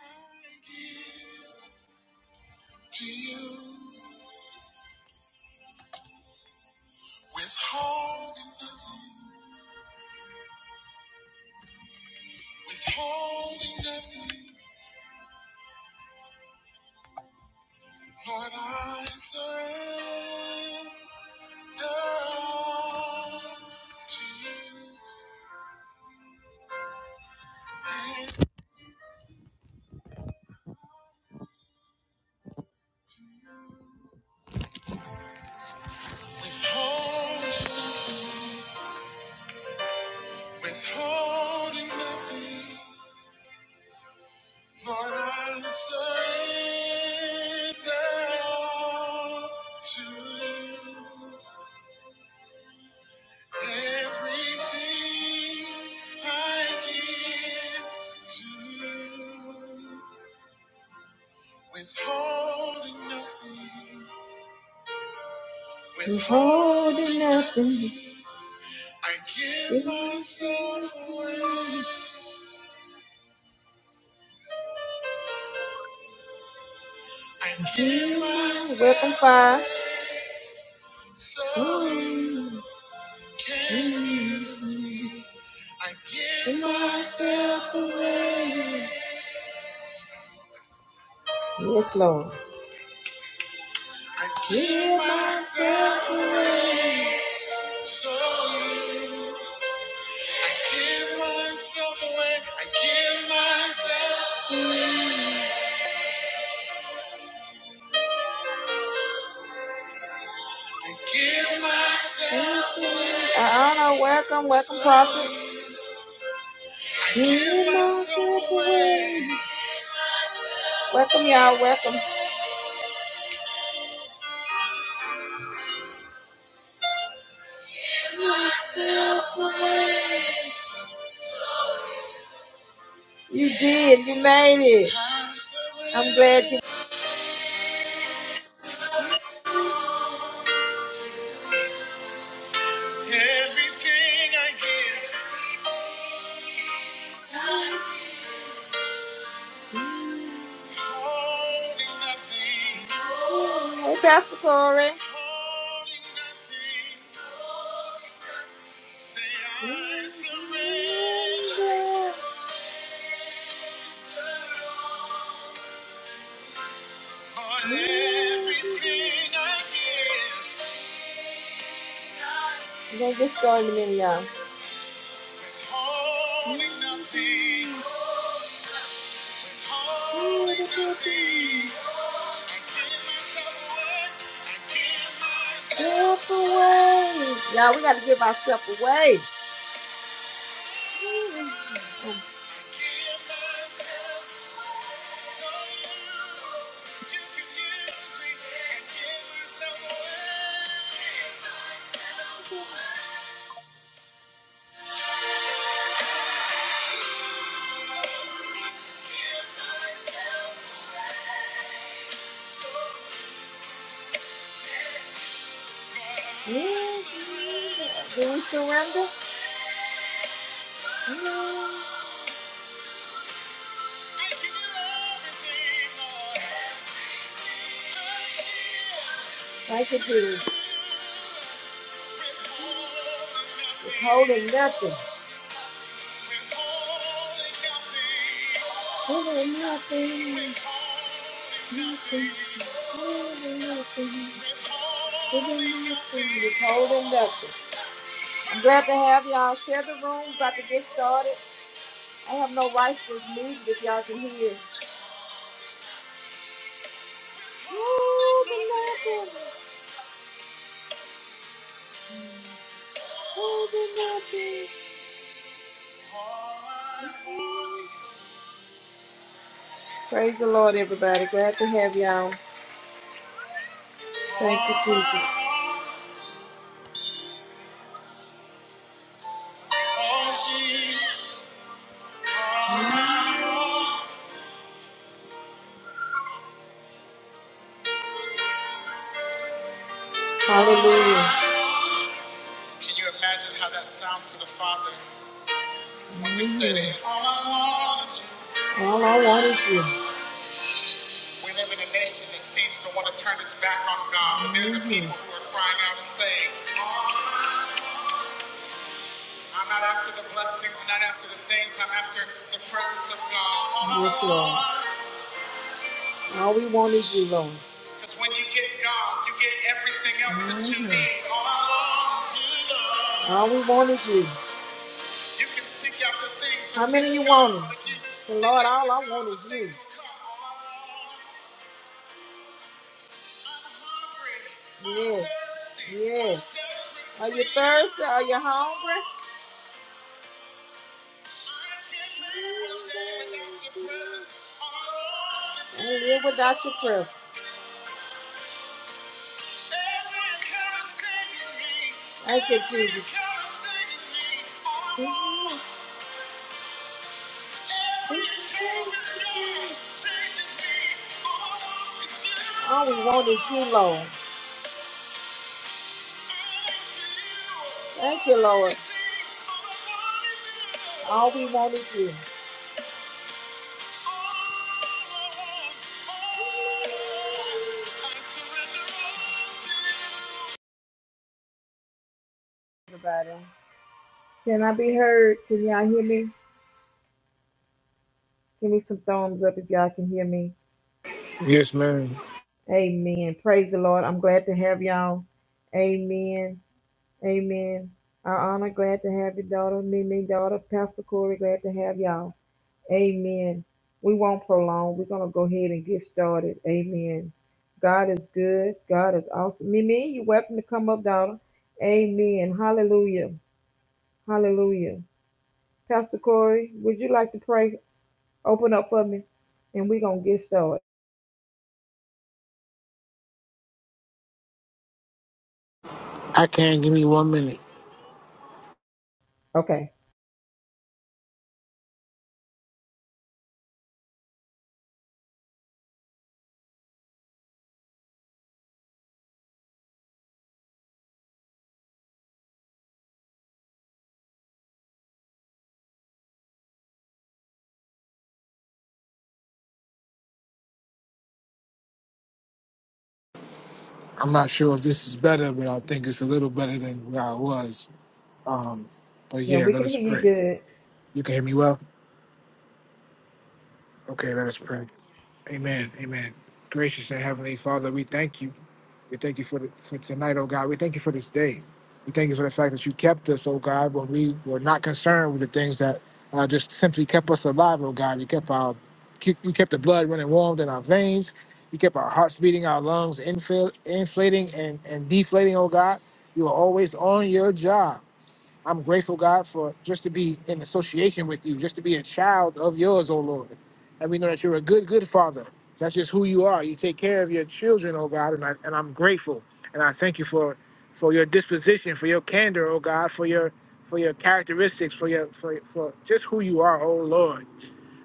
I give to you, withholding nothing, withholding nothing. Lord, I surrender to you. And to you, withholding nothing, withholding nothing. Lord, I surrender to you. Everything I give to you, withholding nothing, withholding nothing. I give myself away. I give myself Welcome, Five. So you can use me. I give myself away. Yes, Lord. I give myself away. So you, I give myself away. I give myself. I give myself away. I don't know. Welcome, welcome, So prophet. I give myself away. Welcome, y'all. Welcome. Myself away. You did. You made it. I'm glad you. Everything I give, holding nothing. Hey, Pastor Corey. Holding nothing. Say I surrender. Lord, everything I give. Love this going Amelia. Holding nothing. Holding nothing. I give myself away. I give myself away. Y'all, we got to give ourselves away. Yeah, do we surrender? Yeah. Like it is. It's Holding nothing. Holding nothing. Nothing. Holding nothing. Holding nothing. It's Holding nothing. I'm glad to have y'all share the room. About to get started. I have no rights to this music if y'all can hear. Holding nothing. Holding nothing. Praise the Lord, everybody. Glad to have y'all. Thank you, Jesus. Hallelujah. Can you imagine how that sounds to the Father when we say to Him, All I want is you. All I want is you. We live in a nation that seems to want to turn its back on God, but there's a people who are crying out and saying, All I I'm not after the blessings, I'm not after the things, I'm after the presence of God. All I yes, All we want is you, Lord. Because when you get God, you get everything else that you hmm need. All I want is you, Lord. All we want is you. You can seek after things How many you want? but Lord, all I God, want is you. Yes, yes. Are you thirsty? Are you hungry? I live without your presence. presence. I said Jesus. All we want is you, Lord. Thank you, Lord. All we want is you. Everybody. Can I be heard? Can y'all hear me? Give me some thumbs up if y'all can hear me. Yes, ma'am. Amen. Praise the Lord. I'm glad to have y'all. Amen. Amen. Our honor, glad to have your daughter, Mimi, daughter, Pastor Corey, glad to have y'all. Amen. We won't prolong. We're going to go ahead and get started. Amen. God is good. God is awesome. Mimi, you're welcome to come up, daughter. Amen. Hallelujah. Hallelujah. Pastor Corey, would you like to pray? Open up for me, and we're going to get started. I can. Give me one minute. Okay. I'm not sure if this is better, but I think it's a little better than where I was. Um, but Yeah, yeah, we let can us hear you pray. good. You can hear me well? Okay, let us pray. Amen. Amen. Gracious and Heavenly Father, we thank you. We thank you for the, for tonight, oh God. We thank you for this day. We thank you for the fact that you kept us, oh God, when we were not concerned with the things that uh, just simply kept us alive, oh God. You kept our keep, you kept the blood running warm in our veins. You kept our hearts beating, our lungs infil- inflating and, and deflating, oh God. You were always on your job. I'm grateful, God, for just to be in association with you, just to be a child of yours, oh Lord. And we know that you're a good, good father. That's just who you are. You take care of your children, oh God, and, I, and I'm grateful. And I thank you for for your disposition, for your candor, oh God, for your for your characteristics, for your for, for just who you are, oh Lord.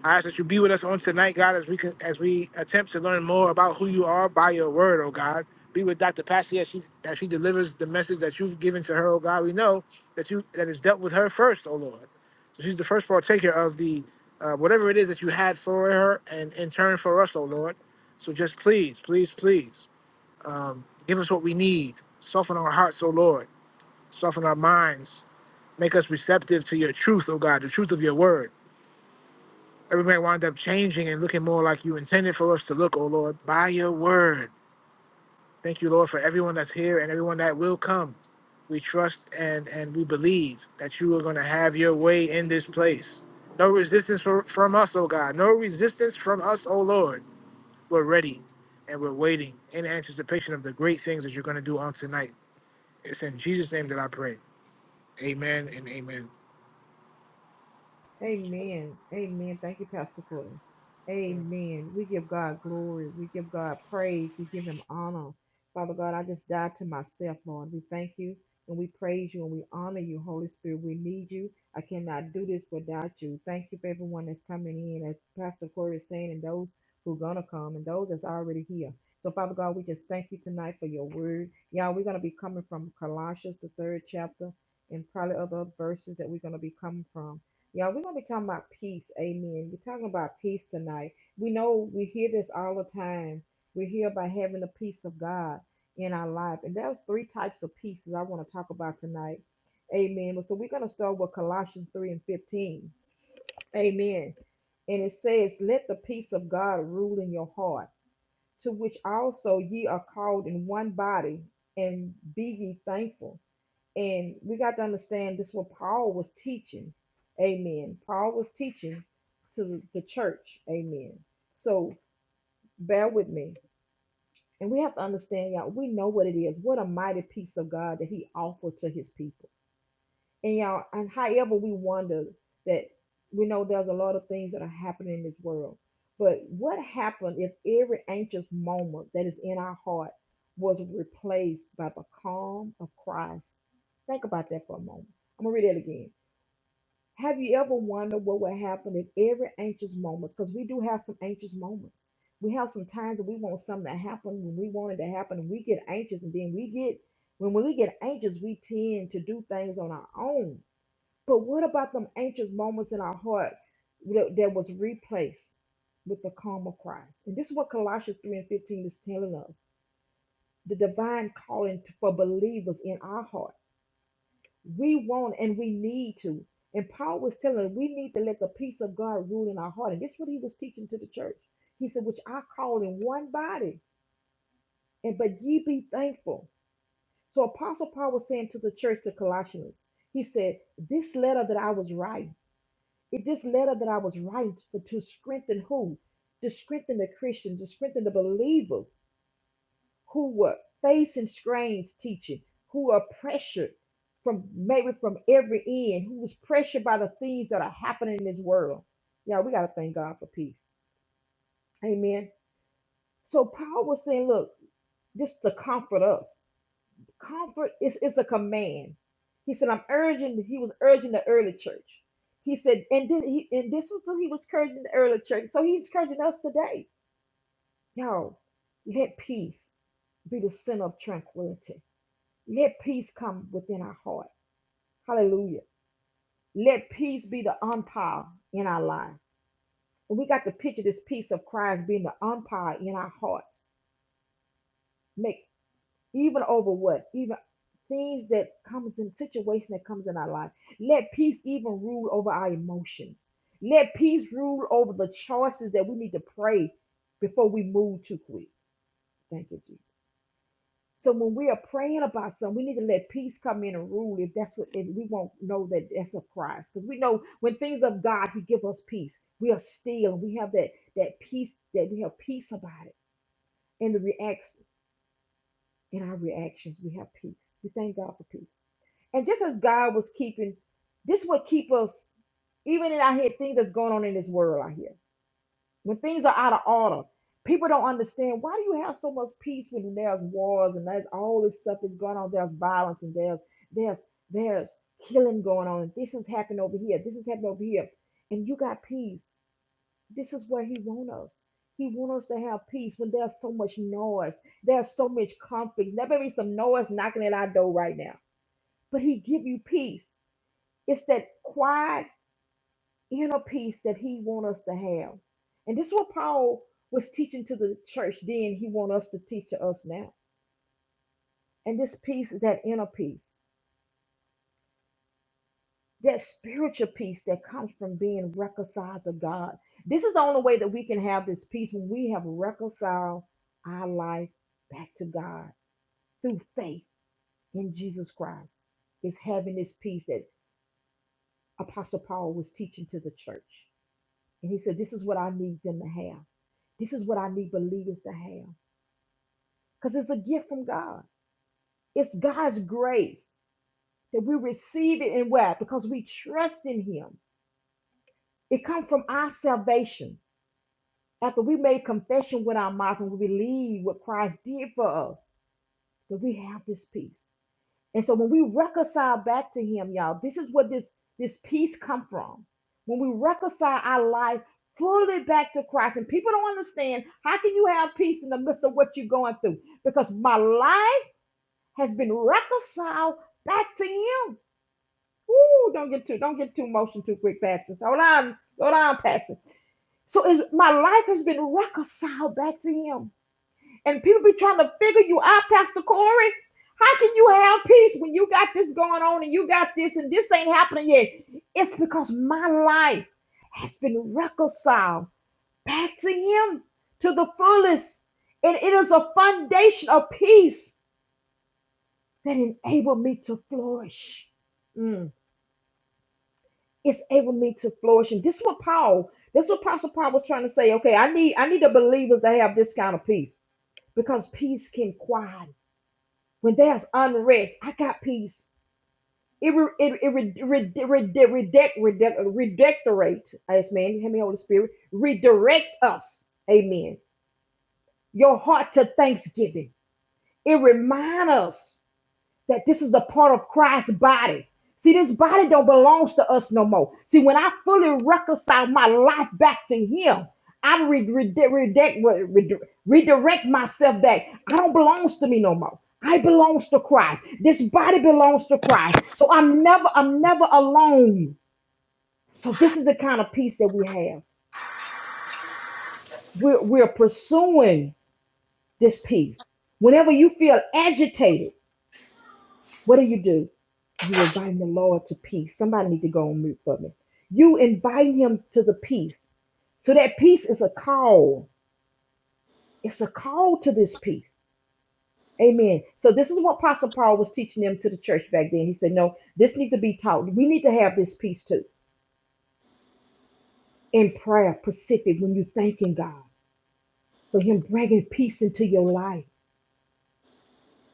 I ask that you be with us on tonight, God, as we can, as we attempt to learn more about who you are by your word, oh God. Be with Dr. Patsy as she as she delivers the message that you've given to her, oh God. We know that you that is dealt with her first, oh Lord. So she's the first partaker of the uh, whatever it is that you had for her and in turn for us, oh Lord. So just please, please, please, um, give us what we need. Soften our hearts, oh Lord. Soften our minds. Make us receptive to your truth, oh God, the truth of your word Everybody wound up changing and looking more like you intended for us to look, oh Lord, by your word. Thank you, Lord, for everyone that's here and everyone that will come. We trust and and we believe that you are going to have your way in this place. No resistance for, from us, oh God. No resistance from us, oh Lord. We're ready and we're waiting in anticipation of the great things that you're going to do on tonight. It's in Jesus' name that I pray. Amen and amen. Amen. Amen. Thank you, Pastor Corey. Amen. We give God glory. We give God praise. We give him honor. Father God, I just died to myself, Lord. We thank you and we praise you and we honor you, Holy Spirit. We need you. I cannot do this without you. Thank you for everyone that's coming in, as Pastor Corey is saying, and those who are going to come and those that's already here. So, Father God, we just thank you tonight for your word. Y'all, we're going to be coming from Colossians, the third chapter, and probably other verses that we're going to be coming from. Y'all, we're going to be talking about peace. Amen. We're talking about peace tonight. We know we hear this all the time. We're here by having the peace of God in our life. And there's three types of pieces I want to talk about tonight. Amen. But So we're going to start with Colossians 3 and 15. Amen. And it says, Let the peace of God rule in your heart, to which also ye are called in one body, and be ye thankful. And we got to understand this is what Paul was teaching. Amen. Paul was teaching to the church. Amen. So bear with me. And we have to understand, y'all, we know what it is. What a mighty peace of God that he offered to his people. And y'all, and however we wonder that we know there's a lot of things that are happening in this world. But what happened if every anxious moment that is in our heart was replaced by the calm of Christ? Think about that for a moment. I'm gonna read that again. Have you ever wondered what would happen if every anxious moment, because we do have some anxious moments. We have some times that we want something to happen when we want it to happen, and we get anxious, and then we get when we get anxious, we tend to do things on our own but what about them anxious moments in our heart that, that was replaced with the calm of Christ? And this is what Colossians 3 and 15 is telling us the divine calling to- for believers in our heart. We want and we need to. And Paul was telling us we need to let the peace of God rule in our heart. And this is what he was teaching to the church. He said, Which I call in one body, and but ye be thankful. So Apostle Paul was saying to the church, to Colossians, he said, This letter that I was writing. It this letter that I was writing for to strengthen who? To strengthen the Christians, to strengthen the believers who were facing strange teaching, who are pressured from maybe from every end, who was pressured by the things that are happening in this world. Yeah, we gotta thank God for peace. Amen. So Paul was saying, look, this to comfort us comfort is is like a command. He said, I'm urging, he was urging the early church. He said, and this, he, and this was what he was encouraging the early church. So he's encouraging us today. Yo, let peace be the center of tranquility. Let peace come within our heart. Hallelujah. Let peace be the umpire in our life. And we got to picture this peace of Christ being the umpire in our hearts. Make. even over what even things that comes in situation that comes in our life let peace even rule over our emotions let peace rule over the choices that we need to pray before we move too quick thank you jesus so when we are praying about something we need to let peace come in and rule if that's what if we won't know that that's of christ because we know when things of god he give us peace we are still we have that that peace that we have peace about it and the reaction. in our reactions, we have peace. We thank God for peace. And just as God was keeping, this would keep us, even in our head, things that's going on in this world out here. When things are out of order, people don't understand why do you have so much peace when there's wars and there's all this stuff that's going on, there's violence and there's there's there's killing going on, and this is happening over here, this is happening over here, and you got peace. This is where he wants us. He wants us to have peace when there's so much noise. There's so much conflict. There may be some noise knocking at our door right now, but he give you peace. It's that quiet inner peace that he wants us to have. And this is what Paul was teaching to the church then. He wants us to teach to us now. And this peace is that inner peace. that spiritual peace that comes from being reconciled to God. This is the only way that we can have this peace when we have reconciled our life back to God through faith in Jesus Christ. Is having this peace that Apostle Paul was teaching to the church. And he said, This is what I need them to have. This is what I need believers to have. Because it's a gift from God. It's God's grace that we receive it in what? Because we trust in Him. It comes from our salvation. After we made confession with our mouth and we believe what Christ did for us, that we have this peace. And so when we reconcile back to Him, y'all, this is where this this peace come from. When we reconcile our life fully back to Christ, and people don't understand how can you have peace in the midst of what you're going through? Because my life has been reconciled back to Him. Ooh, don't get too don't get too emotional too quick, Pastor. Hold on, hold on, Pastor. So is my life has been reconciled back to Him and people be trying to figure you out, Pastor Corey. How can you have peace when you got this going on and you got this and this ain't happening yet? It's because my life has been reconciled back to Him to the fullest. And it is a foundation of peace that enabled me to flourish. Mm, It's able me to flourish. And this is what Paul, this is what Apostle Paul was trying to say. Okay, I need I need the believers to have this kind of peace because peace can quiet when there's unrest, I got peace. It re, it, it re, re, re, redirect, redirect, redirect, yes, man, you hear me, Holy Spirit, redirect us, amen, your heart to thanksgiving. It remind us that this is a part of Christ's body. See, this body don't belongs to us no more. See, when I fully reconcile my life back to Him, I re- re- redirect, re- re- redirect myself back. I don't belongs to me no more. I belongs to Christ. This body belongs to Christ. So I'm never, I'm never alone. So this is the kind of peace that we have. We're, we're pursuing this peace. Whenever you feel agitated. What do you do? You invite the Lord to peace. Somebody need to go on mute for me. You invite him to the peace. So that peace is a call. It's a call to this peace. Amen. So this is what Apostle Paul was teaching them to the church back then. He said, No, this needs to be taught. We need to have this peace too. In prayer, Pacific, when you thanking God for him bringing peace into your life.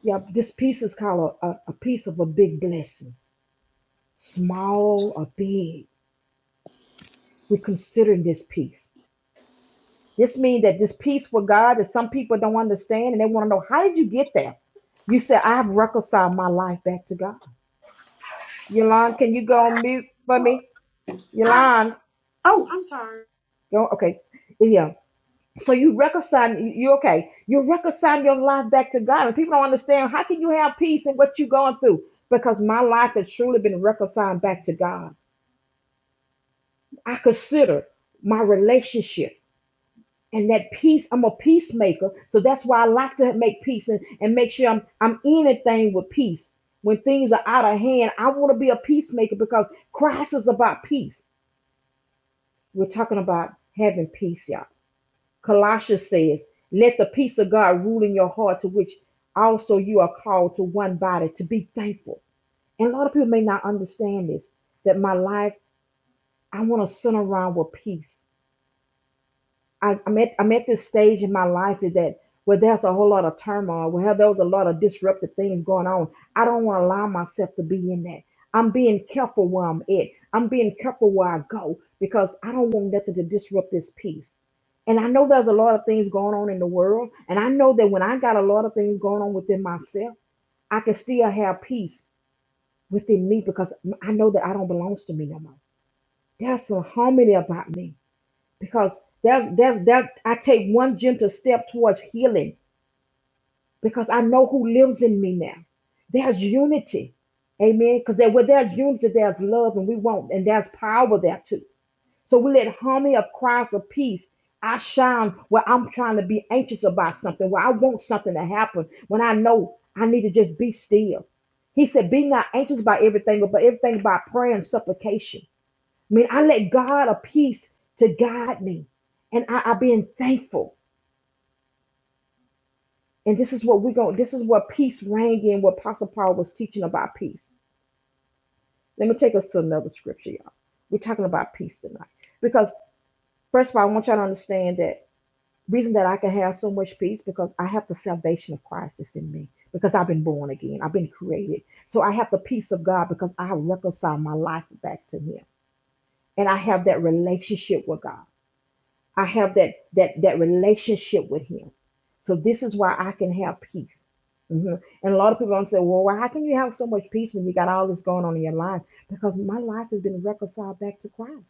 Yeah, this peace is called a, a, a piece of a big blessing. Small or big. We're considering this peace. This means that this peace with God that some people don't understand and they want to know how did you get there? You said, I've reconciled my life back to God. Yolande, can you go on mute for Oh, me? Yolande, oh, I'm sorry. go okay. Yeah. So you reconcile you okay. You reconcile your life back to God. And people don't understand how can you have peace in what you're going through? Because my life has truly been reconciled back to God. I consider my relationship. and that peace i'm a peacemaker so that's why i like to make peace and, and make sure i'm i'm in a thing with peace when things are out of hand i want to be a peacemaker because christ is about peace we're talking about having peace y'all colossians says let the peace of god rule in your heart to which also you are called to one body to be thankful and a lot of people may not understand this that my life i want to center around with peace I, I'm at I'm at this stage in my life is that where there's a whole lot of turmoil, where there was a lot of disruptive things going on. I don't want to allow myself to be in that. I'm being careful where I'm at. I'm being careful where I go because I don't want nothing to disrupt this peace. And I know there's a lot of things going on in the world, and I know that when I got a lot of things going on within myself, I can still have peace within me because I know that I don't belong to me no more. There's some harmony about me because there's there's that I take one gentle step towards healing because I know who lives in me now. There's unity. Amen. Because there where there's unity, there's love, and we want, and there's power there too. So we let harmony of Christ of peace. I shine where I'm trying to be anxious about something, where I want something to happen, when I know I need to just be still. He said, Be not anxious about everything, but everything by prayer and supplication. I Mean, I let God a peace to guide me. And I, I've been thankful. And this is what we're going this is what peace rang in, what Apostle Paul was teaching about peace. Let me take us to another scripture, y'all. We're talking about peace tonight. Because first of all, I want y'all to understand that reason that I can have so much peace because I have the salvation of Christ that's in me. Because I've been born again. I've been created. So I have the peace of God because I reconcile my life back to him. And I have that relationship with God. I have that that that relationship with Him. So this is why I can have peace. Mhm. And a lot of people don't say, "Well, why, how can you have so much peace when you got all this going on in your life?" Because my life has been reconciled back to Christ.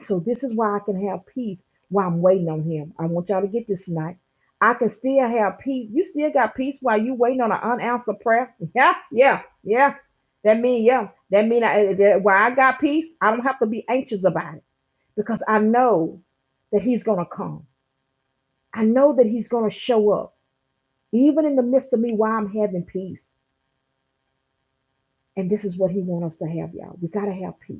So this is why I can have peace while I'm waiting on him. I want y'all to get this tonight. I can still have peace. You still got peace while you waiting on an unanswered prayer. Yeah, yeah, yeah. That mean yeah. That mean I, eh, that why I got peace. I don't have to be anxious about it because I know that he's gonna come. I know that he's gonna show up even in the midst of me while I'm having peace. And this is what he wants us to have, y'all. We gotta have peace.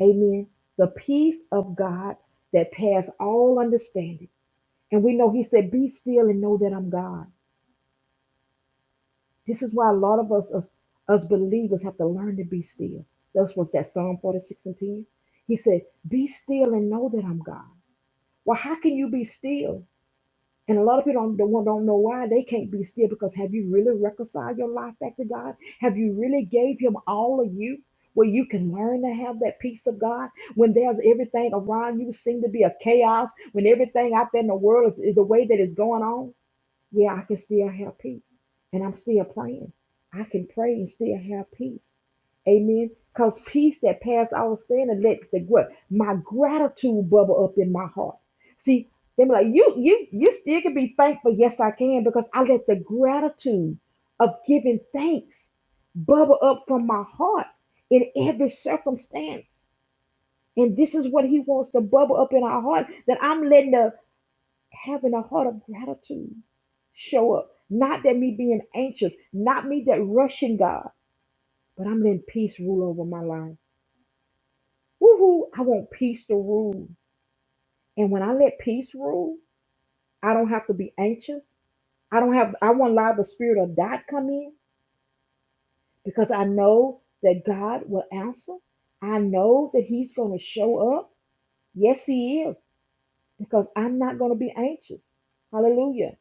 Amen. The peace of God that pass all understanding And we know he said, Be still and know that I'm God. This is why a lot of us, us, us believers have to learn to be still. That's what's that Psalm 46 and 10. He said, Be still and know that I'm God. Well, how can you be still? And a lot of people don't, don't, don't know why they can't be still because have you really reconciled your life back to God? Have you really gave him all of you? Where you can learn to have that peace of God when there's everything around you seem to be a chaos, when everything out there in the world is, is the way that it's going on. Yeah, I can still have peace. And I'm still praying. I can pray and still have peace. Amen. Because peace that passes all understanding, let the gr- my gratitude bubble up in my heart. See, they be like, you, you, you still can be thankful. Yes, I can, because I let the gratitude of giving thanks bubble up from my heart in every circumstance. And this is what he wants to bubble up in our heart. That I'm letting the having a heart of gratitude show up. Not that me being anxious, not me that rushing God, but I'm letting peace rule over my life. Woohoo! I want peace to rule. And when I let peace rule, I don't have to be anxious. I don't have I won't allow the spirit of doubt come in because I know that God will answer. I know that He's gonna show up. Yes, He is. because I'm not going to be anxious. Hallelujah.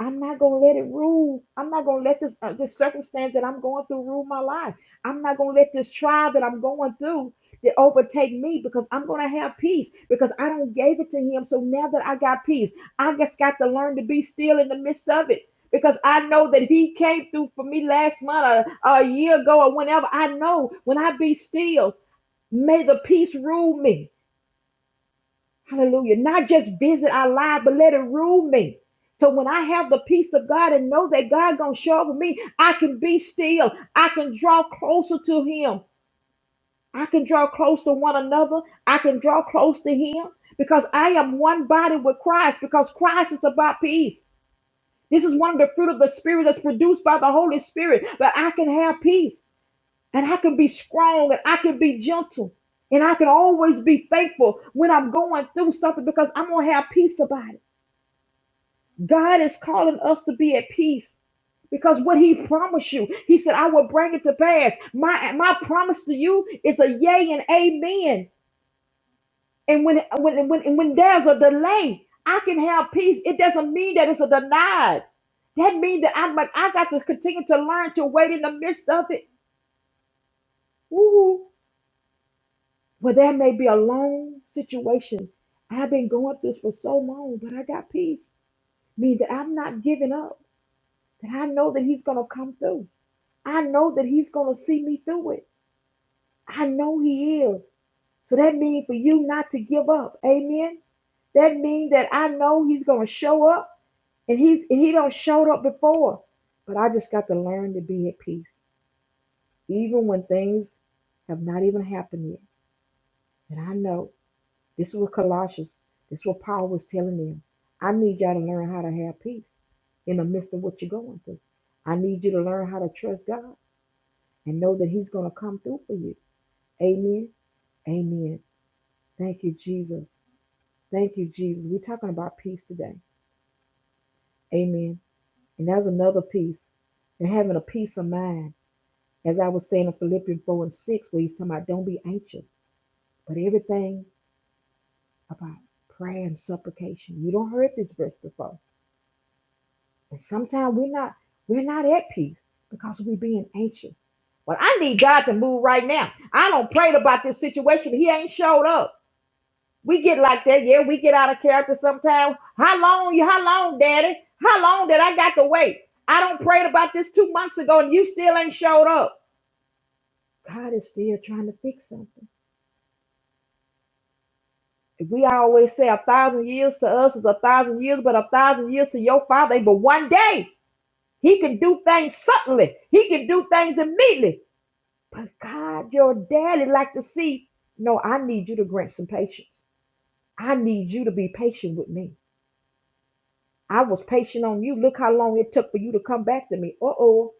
I'm not going to let it rule. I'm not going to let this, uh, this circumstance that I'm going through rule my life. I'm not going to let this trial that I'm going through that overtake me because I'm going to have peace because I don't gave it to him. So now that I got peace, I just got to learn to be still in the midst of it because I know that he came through for me last month or, or a year ago or whenever. I know when I be still, may the peace rule me. Hallelujah. Not just visit our life, but let it rule me. So when I have the peace of God and know that God gonna show up for me, I can be still. I can draw closer to Him. I can draw close to one another. I can draw close to Him because I am one body with Christ. Because Christ is about peace. This is one of the fruit of the Spirit that's produced by the Holy Spirit. But I can have peace and I can be strong and I can be gentle and I can always be thankful when I'm going through something because I'm going to have peace about it. God is calling us to be at peace because what he promised you, he said, I will bring it to pass. My, my promise to you is a yay and amen. And when, when, when, and when there's a delay, I can have peace. It doesn't mean that it's a denied. That means that I'm like, I got to continue to learn to wait in the midst of it. Ooh. But there may be a long situation. I've been going through this for so long, but I got peace. Mean that I'm not giving up. That I know that He's gonna come through. I know that He's gonna see me through it. I know He is. So that means for you not to give up. Amen. That means that I know He's gonna show up, and He's He don't showed up before. But I just got to learn to be at peace, even when things have not even happened yet. And I know. This is what Colossians, this is what Paul was telling them. I need y'all to learn how to have peace in the midst of what you're going through. I need you to learn how to trust God and know that He's going to come through for you. Amen. Amen. Thank you, Jesus. Thank you, Jesus. We're talking about peace today. Amen. And that's another piece. And having a peace of mind. As I was saying in Philippians 4 and 6, where he's talking about don't be anxious, but everything about prayer and supplication. You don't heard this verse before. And sometimes we're not we're not at peace because we're being anxious. Well, I need God to move right now. I don't prayed about this situation. He ain't showed up. We get like that, yeah. We get out of character sometimes. How long you how long, Daddy? How long did I got to wait? I don't prayed about this two months ago and you still ain't showed up. God is still trying to fix something. We always say a thousand years to us is a thousand years, but a thousand years to your father, but one day he can do things suddenly. He can do things immediately. But God, your daddy like to see. No, I need you to grant some patience. I need you to be patient with me. I was patient on you. Look how long it took for you to come back to me. Uh oh.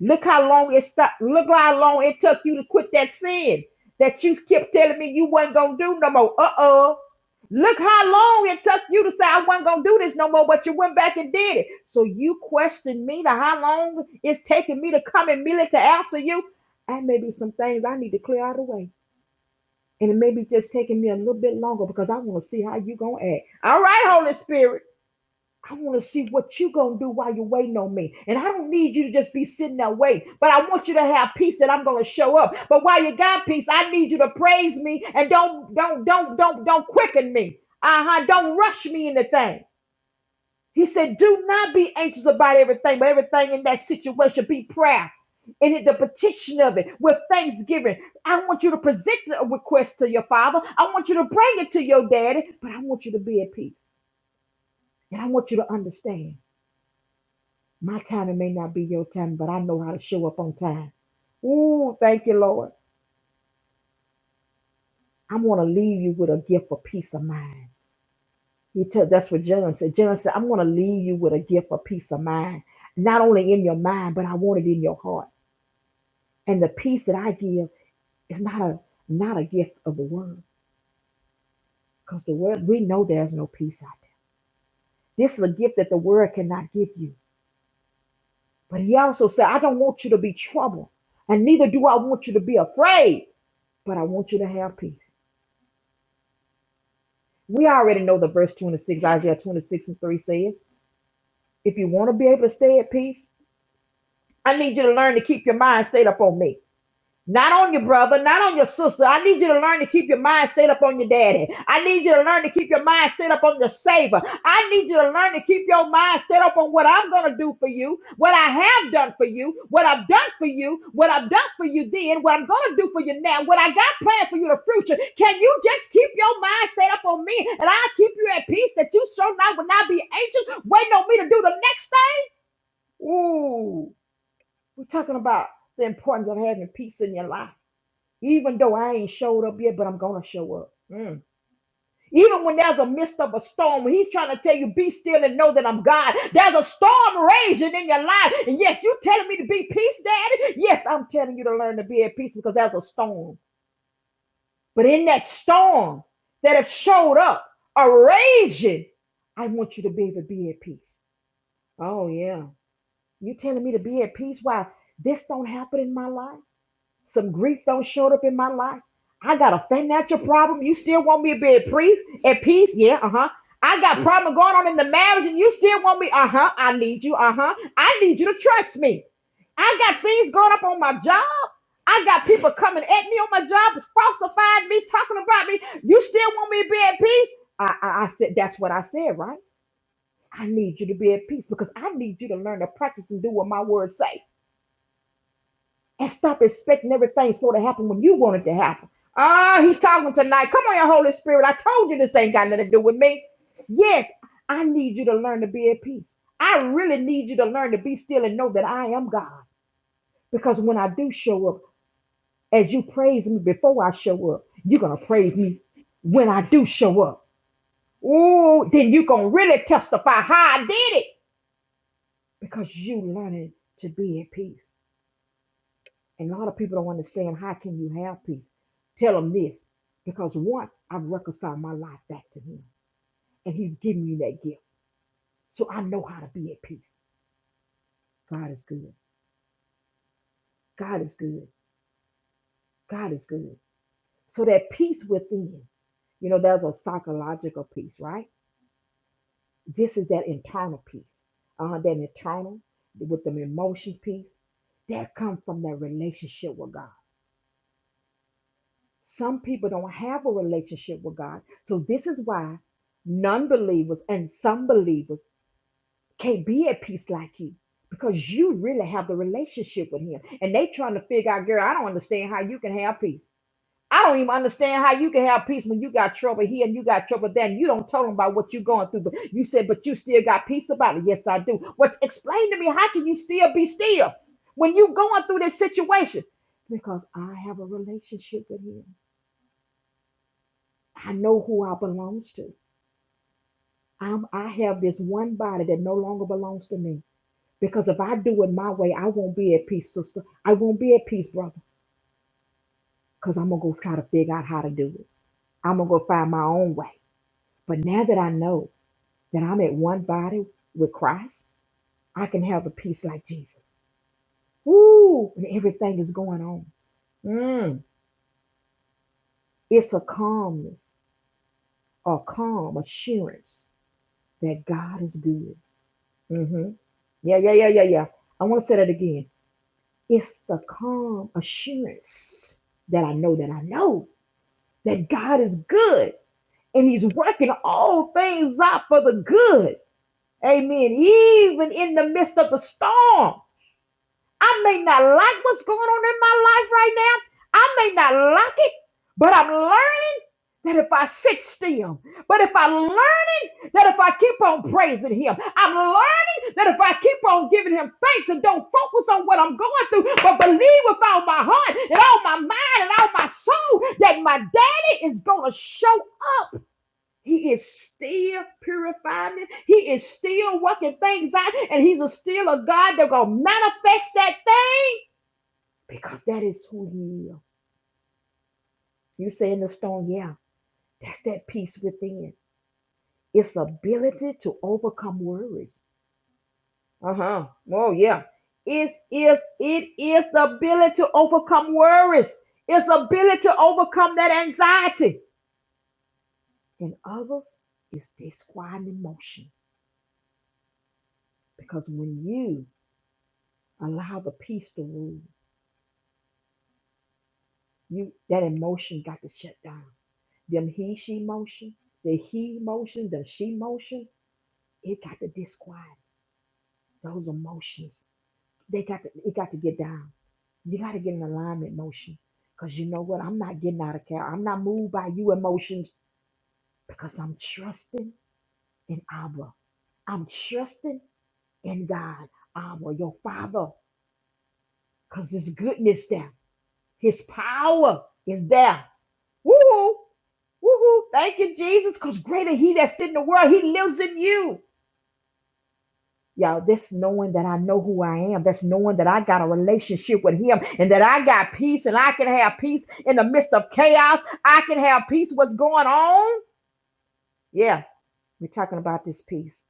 Look how long it stopped. Look how long it took you to quit that sin that you kept telling me you wasn't gonna do no more. Uh oh. Look how long it took you to say I wasn't gonna do this no more, but you went back and did it. So you questioned me to how long it's taking me to come and merely to answer you. And maybe some things I need to clear out of the way. And it may be just taking me a little bit longer because I want to see how you gonna act. All right, Holy Spirit. I want to see what you going to do while you're waiting on me. And I don't need you to just be sitting there waiting, but I want you to have peace that I'm going to show up. But while you got peace, I need you to praise me and don't, don't, don't, don't, don't quicken me. Uh-huh. Don't rush me into things. He said, do not be anxious about everything, but everything in that situation, be prayer. And in the petition of it with thanksgiving. I want you to present the request to your father. I want you to bring it to your daddy, but I want you to be at peace. And I want you to understand. My timing may not be your timing, but I know how to show up on time. Ooh, thank you, Lord. I'm going to leave you with a gift of peace of mind. He tell, that's what John said. John said, I'm going to leave you with a gift of peace of mind, not only in your mind, but I want it in your heart. And the peace that I give is not a not a gift of the world, because the world we know there's no peace out there. This is a gift that the world cannot give you. But he also said, I don't want you to be troubled, and neither do I want you to be afraid, but I want you to have peace. We already know the verse 26, Isaiah 26 and 3 says, If you want to be able to stay at peace, I need you to learn to keep your mind stayed up on me. Not on your brother, not on your sister. I need you to learn to keep your mind stayed up on your daddy. I need you to learn to keep your mind stayed up on your savior. I need you to learn to keep your mind stayed up on what I'm going to do for you, what I have done for you, what I've done for you, what I've done for you then, what I'm going to do for you now, what I got planned for you in the future. Can you just keep your mind stayed up on me and I'll keep you at peace that you so now will not be anxious waiting on me to do the next thing? Ooh, we're talking about the importance of having peace in your life. Even though I ain't showed up yet, but I'm gonna show up. Mm. Even when there's a midst of a storm, when he's trying to tell you, be still and know that I'm God. There's a storm raging in your life. And yes, you are telling me to be peace, Daddy. Yes, I'm telling you to learn to be at peace because there's a storm. But in that storm that have showed up, a raging, I want you to be able to be at peace. Oh yeah. You telling me to be at peace? Why this don't happen in my life? Some grief don't showed up in my life. I got a financial problem. You still want me to be at peace? At peace? Yeah, uh-huh. I got problem going on in the marriage, and you still want me? Uh-huh. I need you. Uh-huh. I need you to trust me. I got things going up on my job. I got people coming at me on my job, falsifying me, talking about me. You still want me to be at peace? I, I, I said, that's what I said, right? I need you to be at peace because I need you to learn to practice and do what my words say and stop expecting everything sort of happen when you want it to happen. Ah, he's talking tonight. Come on, your Holy Spirit. I told you this ain't got nothing to do with me. Yes, I need you to learn to be at peace. I really need you to learn to be still and know that I am God. Because when I do show up, as you praise me before I show up, you're gonna praise me when I do show up. Ooh, then you're gonna really testify how I did it because you learning to be at peace. And a lot of people don't understand how can you have peace. Tell them this, because once I've reconciled my life back to Him, and He's given me that gift, so I know how to be at peace. God is good. God is good. God is good. So that peace within, you know, there's a psychological peace, right? This is that internal peace, uh, that internal with the emotion peace that comes from that relationship with God. Some people don't have a relationship with God. So this is why non believers and some believers can't be at peace like you because you really have the relationship with Him. And they trying to figure out, girl, I don't understand how you can have peace. I don't even understand how you can have peace when you got trouble here and you got trouble there. And you don't tell them about what you're going through, but you said, but you still got peace about it. Yes, I do. What's explain to me? How can you still be still when you going through this situation? Because I have a relationship with Him. I know who I belongs to. I'm, I have this one body that no longer belongs to me. Because if I do it my way, I won't be at peace, sister. I won't be at peace, brother. Because I'm going to go try to figure out how to do it. I'm going to go find my own way. But now that I know that I'm at one body with Christ, I can have a peace like Jesus. Woo! And everything is going on. Mm. It's a calmness, a calm assurance that God is good. Mm-hmm. Yeah, yeah, yeah, yeah, yeah. I want to say that again. It's the calm assurance that I know that I know that God is good and He's working all things out for the good. Amen. Even in the midst of the storm. I may not like what's going on in my life right now. I may not like it, but I'm learning that if I sit still, but if I'm learning that if I keep on praising Him, I'm learning that if I keep on giving Him thanks and don't focus on what I'm going through, but believe with all my heart and all my mind and all my soul that my daddy is going to show up. He is still purifying it. He is still working things out. And he's a still a God that gonna manifest that thing because that is who he is. You say in the stone, yeah, that's that peace within. It's ability to overcome worries. Uh-huh. Oh yeah. It's it is the ability to overcome worries. It's ability to overcome that anxiety. And others is this quiet emotion. Because when you Allow the peace to rule. You that emotion got to shut down. Them he she motion, the he motion, the she motion, it got to disquiet. Those emotions. They got to it got to get down. You got to get an alignment motion. Because you know what? I'm not getting out of care. I'm not moved by you emotions because I'm trusting in Abba. I'm trusting in God, Abba, your Father, because His goodness there, His power is there. Woo-hoo. Woo-hoo. Thank you, Jesus, because greater he that's in the world, he lives in you. Y'all, That's knowing that I know who I am, that's knowing that I got a relationship with him and that I got peace and I can have peace in the midst of chaos. I can have peace what's going on. Yeah, we're talking about this peace.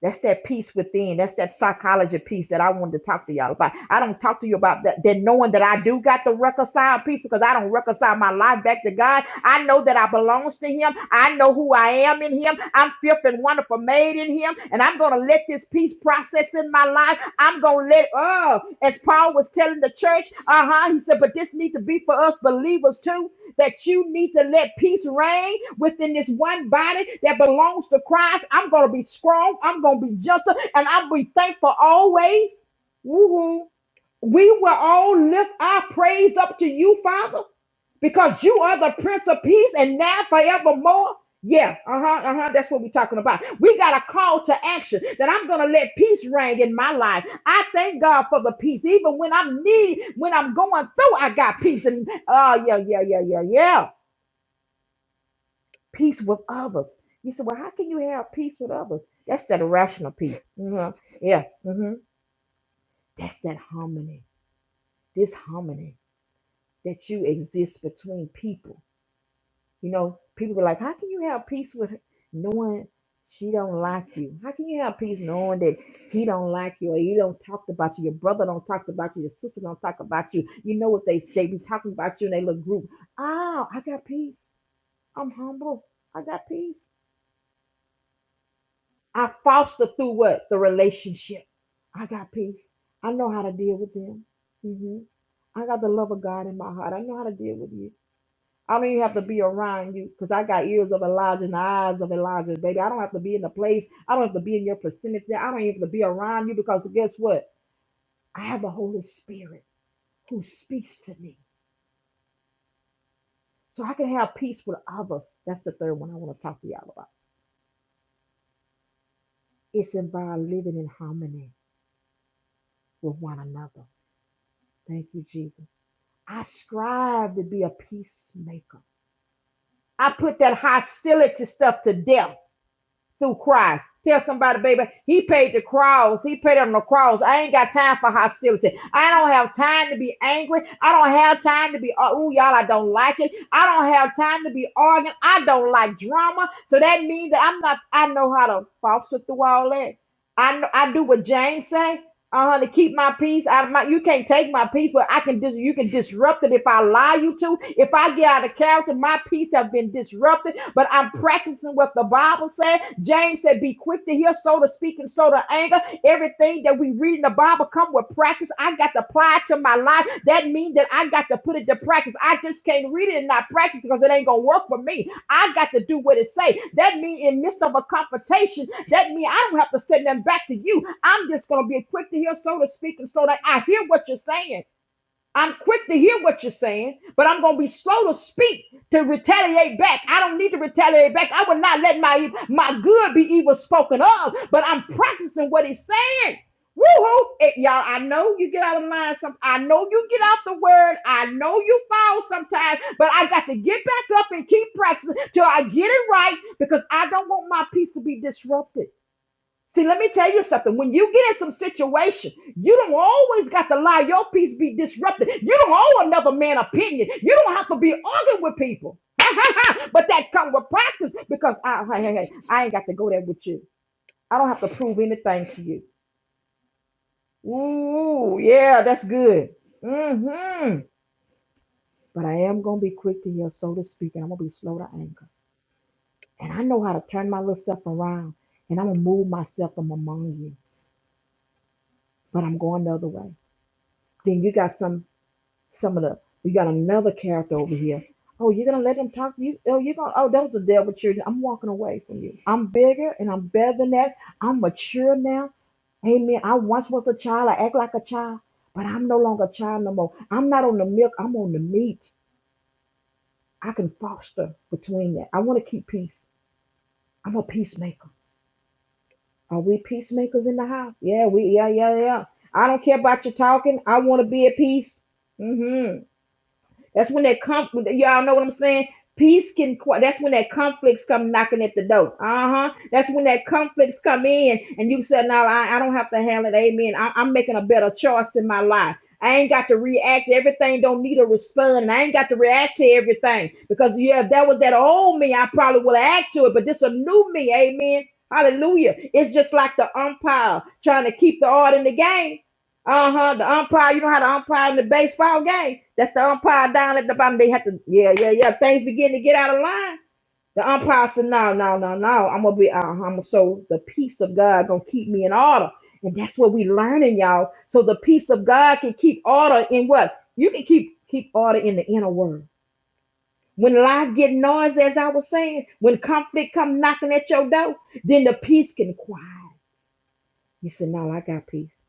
That's that peace within. That's that psychology piece that I wanted to talk to y'all about. I don't talk to you about that, that knowing that I do got the reconcile piece because I don't reconcile my life back to God. I know that I belongs to Him. I know who I am in Him. I'm fifth and wonderful made in Him. And I'm going to let this peace process access in my life. I'm gonna let oh, as Paul was telling the church, uh-huh. He said, but this need to be for us believers too. That you need to let peace reign within this one body that belongs to Christ. I'm gonna be strong, I'm gonna be gentle, and I'll be thankful always. Woo-hoo. We will all lift our praise up to you, Father, because you are the Prince of Peace and now forevermore. Yeah, uh huh, uh huh. That's what we're talking about. We got a call to action that I'm gonna let peace reign in my life. I thank God for the peace, even when I'm need, when I'm going through, I got peace. And oh yeah, yeah, yeah, yeah, yeah, peace with others. You said, well, how can you have peace with others? That's that irrational peace. Mhm. Yeah, hmm that's that harmony. This harmony. that you exist between people. You know, people be like, how can you have peace with her knowing she don't like you? How can you have peace knowing that he don't like you or he don't talk about you? Your brother don't talk about you. Your sister don't talk about you. You know what they say? Be talking about you in their little group. Oh, I got peace. I'm humble. I got peace. I foster through what the relationship. I got peace. I know how to deal with them. hmm I got the love of God in my heart. I know how to deal with you. I don't even have to be around you because I got ears of Elijah and the eyes of Elijah, baby. I don't have to be in the place. I don't have to be in your vicinity. I don't even have to be around you because guess what? I have the Holy Spirit who speaks to me. So I can have peace with others. That's the third one I want to talk to y'all about. It's involved living in harmony with one another. Thank you, Jesus. I strive to be a peacemaker. I put that hostility stuff to death. through Christ. Tell somebody, baby, he paid the cross. He paid on the cross. I ain't got time for hostility. I don't have time to be angry. I don't have time to be, oh, y'all, I don't like it. I don't have time to be arguing. I don't like drama. So that means that I'm not, I know how to foster through all that. I, know, I do what James say uh, to keep my peace out of my you can't take my peace but i can dis you can disrupt it if i allow you to if i get out of character my peace have been disrupted but i'm practicing what the bible said james said be quick to hear slow to speak and slow to anger everything that we read in the bible come with practice i got to apply it to my life that means that i got to put it to practice i just can't read it and not practice because it ain't gonna work for me I got to do what it say. That mean in midst of a confrontation, that mean I don't have to send them back to you. I'm just gonna be quick to hear, so to speak, and so that I hear what you're saying. I'm quick to hear what you're saying, but I'm going to be slow to speak to retaliate back. I don't need to retaliate back. I will not let my my good be evil spoken of, but I'm practicing what he's saying. Woohoo, hoo y'all, I know you get out of line. Some, I know you get off the word. I know you fall sometimes, but I got to get back up and keep practicing till I get it right because I don't want my peace to be disrupted. See, let me tell you something. When you get in some situation, you don't always got to allow your peace be disrupted. You don't owe another man opinion. You don't have to be arguing with people. but that come with practice because I, hey, hey, hey, I ain't got to go there with you. I don't have to prove anything to you. Ooh, yeah, that's good. Mm-hmm. But I am gonna be quick to hear, so to speak, and I'm gonna be slow to anger. And I know how to turn my little self around, and I'm gonna move myself from among you. But I'm going the other way. Then you got some Some of the you got another character over here. Oh, you're gonna let them talk to you? Oh, you're gonna oh that was the devil children. I'm walking away from you. I'm bigger and I'm better than that. I'm mature now. Amen. I once was a child. I act like a child, but I'm no longer a child no more. I'm not on the milk. I'm on the meat. I can foster between that. I want to keep peace. I'm a peacemaker. Are we peacemakers in the house? Yeah, we. Yeah, yeah, yeah. I don't care about your talking. I want to be at peace. Mm-hmm. That's when that conflict. Y'all know what I'm saying? Peace can. That's when that conflicts come knocking at the door. Uh huh. That's when that conflicts come in, and you said, "No, I, I don't have to handle it." Amen. I, I'm making a better choice in my life. I ain't got to react. Everything don't need a response. And I ain't got to react to everything because yeah, if that was that old me, I probably would have act to it. But this a new me. Amen. Hallelujah. It's just like the umpire trying to keep the art in the game. Uh huh. The umpire, you know how the umpire in the baseball game? That's the umpire down at the bottom. They have to, yeah, yeah, yeah. Things begin to get out of line. The umpire said, no, no, no, no. I'm gonna be, uh, I'm so the peace of God gonna keep me in order, and that's what we learning, y'all. So the peace of God can keep order in what you can keep keep order in the inner world. When life get noisy, as I was saying, when conflict come knocking at your door, then the peace can quiet. You said, no, I got peace.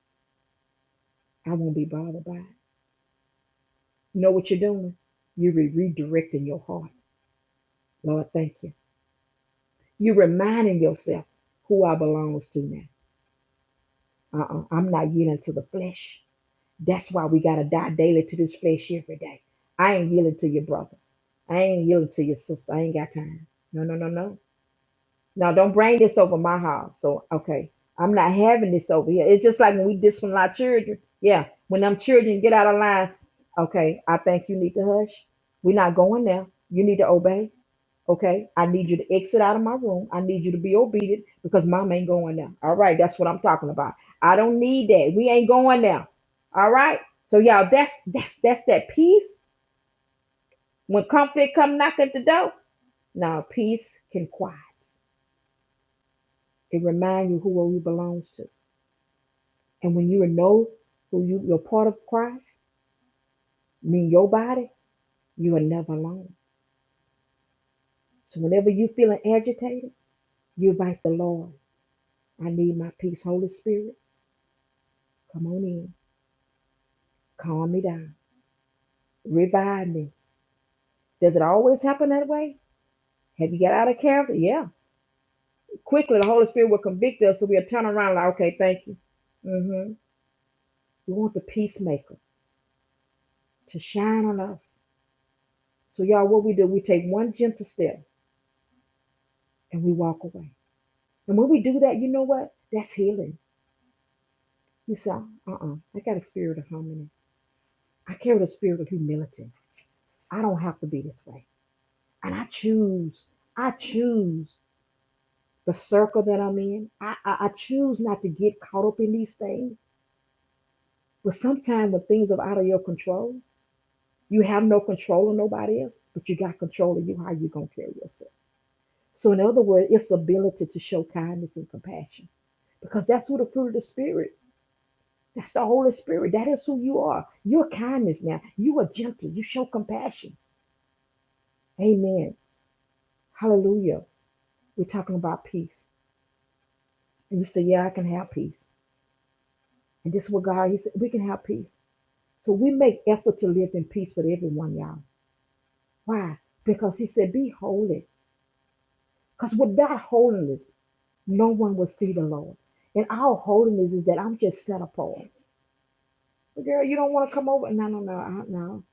I won't be bothered by it. You know what you're doing? You're re- redirecting your heart. Lord, thank you. You're reminding yourself who I belongs to now. Uh-uh. I'm not yielding to the flesh. That's why we gotta die daily to this flesh every day. I ain't yielding to your brother. I ain't yielding to your sister. I ain't got time. No, no, no, no. Now don't bring this over my house. So okay, I'm not having this over here. It's just like when we discipline our children. Yeah, when them children get out of line, okay, I think you need to hush. We're not going there. You need to obey. Okay, I need you to exit out of my room. I need you to be obedient because mom ain't going now. All right, that's what I'm talking about. I don't need that. We ain't going now. All right. So y'all, that's that's that's that peace. When comfort come knock at the door, now peace can quiet. It remind you who you belongs to. And when you know who you you're part of Christ, mean your body, you are never alone. So whenever you feeling agitated, you invite the Lord. I need my peace, Holy Spirit. Come on in. Calm me down. Revive me. Does it always happen that way? Have you got out of character? Yeah. Quickly, the Holy Spirit will convict us, so we'll turn around like, okay, thank you. hmm We want the peacemaker to shine on us. So, y'all, what we do, we take one gentle step and we walk away. And when we do that, you know what? That's healing. You say, uh uh, I got a spirit of harmony. I carry the spirit of humility. I don't have to be this way. And I choose, I choose the circle that I'm in. I, I, I choose not to get caught up in these things. But sometimes when things are out of your control, you have no control of nobody else, but you got control of you, how you are going to carry yourself. So, in other words, it's ability to show kindness and compassion because that's who the fruit of the Spirit. That's the Holy Spirit. That is who you are. You're kindness now. You are gentle. You show compassion. Amen. Hallelujah. We're talking about peace. And you say, Yeah, I can have peace. And this is what God, He said, we can have peace. So we make effort to live in peace with everyone, y'all. Why? Because he said, be holy. Because without holiness, no one will see the Lord. And our holiness is that I'm just set apart. Girl, you don't want to come over? No, no, no, I, no.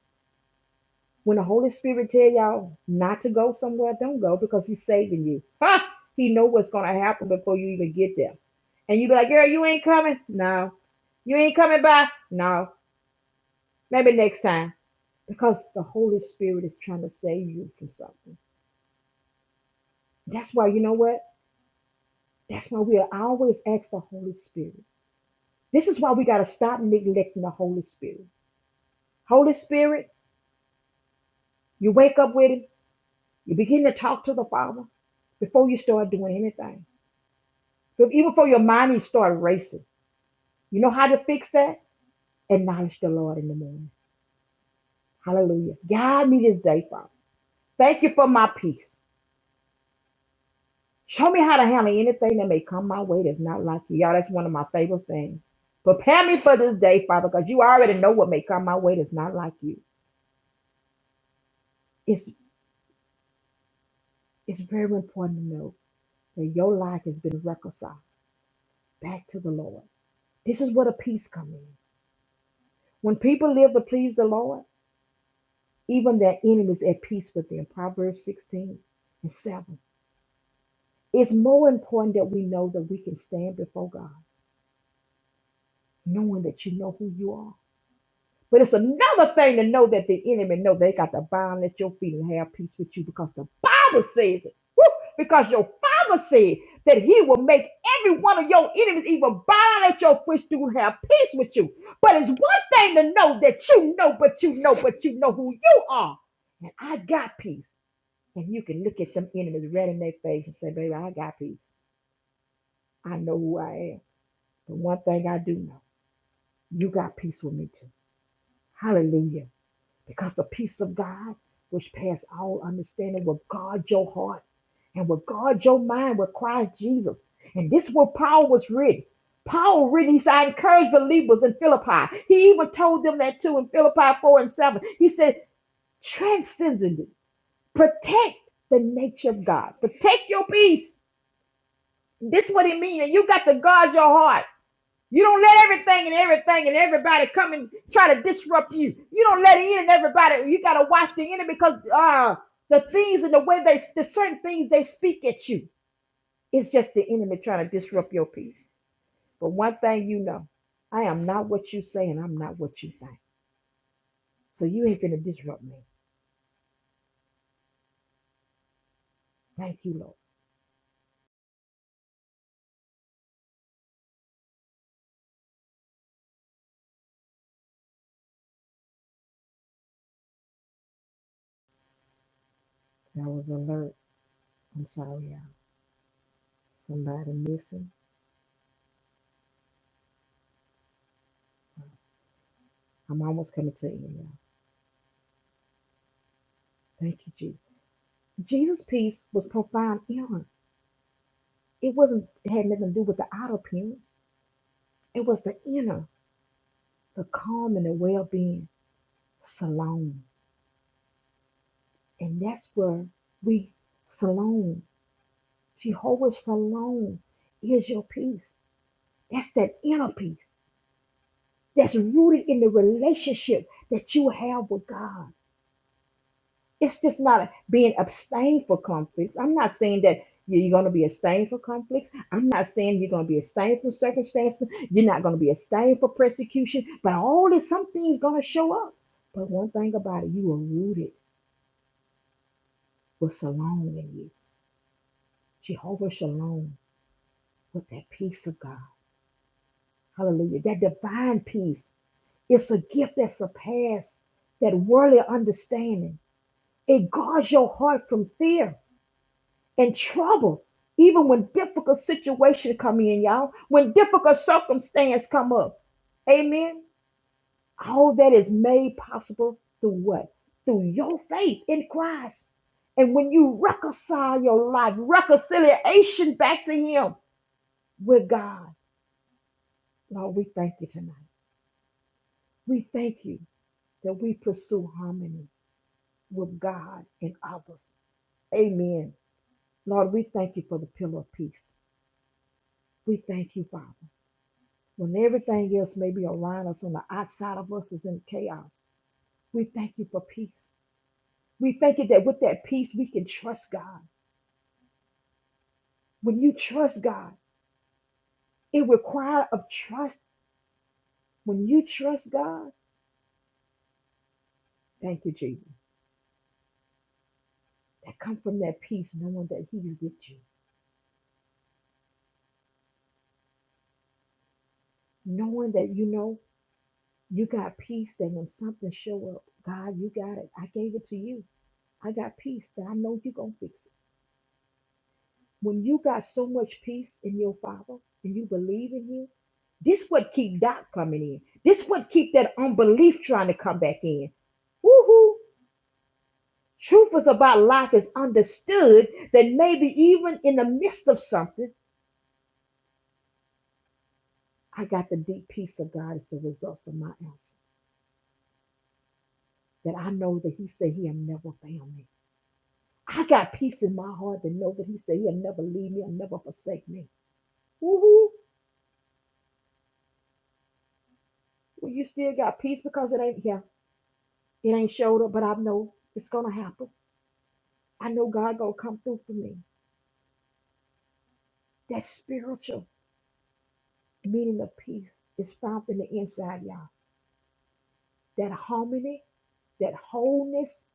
When the Holy Spirit tell y'all not to go somewhere, don't go because he's saving you. Ha! He know what's going to happen before you even get there. And you be like, girl, you ain't coming? No. You ain't coming by? No. Maybe next time. Because the Holy Spirit is trying to save you from something. That's why, you know what? That's why we always ask the Holy Spirit. This is why we got to stop neglecting the Holy Spirit. Holy Spirit, you wake up with Him, you begin to talk to the Father before you start doing anything. But even before your mind you start racing. You know how to fix that? Acknowledge the Lord in the morning. Hallelujah. Guide me this day, Father. Thank you for my peace. Show me how to handle anything that may come my way that's not like you. Y'all, that's one of my favorite things. Prepare me for this day, Father, because you already know what may come my way that's not like you. It's it's very important to know that your life has been reconciled back to the Lord. This is where the peace comes in. When people live to please the Lord, even their enemies at peace with them. Proverbs 16 and 7. It's more important that we know that we can stand before God, knowing that you know who you are But it's another thing to know that the enemy know they got to bind at your feet and have peace with you because the Bible says it. Woo! Because your Father said that He will make every one of your enemies even bind at your footstool to have peace with you. But it's one thing to know that you know, but you know, but you know who you are. And I got peace. And you can look at them enemies right in their face and say, baby, I got peace. I know who I am. But one thing I do know, you got peace with me too. Hallelujah. because the peace of God, which passes all understanding, will guard your heart and will guard your mind with Christ Jesus. And this is what Paul was written. Paul written, he said, I encourage believers in Philippi. He even told them that too in Philippi 4 and 7. He said, transcendent, protect the nature of God, protect your peace. This is what it means. And you got to guard your heart. You don't let everything and everything and everybody come and try to disrupt you. You don't let it in and everybody. You gotta watch the enemy because uh the things and the way they the certain things they speak at you. It's just the enemy trying to disrupt your peace. But one thing you know, I am not what you say and I'm not what you think. So you ain't gonna disrupt me. Thank you, Lord. That was alert. I'm sorry, y'all. Somebody missing. I'm almost coming to you, y'all. Thank you, Jesus. Jesus' peace was profound. It wasn't it had nothing to do with the outer appearance. It was the inner, the calm and the well being. Salon. And that's where we Salon. Jehovah Salon is your peace. That's that inner peace that's rooted in the relationship that you have with God. It's just not a, being abstained for conflicts. I'm not saying that you- you're going to be abstained for conflicts. I'm not saying you're going to be abstained from circumstances. You're not going to be abstained for persecution. But all this, something's going to show up. But one thing about it, you are rooted with Shalom in you. Jehovah Shalom with that peace of God. Hallelujah. That divine peace. It's a gift that surpasses that worldly understanding. It guards your heart from fear. in trouble, even when difficult situations come in, y'all, when difficult circumstances come up. Amen. All that is made possible through what? Through your faith in Christ. And when you reconcile your life, reconciliation back to Him with God. Lord, we thank you tonight. We thank you that we pursue harmony with God and others. Amen. Lord, we thank you for the pillar of peace. We thank you, Father. when everything else may be around us on the outside of us is in chaos. We thank you for peace. We thank you that with that peace we can trust God. When you trust God, it requires of trust. When you trust God, thank you, Jesus. That come from that peace, knowing that He's with you, knowing that you know you got peace. That when something show up, God, you got it. I gave it to you. I got peace that I know you're gonna fix it. When you got so much peace in your Father and you believe in Him, this what keep doubt coming in. This what keep that unbelief trying to come back in. Woohoo! Truth is about life is understood that maybe even in the midst of something, I got the deep peace of God as the result of my answer. That I know that He said He'll never fail me. I got peace in my heart to know that He said He'll never leave me, He'll never forsake me. Woohoo! Well, you still got peace because it ain't here. It ain't showed up, but I know it's gonna happen. I know God gonna come through for me. That spiritual meaning of peace is found in the inside, y'all. That harmony, that wholeness,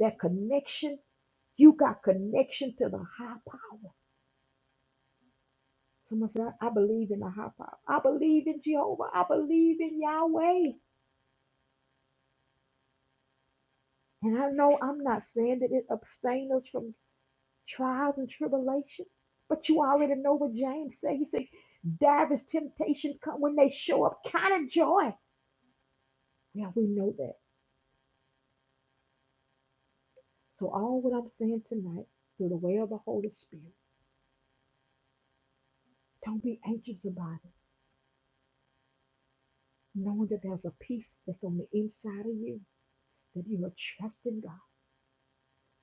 that connection. You got connection to the high power. Someone said, I I believe in the high power. I believe in Jehovah. I believe in Yahweh. And I know I'm not saying that it abstains us from trials and tribulation. But you already know what James said. He said, divers temptations come when they show up. Kind of joy. Yeah, we know that. So all what I'm saying tonight, through the way of the Holy Spirit, don't be anxious about it. Knowing that there's a peace that's on the inside of you, that you are trusting God,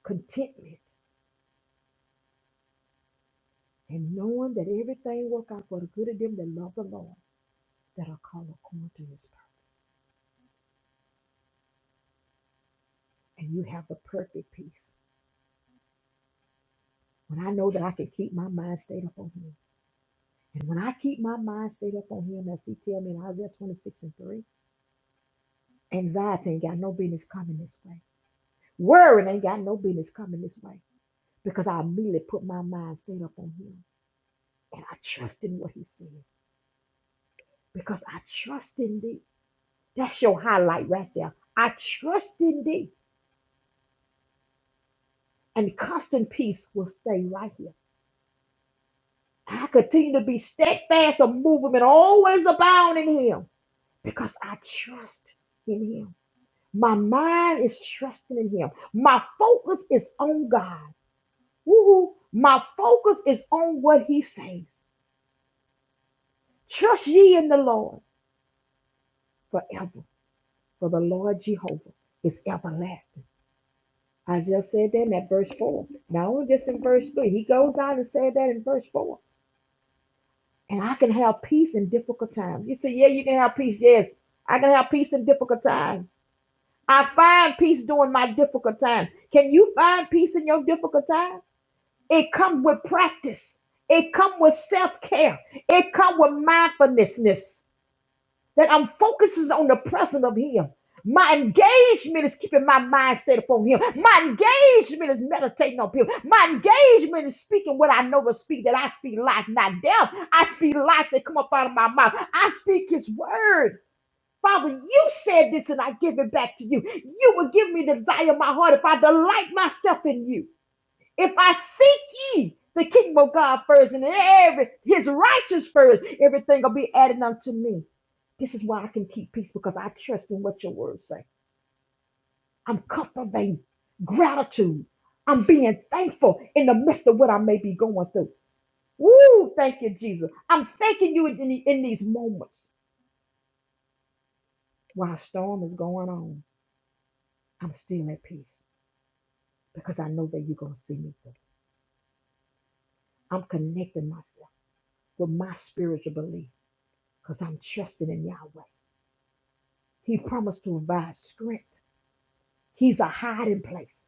contentment, and knowing that everything work out for the good of them that love the Lord, that are called according to his purpose. And you have the perfect peace. When I know that I can keep my mind stayed up on him And when I keep my mind stayed up on him, as he tell me in Isaiah 26 and 3, anxiety ain't got no business coming this way. Worrying ain't got no business coming this way. Because I immediately put my mind stayed up on him. And I trust in what he says. Because I trust in thee. That's your highlight right there. I trust in thee. And constant peace will stay right here. I continue to be steadfast, unmovable, and always abound in him. Because I trust in him. My mind is trusting in Him. My focus is on God. Woo-hoo. My focus is on what He says. Trust ye in the Lord forever, for the Lord Jehovah is everlasting. Isaiah said that in that verse 4. Not only just in verse 3, he goes down and said that in verse 4. And I can have peace in difficult times. You say, Yeah, you can have peace. Yes, I can have peace in difficult times. I find peace during my difficult times. Can you find peace in your difficult times? It comes with practice. It comes with self-care. It comes with mindfulness. That I'm focusing on the presence of him. My engagement is keeping my mind stayed upon him. My engagement is meditating on him. My engagement is speaking what I know to speak, that I speak life, not death. I speak life that come up out of my mouth. I speak his word. Father, you said this and I give it back to you. You will give me the desire of my heart if I delight myself in you. If I seek ye the kingdom of God first and every his righteousness first, everything will be added unto me. This is why I can keep peace because I trust in what your words say. I'm cultivating gratitude. I'm being thankful in the midst of what I may be going through. Woo! Thank you, Jesus. I'm thanking you in, the- in these moments while a storm is going on. I'm still at peace because I know that you're going to see me through. I'm connecting myself with my spiritual belief. because I'm trusting in Yahweh. He promised to provide strength. He's a hiding place.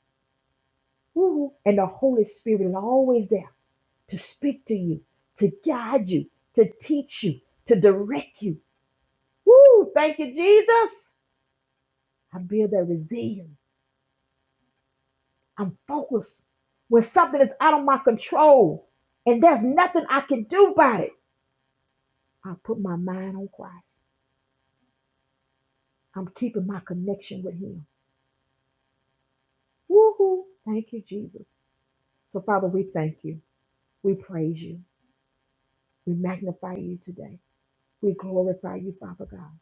Woo-hoo. And the Holy Spirit is always there to speak to you, to guide you, to teach you, to direct you. Woo! Thank you, Jesus. I build that resilience. I'm focused. When something is out of my control and there's nothing I can do about it, I put my mind on Christ. I'm keeping my connection with Him. Woo-hoo. Thank you, Jesus. So, Father, we thank you. We praise you. We magnify you today. We glorify you, Father God.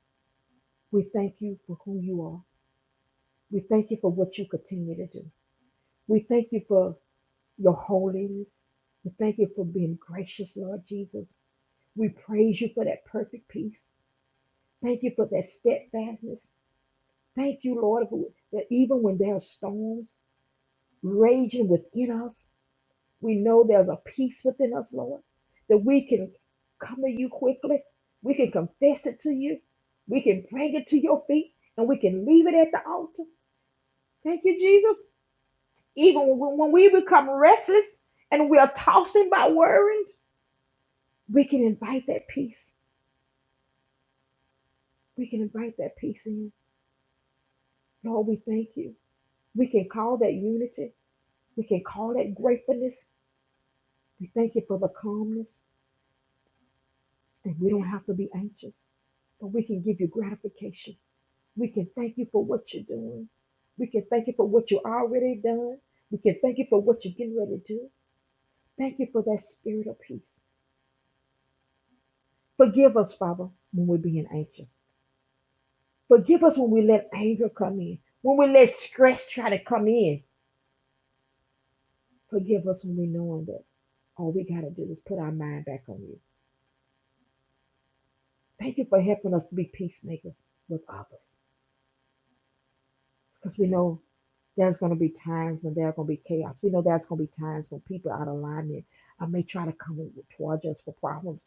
We thank you for who you are. We thank you for what you continue to do. We thank you for your holiness. We thank you for being gracious, Lord Jesus. We praise you for that perfect peace. Thank you for that steadfastness. Thank you, Lord, for that even when there are storms raging within us, We know there's a peace within us, Lord, that we can come to you quickly. We can confess it to you. We can bring it to your feet and we can leave it at the altar. Thank you, Jesus. Even when when we become restless and we are tossing by worrying, we can invite that peace. We can invite that peace in you. Lord, we thank you. We can call that unity. We can call that gratefulness. We thank you for the calmness, and we don't have to be anxious, but we can give you gratification. We can thank you for what you're doing. We can thank you for what you already done. We can thank you for what you're getting ready to do. Thank you for that spirit of peace. Forgive us, Father, when we're being anxious. Forgive us when we let anger come in, when we let stress try to come in. Forgive us when we know that all we got to do is put our mind back on you. Thank you for helping us to be peacemakers with others. Because we know there's going to be times when there's going to be chaos. We know there's going to be times when people out of alignment uh, may try to come towards us for problems.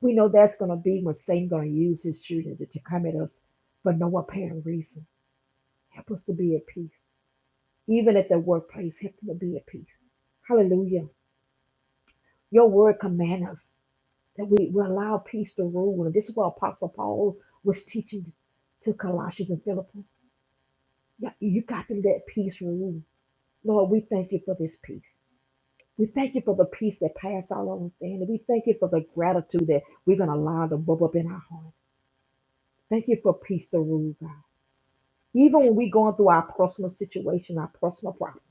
We know that's going to be when Satan going to use his children to, to come at us for no apparent reason. Help us to be at peace. Even at the workplace, help them to be at peace. Hallelujah. Your word command us that we, we allow peace to rule. And this is what Apostle Paul was teaching to Colossians and Philippi. Yeah, You got to let peace rule. Lord, we thank you for this peace. We thank you for the peace that passes all understanding. We thank you for the gratitude that we're going to allow to bubble up in our heart. Thank you for peace to rule, God. Even when we're going through our personal situation, our personal problem,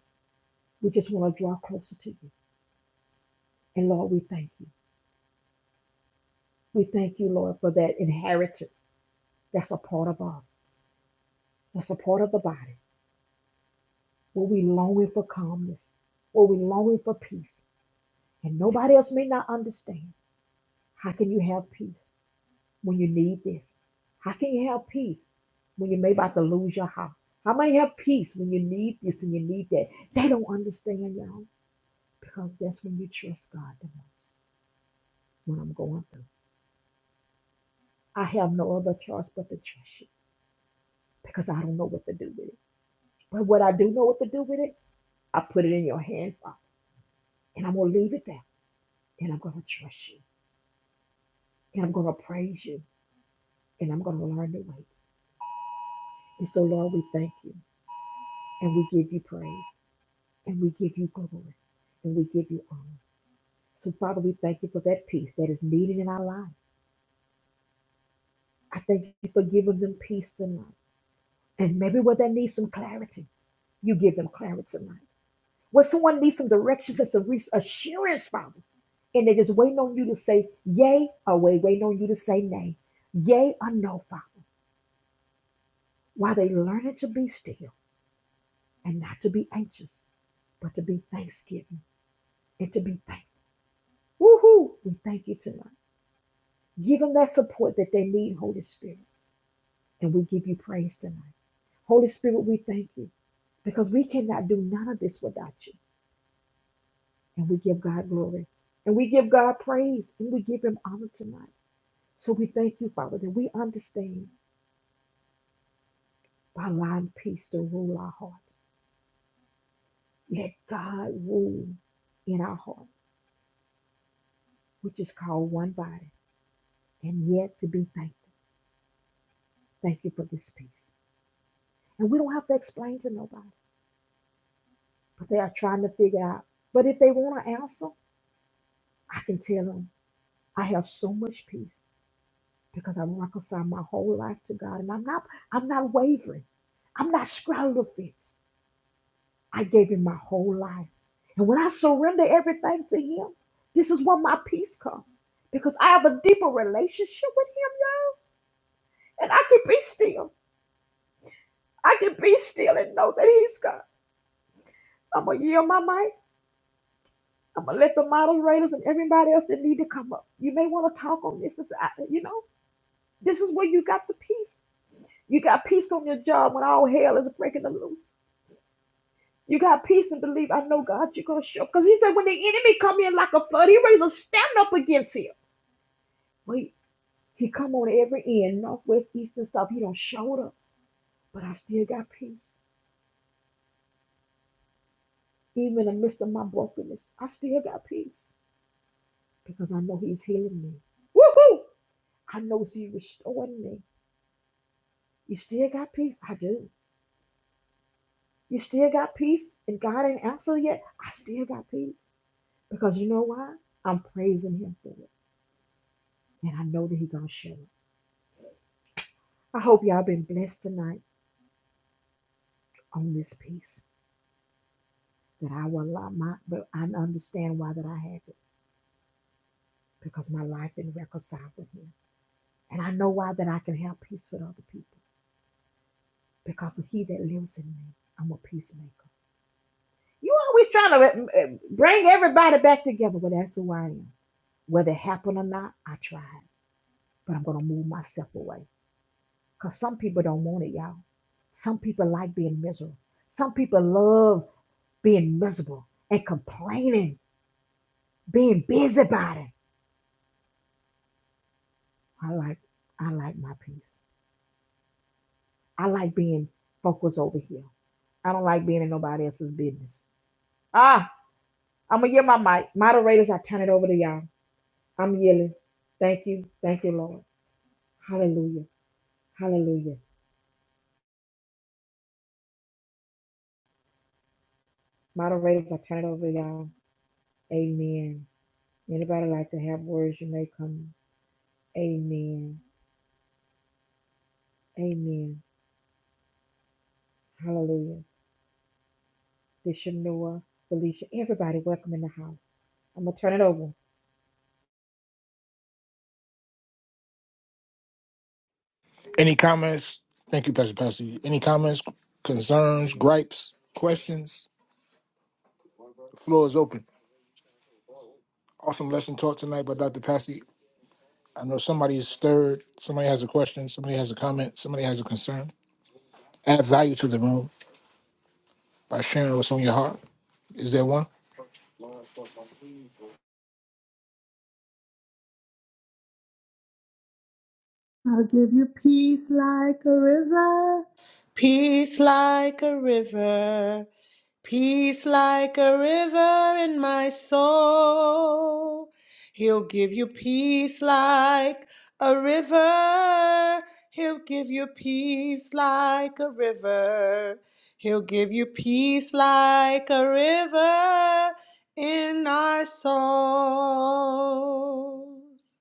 we just want to draw closer to you. And Lord, we thank you. We thank you, Lord, for that inheritance that's a part of us, that's a part of the body, where we longing for calmness, where we longing for peace. And nobody else may not understand. How can you have peace? when you need this? How can you have peace when you may about to lose your house? How may you have peace when you need this and you need that? They don't understand, y'all, because that's when you trust God the most. When I'm going through, I have no other choice but to trust you because I don't know what to do with it. But what I do know what to do with it, I put it in your hand, Father, and I'm gonna leave it there, and I'm gonna trust you, and I'm gonna praise you, and I'm gonna learn to wait. And so, Lord, we thank you and we give you praise. and we give you glory and we give you honor. So, Father, we thank you for that peace that is needed in our life. I thank you for giving them peace tonight. And maybe where they need some clarity, you give them clarity tonight. Where someone needs some directions and some res- assurance, Father, and they're just waiting on you to say yay or wait, waiting on you to say nay, yay or no, Father, while they learning to be still and not to be anxious, but to be thanksgiving and to be thankful. Woohoo! We thank you tonight. Give them that support that they need, Holy Spirit. And we give you praise tonight. Holy Spirit, we thank you because we cannot do none of this without you. And we give God glory and we give God praise and we give him honor tonight. So we thank you, Father, that we understand by allowing peace to rule our heart. Let God rule in our heart, which is called one body, and yet to be thankful. Thank you for this peace. And we don't have to explain to nobody, but they are trying to figure out. But if they want to answer, I can tell him I have so much peace because I've reconciled my whole life to God and I'm not I'm not wavering. I'm not straddled the fence. I gave him my whole life. And when I surrender everything to him, this is where my peace comes. Because I have a deeper relationship with him now. And I can be still. I can be still and know that he's God. I'm gonna yield my mic. I'm gonna let the moderators and everybody else that need to come up. You may want to talk on this. Is I- you know, this is where you got the peace. You got peace on your job when all hell is breaking loose. You got peace and believe, I know God, you're going to show. Because he said, when the enemy come in like a flood, he raise a stand up against him. Wait, he come on every end, north, west, east, and south. He don't show up, but I still got peace. Even in the midst of my brokenness, I still got peace because I know he's healing me. Woohoo! I know he's restoring me. You still got peace? I do. You still got peace and God ain't answered yet? I still got peace. Because you know why? I'm praising him for it. And I know that he's gonna show it. I hope y'all been blessed tonight on this piece. That I will allow my but I understand why that I have it. Because my life been reconciled with him. And I know why that I can have peace with other people. Because of he that lives in me, I'm a peacemaker. You always trying to uh, uh, bring everybody back together. Well, that's who I am. Whether it happened or not, I tried. But I'm gonna move myself away. Because some people don't want it, y'all. Some people like being miserable. Some people love being miserable and complaining, being busybody. I like, I like my peace. I like being focused over here. I don't like being in nobody else's business. Ah, I'm gonna yield my mic. Moderators, I turn it over to y'all. I'm yielding. Thank you. Thank you, Lord. Hallelujah. Hallelujah. Moderators, I turn it over to y'all. Amen. Anybody like to have words, you may come. Amen. Amen. Hallelujah. Bishop Noah, Felicia, everybody, welcome in the house. I'm going to turn it over. Any comments? Thank you, Pastor Pastor. Any comments, concerns, gripes, questions? floor is open. Awesome lesson taught tonight by Dr. Passy. I know somebody is stirred. Somebody has a question. Somebody has a comment. Somebody has a concern. Add value to the room by sharing what's on your heart. Is there one? I'll give you peace like a river. Peace like a river, peace like a river in my soul. He'll give you peace like a river. He'll give you peace like a river. He'll give you peace like a river in our souls.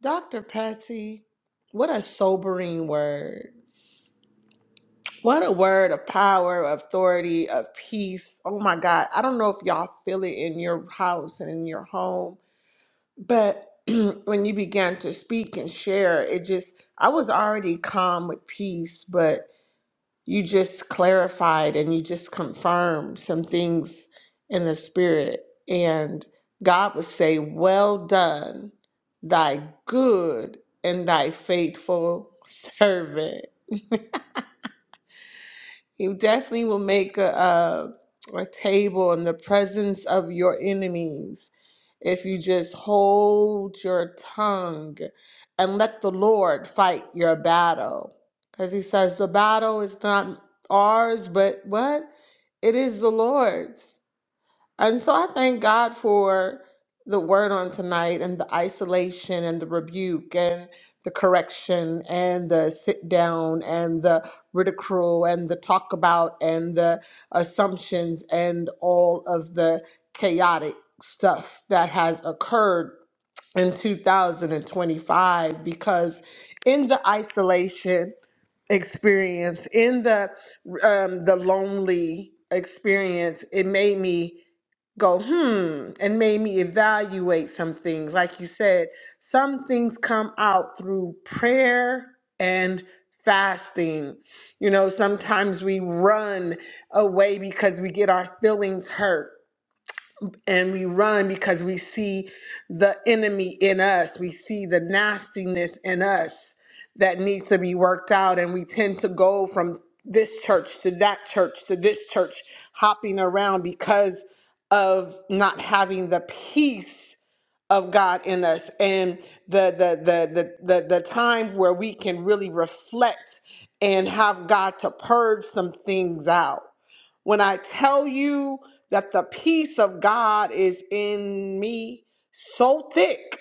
Dr. Patsy, what a sobering word. What a word of power, of authority, of peace. Oh my God. I don't know if y'all feel it in your house and in your home, but when you began to speak and share, it just, I was already calm with peace, but you just clarified and you just confirmed some things in the spirit. And God would say, Well done, thy good and thy faithful servant. You definitely will make a, a a table in the presence of your enemies if you just hold your tongue and let the Lord fight your battle. Because he says the battle is not ours, but what? It is the Lord's. And so I thank God for the word on tonight and the isolation and the rebuke and the correction and the sit down and the ridicule and the talk about and the assumptions and all of the chaotic stuff that has occurred in 2025 because in the isolation experience in the um, the lonely experience it made me go, hmm, and made me evaluate some things. Like you said, some things come out through prayer and fasting. You know, sometimes we run away because we get our feelings hurt and we run because we see the enemy in us. We see the nastiness in us that needs to be worked out. And we tend to go from this church to that church to this church, hopping around because of not having the peace of God in us and the the the the the, the time where we can really reflect and have God to purge some things out. When I tell you that the peace of God is in me so thick.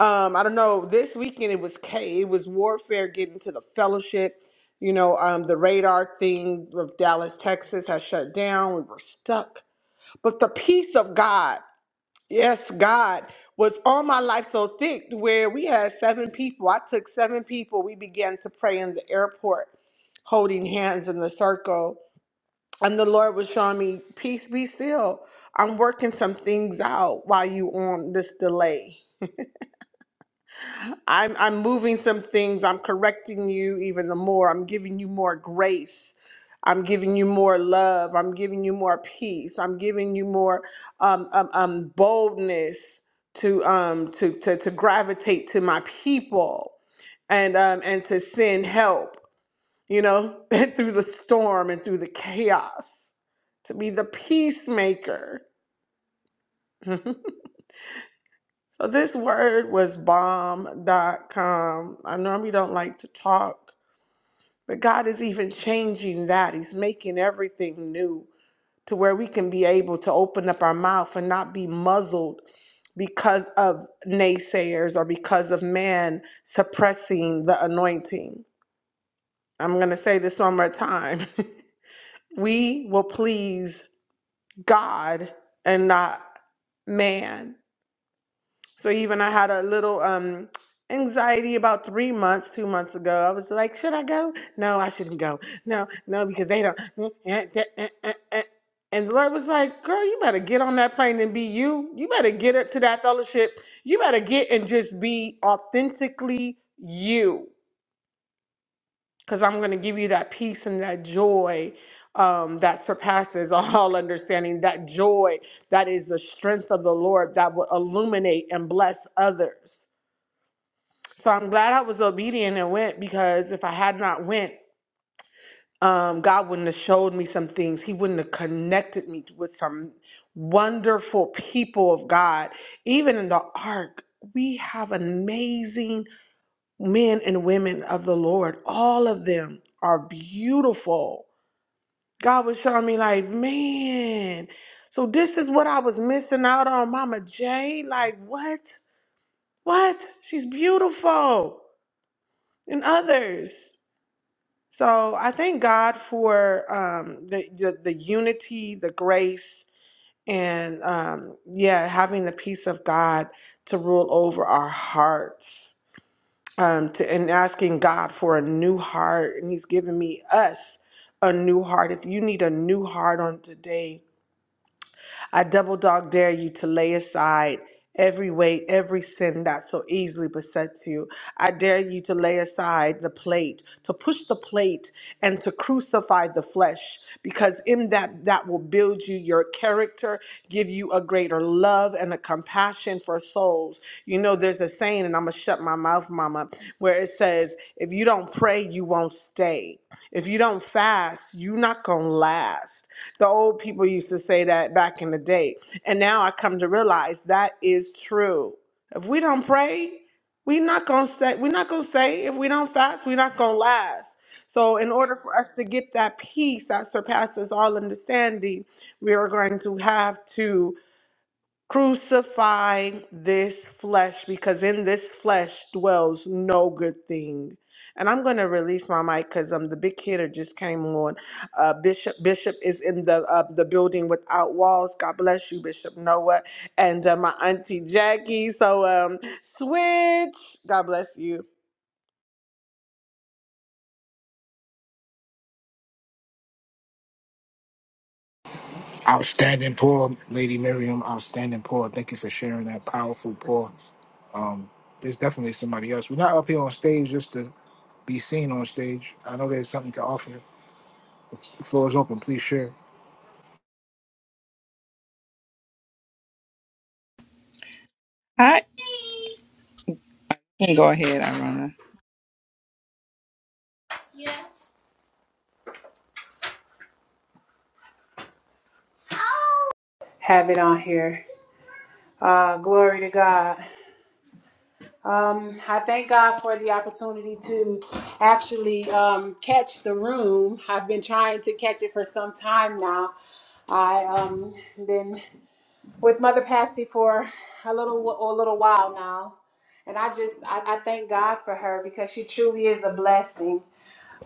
Um, I don't know, this weekend it was K it was warfare getting to the fellowship. You know, um, the radar thing of Dallas, Texas has shut down. We were stuck. But the peace of God. Yes, God was on my life so thick where we had seven people. I took seven people. We began to pray in the airport, holding hands in the circle. And the Lord was showing me, peace be still. I'm working some things out while you on this delay. I'm I'm moving some things. I'm correcting you even the more. I'm giving you more grace. I'm giving you more love. I'm giving you more peace. I'm giving you more um, um, um, boldness to um to, to to gravitate to my people and um and to send help. You know, through the storm and through the chaos, to be the peacemaker. so this word was bomb dot com. I normally don't like to talk But God is even changing that. He's making everything new to where we can be able to open up our mouth and not be muzzled because of naysayers or because of man suppressing the anointing. I'm going to say this one more time. we will please God and not man. So even I had a little um anxiety about three months, two months ago. I was like, should I go? No, I shouldn't go. No, no, because they don't. "Eh, eh, eh, eh, eh, eh." And the Lord was like, girl, you better get on that plane and be you. You better get up to that fellowship. You better get and just be authentically you. Because I'm going to give you that peace and that joy um, that surpasses all understanding, that joy that is the strength of the Lord that will illuminate and bless others. So I'm glad I was obedient and went because if I had not went, um, God wouldn't have showed me some things. He wouldn't have connected me with some wonderful people of God. Even in the ark, we have amazing men and women of the Lord. All of them are beautiful. God was showing me like, man, so this is what I was missing out on, Mama J. Like, what? What? She's beautiful. And others. So I thank God for um, the, the the unity, the grace, and um, yeah, having the peace of God to rule over our hearts, um, to, and asking God for a new heart, and He's given me us a new heart. If you need a new heart on today, I double dog dare you to lay aside every weight, every sin that so easily besets you. I dare you to lay aside the plate, to push the plate and to crucify the flesh because in that that will build you your character, give you a greater love and a compassion for souls. You know there's a saying and I'm going to shut my mouth mama where it says if you don't pray you won't stay. If you don't fast, you're not going to last. The old people used to say that back in the day. And now I come to realize that is true. If we don't pray, we're not gonna say we're not gonna say if we don't fast, we're not gonna last. So in order for us to get that peace that surpasses all understanding, we are going to have to Crucify this flesh because in this flesh dwells no good thing. And I'm going to release my mic because um, the big hitter just came on. Uh, Bishop Bishop is in the uh, the building without walls. God bless you, Bishop Noah, and uh, my auntie Jackie. So um, switch. God bless you. Outstanding poor, Lady Miriam. Outstanding poor. Thank you for sharing that powerful poor. Um, there's definitely somebody else. We're not up here on stage just to be seen on stage. I know there's something to offer. The floor is open. Please share. I can go ahead, Irona. Yes. have it on here. Uh, glory to God. Um, I thank God for the opportunity to actually um, catch the room. I've been trying to catch it for some time now. I um been with Mother Patsy for a little a little while now, and I just I, I thank God for her because she truly is a blessing.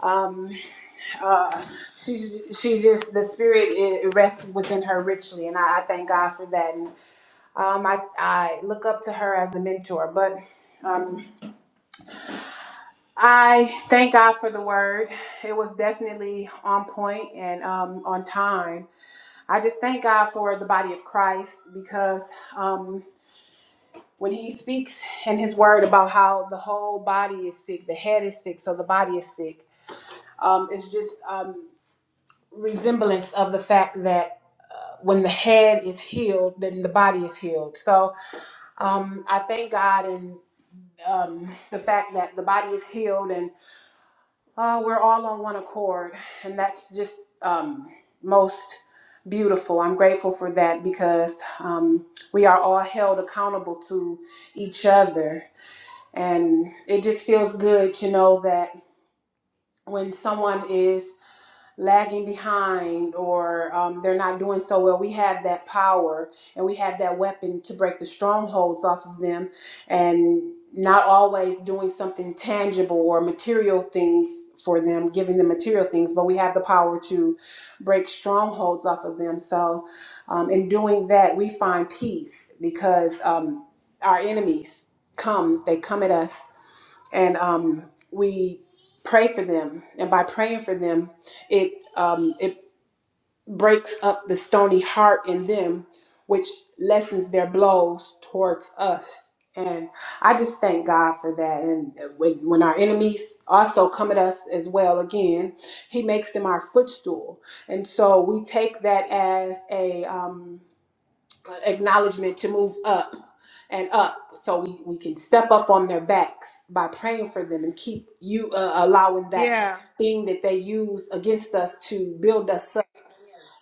Um, uh, she's she just the spirit it rests within her richly, and I, I thank God for that. And um, I I look up to her as a mentor, but. Um, I thank God for the word. It was definitely on point and um, on time. I just thank God for the body of Christ because um, when He speaks in His word about how the whole body is sick, the head is sick, so the body is sick. Um, it's just um, resemblance of the fact that when the head is healed, then the body is healed. So um, I thank God and um, the fact that the body is healed and uh, we're all on one accord. And that's just um, most beautiful. I'm grateful for that because um, we are all held accountable to each other. And it just feels good to know that when someone is lagging behind or um, they're not doing so well, we have that power and we have that weapon to break the strongholds off of them and not always doing something tangible or material things for them, giving them material things, but we have the power to break strongholds off of them. So, um, in doing that, we find peace because um, our enemies come, they come at us and um, we pray for them. And by praying for them, it um, it breaks up the stony heart in them, which lessens their blows towards us. And I just thank God for that. And uh, when, when our enemies also come at us as well, again, He makes them our footstool. And so we take that as a um, acknowledgement to move up and up so we, we can step up on their backs by praying for them and keep you uh, allowing that Yeah. thing that they use against us to build us up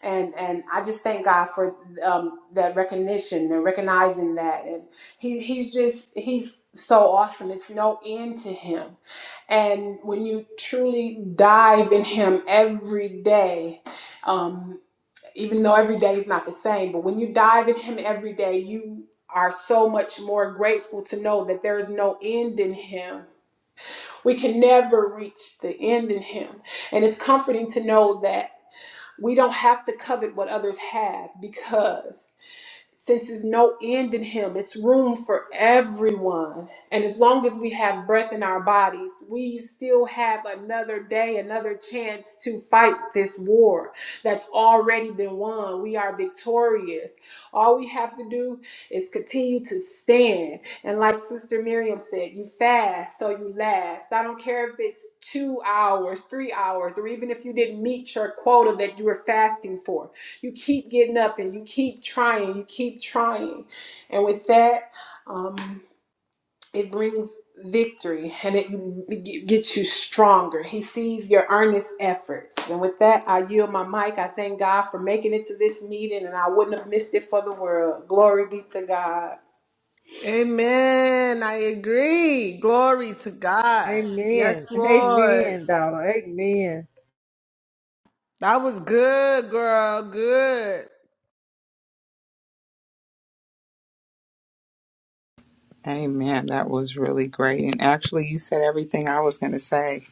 and and i just thank god for um, that recognition and recognizing that and he, he's just he's so awesome it's no end to him and when you truly dive in him every day um, even though every day is not the same, but when you dive in Him every day, you are so much more grateful to know that there is no end in Him. We can never reach the end in Him. And it's comforting to know that we don't have to covet what others have because since there's no end in him it's room for everyone and as long as we have breath in our bodies we still have another day another chance to fight this war that's already been won we are victorious all we have to do is continue to stand and like sister miriam said you fast so you last i don't care if it's two hours three hours or even if you didn't meet your quota that you were fasting for you keep getting up and you keep trying, you keep trying. And with that, um, it brings victory and it gets you stronger. He sees your earnest efforts. And with that, I yield my mic. I thank God for making it to this meeting and I wouldn't have missed it for the world. Glory be to God. Amen. I agree. Glory to God. Yes, Amen. Lord. Amen, daughter. Amen. That was good, girl. Good. Amen. That was really great. And actually, you said everything I was going to say.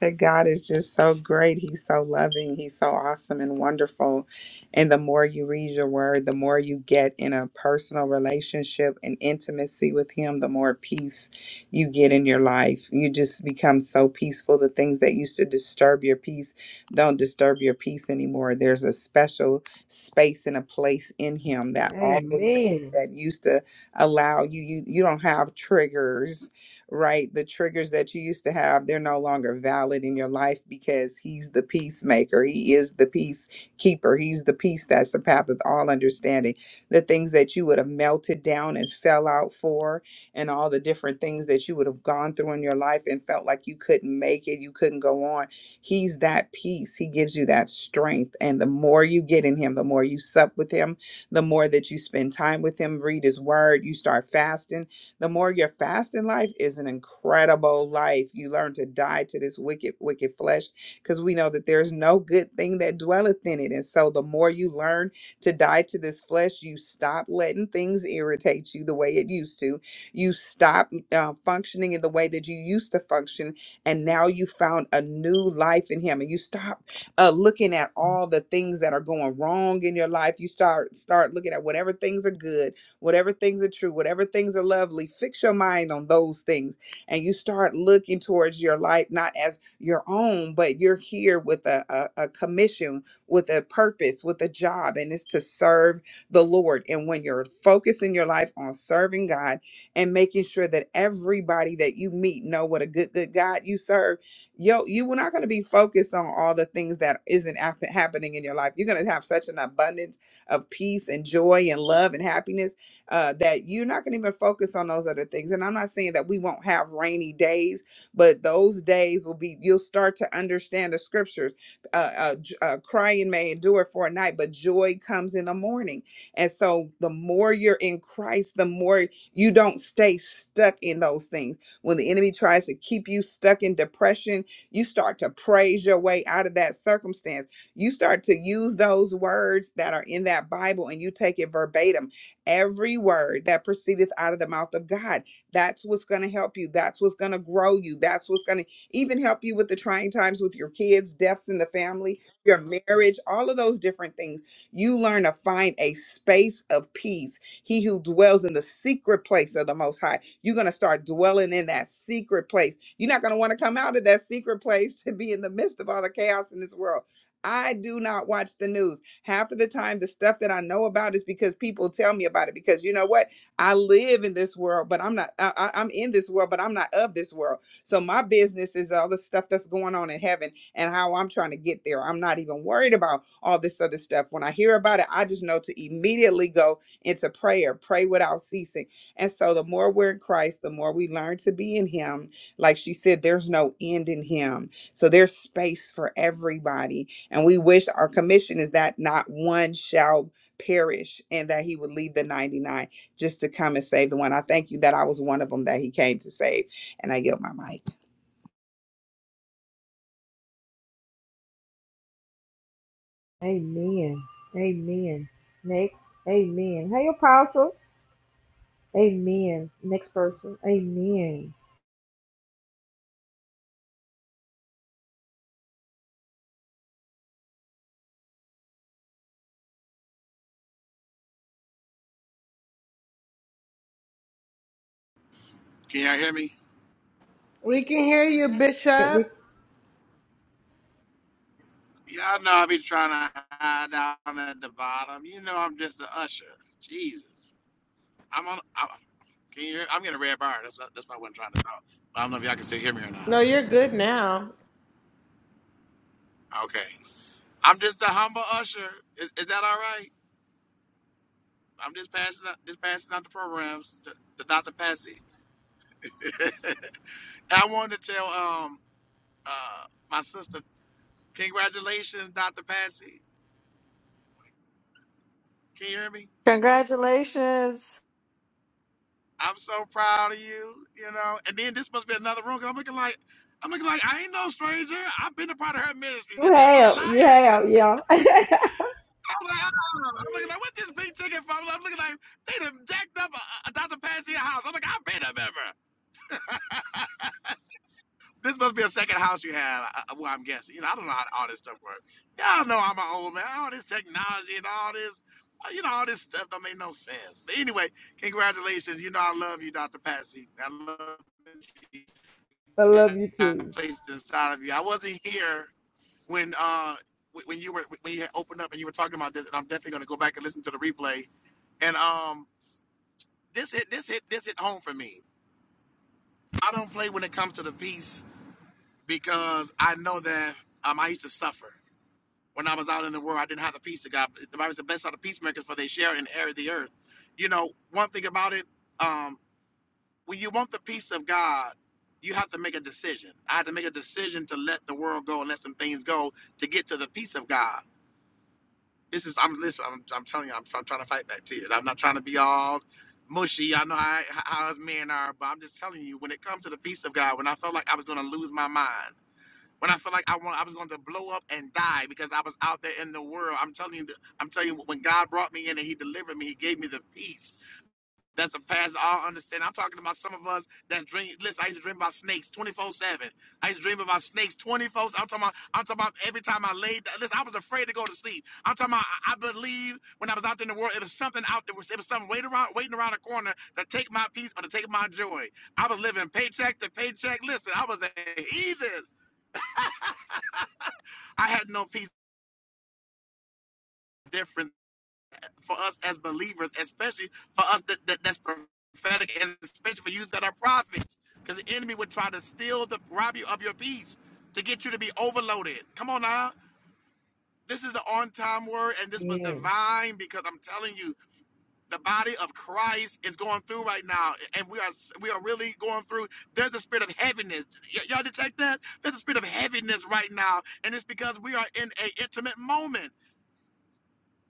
that God is just so great. He's so loving. He's so awesome and wonderful. And the more you read your word, the more you get in a personal relationship and intimacy with Him, the more peace you get in your life. You just become so peaceful. The things that used to disturb your peace don't disturb your peace anymore. There's a special space and a place in Him that all those things Amen. that used to allow you, you, you don't have triggers right? The triggers that you used to have, they're no longer valid in your life because he's the peacemaker. He is the peace keeper. He's the peace that's the path of all understanding. The things that you would have melted down and fell out for, and all the different things that you would have gone through in your life and felt like you couldn't make it, you couldn't go on. He's that peace. He gives you that strength. And the more you get in him, the more you sup with him, the more that you spend time with him, read his word, you start fasting the more you your fasting life is an incredible life. You learn to die to this wicked, wicked flesh because we know that there's no good thing that dwelleth in it. And so the more you learn to die to this flesh, you stop letting things irritate you the way it used to. You stop uh, functioning in the way that you used to function. And now you found a new life in Him. And you stop uh, looking at all the things that are going wrong in your life. You start start looking at whatever things are good whatever things are true, whatever things are lovely, fix your mind on those things. And you start looking towards your life, not as your own, but you're here with a, a, a commission, with a purpose, with a job, and it's to serve the Lord. And when you're focusing your life on serving God and making sure that everybody that you meet know what a good, good God you serve, yo, you were not going to be focused on all the things that isn't hap- happening in your life. You're going to have such an abundance of peace and joy and love and happiness uh, that you're not going to even focus on those other things. And I'm not saying that we won't have rainy days, but those days will be, you'll start to understand the scriptures. Uh, uh, j- uh, crying may endure for a night, but joy comes in the morning. And so the more you're in Christ, the more you don't stay stuck in those things. When the enemy tries to keep you stuck in depression, you start to praise your way out of that circumstance. You start to use those words that are in that Bible and you take it verbatim every word that proceedeth out of the mouth of God. That's what's going to help you. That's what's going to grow you. That's what's going to even help you with the trying times with your kids, deaths in the family, your marriage, all of those different things. You learn to find a space of peace. He who dwells in the secret place of the Most High, you're going to start dwelling in that secret place. You're not going to want to come out of that secret place to be in the midst of all the chaos in this world. I do not watch the news. Half of the time, the stuff that I know about is because people tell me about it. Because you know what? I live in this world, but I'm not, I, I- I'm in this world, but I'm not of this world. So my business is all the stuff that's going on in heaven and how I'm trying to get there. I'm not even worried about all this other stuff. When I hear about it, I just know to immediately go into prayer, pray without ceasing. And so the more we're in Christ, the more we learn to be in Him. Like she said, there's no end in Him. So there's space for everybody. And we wish our commission is that not one shall perish and that he would leave the 99 just to come and save the one. I thank you that I was one of them that he came to save. And I yield my mic. Amen. Amen. Next. Amen. Hey, Apostle. Amen. Next person. Amen. Can y'all hear me? We can hear you, Can't Bishop. We, Y'all know I be trying to hide down at the bottom. You know I'm just the usher. Jesus, I'm on. i can you hear? I'm getting a red bar. That's what, that's why I wasn't trying to talk. I don't know if y'all can still hear me or not. No, you're good now. Okay, I'm just a humble usher. Is, is that all right? I'm just passing out, just passing out the programs to, to Dr. Patsy. And I wanted to tell um uh my sister, congratulations, Dr. Patsy. Can you hear me? Congratulations. I'm so proud of you, you know. And then this must be another room 'cause I'm looking like, I'm looking like I ain't no stranger. I've been a part of her ministry, You the devil a have. You liar. have. Yeah. I I'm like, oh. I'm looking like what this pink ticket for? I'm looking like they done jacked up a, a Dr. Patsy a house. I'm like, I've been a member. This must be a second house you have. Uh, well, I'm guessing. You know, I don't know how all this stuff works. Y'all know I'm an old man. All this technology and all this, uh, you know, all this stuff don't make no sense. But anyway, congratulations. You know, I love you, Dr. Patsy. I love you. love you I too. placed inside of you. I wasn't here when uh when you were when you had opened up and you were talking about this, and I'm definitely going to go back and listen to the replay. And um, this hit this hit this hit home for me. I don't play when it comes to the peace because I know that um I used to suffer when I was out in the world. I didn't have the peace of God. The Bible says, "Blessed are the peacemakers, for they share and inherit the earth." You know, one thing about it. um. when you want the peace of God, you have to make a decision. I had to make a decision to let the world go and let some things go to get to the peace of God. This is I'm listen. I'm, I'm telling you, I'm, I'm trying to fight back tears. I'm not trying to be all mushy. I know I, how us men are, but I'm just telling you, when it comes to the peace of God, when I felt like I was going to lose my mind, when I felt like I want, I was going to blow up and die because I was out there in the world. I'm telling you, that- I'm telling you, when God brought me in and He delivered me, He gave me the peace. That's a past all understanding. I'm talking about some of us that dream. Listen, I used to dream about snakes 24 seven. I used to dream about snakes 24. I'm talking about. I'm talking about every time I laid. Listen, I was afraid to go to sleep. I'm talking about. I I believe when I was out there in the world, it was something out there. It was something waiting around, waiting around the corner to take my peace or to take my joy. I was living paycheck to paycheck. Listen, I was a heathen. I had no peace. Different. for us as believers, especially for us that, that that's prophetic, and especially for you that are prophets, because the enemy would try to steal the rob you of your peace to get you to be overloaded. Come on now, this is an on-time word, and this was amen. divine because I'm telling you. The body of Christ is going through right now, and we are we are really going through. There's a spirit of heaviness. Y- y'all detect that? There's a spirit of heaviness right now, and it's because we are in an intimate moment.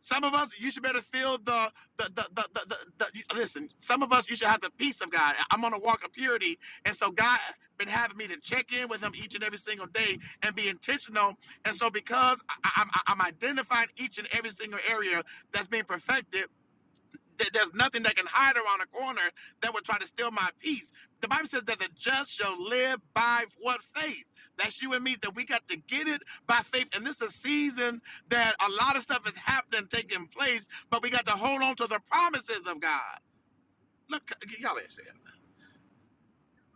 Some of us, you should better feel the the the the, the, the, the you- listen. Some of us, you should have the peace of God. I'm on a walk of purity, and so God been having me to check in with Him each and every single day and be intentional. And so because I, I- I'm, I'm identifying each and every single area that's being perfected, Th- There's nothing that can hide around a corner that would try to steal my peace. The Bible says that the just shall live by what faith. That's you and me, that we got to get it by faith. And this is a season that a lot of stuff is happening, taking place, but we got to hold on to the promises of God. Look, y'all ain't saying.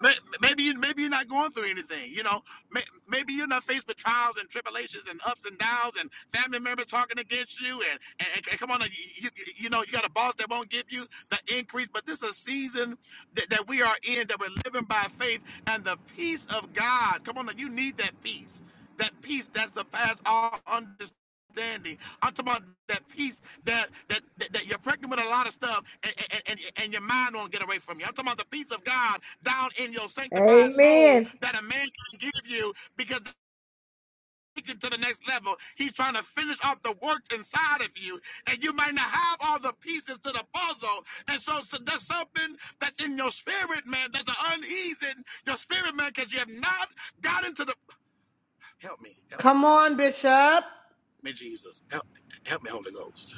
May- Maybe you, maybe you're not going through anything, you know. May- Maybe you're not faced with trials and tribulations and ups and downs and family members talking against you and and, and- and come on, you, you you know you got a boss that won't give you the increase. But this is a season that, that we are in that we're living by faith and the peace of God. Come on, you need that peace that peace that surpasses all understanding. I'm talking about that peace that that that, that you're pregnant with a lot of stuff and, and, and, and your mind won't get away from you. I'm talking about the peace of God down in your sanctified soul Amen. that a man can give you because to the next level. He's trying to finish off the works inside of you, and you might not have all the pieces to the puzzle. And so, so there's something that's in your spirit, man. There's an unease in your spirit, man, because you have not got into the. Help me, help me, Come help me on, Bishop. me, Jesus. Help, help me, Holy Ghost.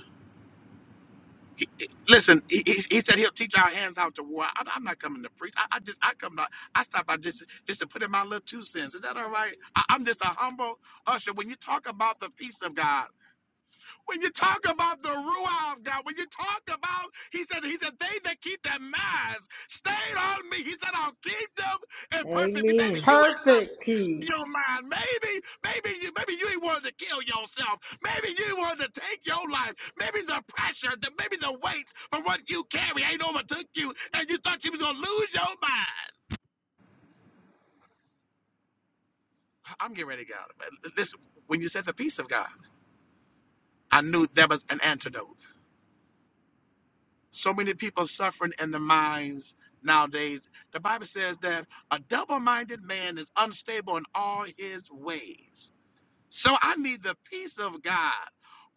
Listen, he, he, he said he'll teach our hands how to war. I, I'm not coming to preach. I, I just, I come, to, I stop by just, just to put in my little two cents. Is that all right? I, I'm just a humble usher. When you talk about the peace of God, when you talk about the ruah of God, when you talk about, he said, he said, they that keep their minds stayed on me. He said, I'll keep them in perfect. Maybe Amen. you is Perfect you peace. don't mind. Maybe, maybe you, maybe you ain't wanted to kill yourself. Maybe you wanted to take your life. Maybe the pressure, the, maybe the weights from what you carry ain't overtook you, and you thought you was gonna lose your mind. I'm getting ready to go. But Listen, when you said the peace of God, I knew there was an antidote. So many people suffering in their minds nowadays. The Bible says that a double-minded man is unstable in all his ways. So I need the peace of God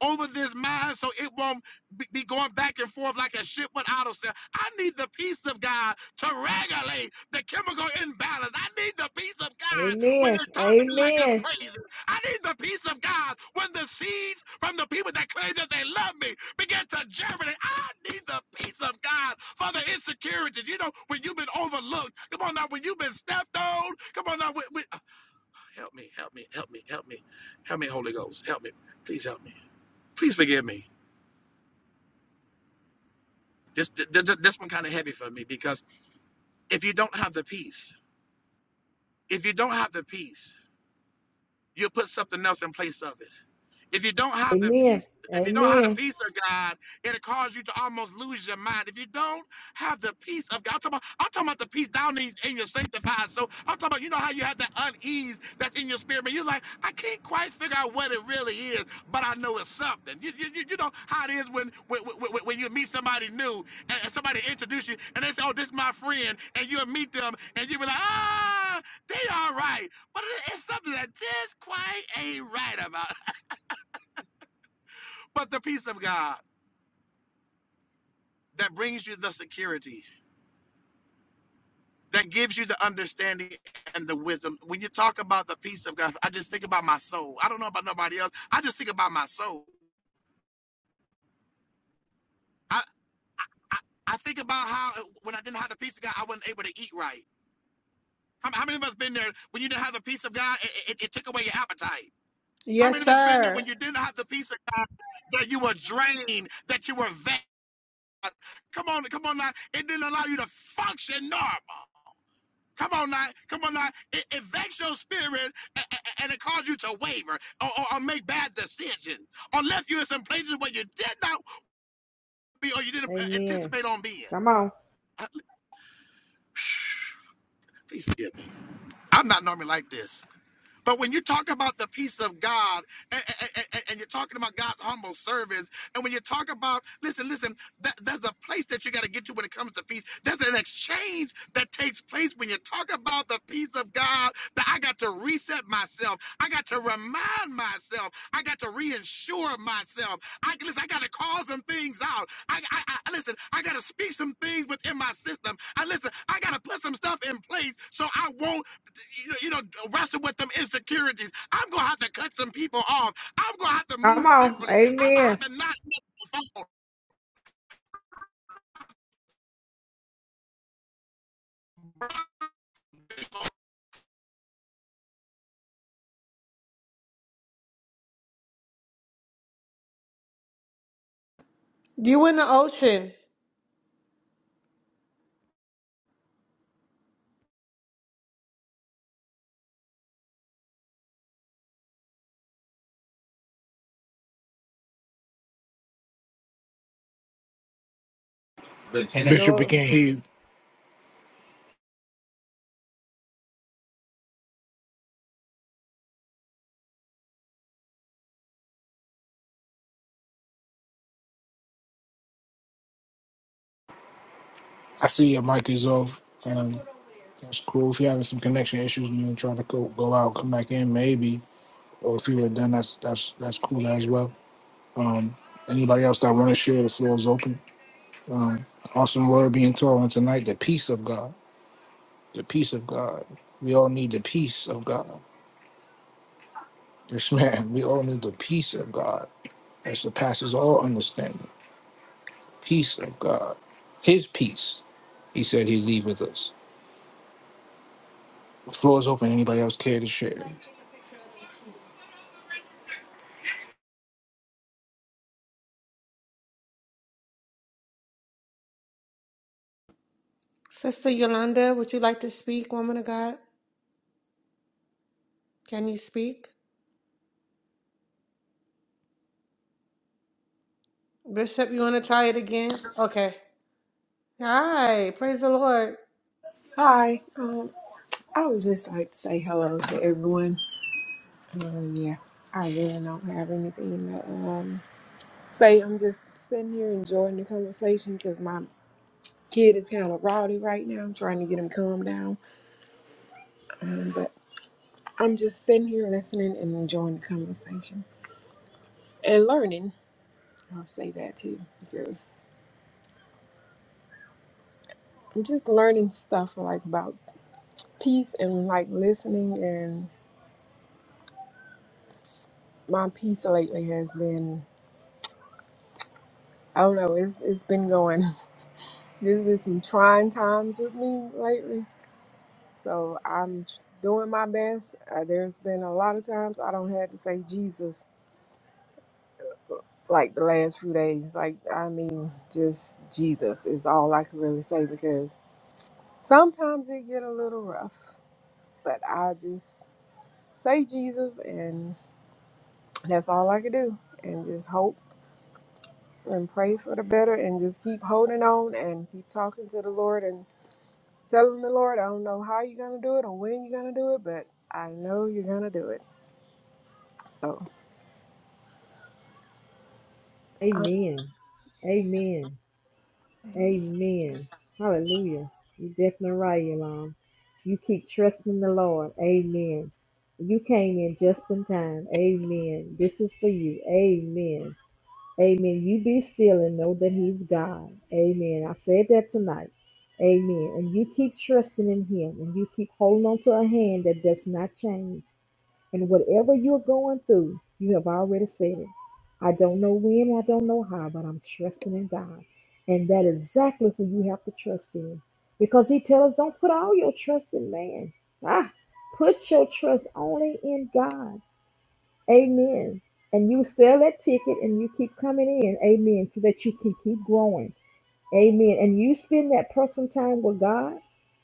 over this mind so it won't be going back and forth like a ship without a sail. I need the peace of God to regulate the chemical imbalance. I need the peace of God when Amen. they're talking to me like I'm Amen. crazy. I need the peace of God when the seeds from the people that claim that they love me begin to germinate. I need the peace of God for the insecurities. You know, when you've been overlooked, come on now, when you've been stepped on, come on now, when, when, Help me, help me, help me, help me, help me, Holy Ghost, help me. Please help me. Please forgive me. This th- th- th- this one kind of heavy for me because if you don't have the peace, if you don't have the peace, you'll put something else in place of it. If you don't have the Amen. peace, if you don't have the Amen. peace of God, it'll cause you to almost lose your mind. If you don't have the peace of God, I'm talking about, I'm talking about the peace down in, in your sanctified. soul. I'm talking about, you know how you have that unease that's in your spirit, but you're like, I can't quite figure out what it really is, but I know it's something. You, you, you you know how it is when when, when, when- when you meet somebody new and, and somebody introduce you and they say, oh, this is my friend, and you'll meet them and you'll be like, ah, they all right. But it- it's something that just quite ain't right about. But the peace of God that brings you the security, that gives you the understanding and the wisdom. When you talk about the peace of God, I just think about my soul. I don't know about nobody else. I just think about my soul. I, I, I think about how when I didn't have the peace of God, I wasn't able to eat right. How, how many of us been there when you didn't have the peace of God, it, it, it took away your appetite? How many Yes, of us been there sir. when you didn't have the peace of God, that you were drained, that you were vexed? Come on, come on now. It didn't allow you to function normal. Come on now, come on now. It, it vexed your spirit a- and it caused you to waver or, or, or make bad decisions or left you in some places where you did not be or you didn't uh, Amen. anticipate on being. Come on. I- please forgive me. I'm not normally like this. But when you talk about the peace of God, and, and and you're talking about God's humble servants, and when you talk about, listen, listen, that, there's a place that you got to get to when it comes to peace. There's an exchange that takes place when you talk about the peace of God, that I got to reset myself. I got to remind myself. I got to reinsure myself. I, listen, I got to call some things out. I, I, I listen, I got to speak some things within my system. I listen, I got to put some stuff in place so I won't you know, wrestle with them insecurities. I'm gonna have to cut some people off. I'm gonna have to Come move on. differently. I'm gonna have Amen. to not miss the phone. You in the ocean. The connection Bishop, we Lord. can't hear you. I see your mic is off. Um, that's cool. If you're having some connection issues and you're trying to go, go out, come back in, maybe. Or if you were done, that's that's that's cool as well. Um, anybody else that want to share, the floor is open. Awesome word being taught on tonight. The peace of God. The peace of God. We all need the peace of God. Yes, man. We all need the peace of God that surpasses all understanding. Peace of God. His peace. He said he'd leave with us. The Floor is open. Anybody else care to share? Sister Yolanda, would you like to speak, woman of God? Can you speak? Bishop, you want to try it again? Okay. Hi. Praise the Lord. Hi. Um, I would just like to say hello to everyone. Uh, yeah, I really don't have anything to um, say. I'm just sitting here enjoying the conversation because my kid is kind of rowdy right now. I'm trying to get him calmed down. Um, but I'm just sitting here listening and enjoying the conversation and learning. I'll say that too because I'm just learning stuff like about peace and like listening. And my peace lately has been I don't know. It's it's been going. This is some trying times with me lately. So I'm tr- doing my best. Uh, there's been a lot of times I don't have to say Jesus like the last few days. Like I mean, just Jesus is all I can really say because sometimes it get a little rough. But I just say Jesus, and that's all I can do, and just hope and pray for the better, and just keep holding on and keep talking to the Lord and telling the Lord, I don't know how you're gonna do it or when you're gonna do it, but I know you're gonna do it. So um, Amen. Amen. Amen. Hallelujah. You're definitely right, Yolanda. You keep trusting the Lord. Amen. You came in just in time. Amen. This is for you. Amen. Amen. You be still and know that He's God. Amen. I said that tonight. Amen. And you keep trusting in Him and you keep holding on to a hand that does not change. And whatever you're going through, you have already said it. I don't know when, I don't know how, but I'm trusting in God. And that is exactly who you have to trust in. Because he tells us don't put all your trust in man. Ah, put your trust only in God. Amen. And you sell that ticket and you keep coming in. Amen. So that you can keep growing. Amen. And you spend that personal time with God,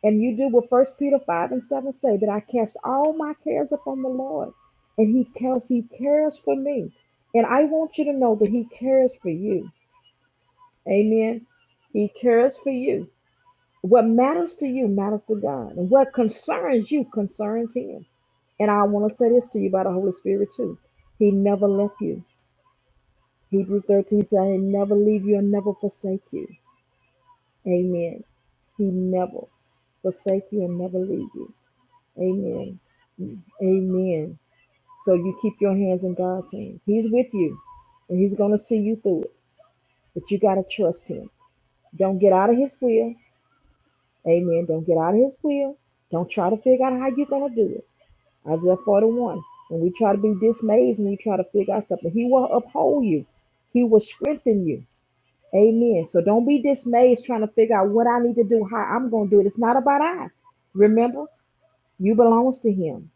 and you do what First Peter five and seven say that I cast all my cares upon the Lord, and He cares He cares for me, and I want you to know that He cares for you. Amen. He cares for you. What matters to you matters to God, and what concerns you concerns Him. And I want to say this to you by the Holy Spirit too. He never left you. Hebrew 13 said, He never leave you and never forsake you. Amen. He never forsake you and never leave you. Amen. Amen. So you keep your hands in God's hands. He's with you and He's going to see you through it, but you got to trust Him. Don't get out of His will. Amen. Don't get out of His will. Don't try to figure out how you're going to do it. Isaiah 41. When we try to be dismayed, when we try to figure out something, He will uphold you, He will strengthen you. Amen. So don't be dismayed trying to figure out what I need to do, how I'm going to do it. It's not about I. Remember, you belongs to him.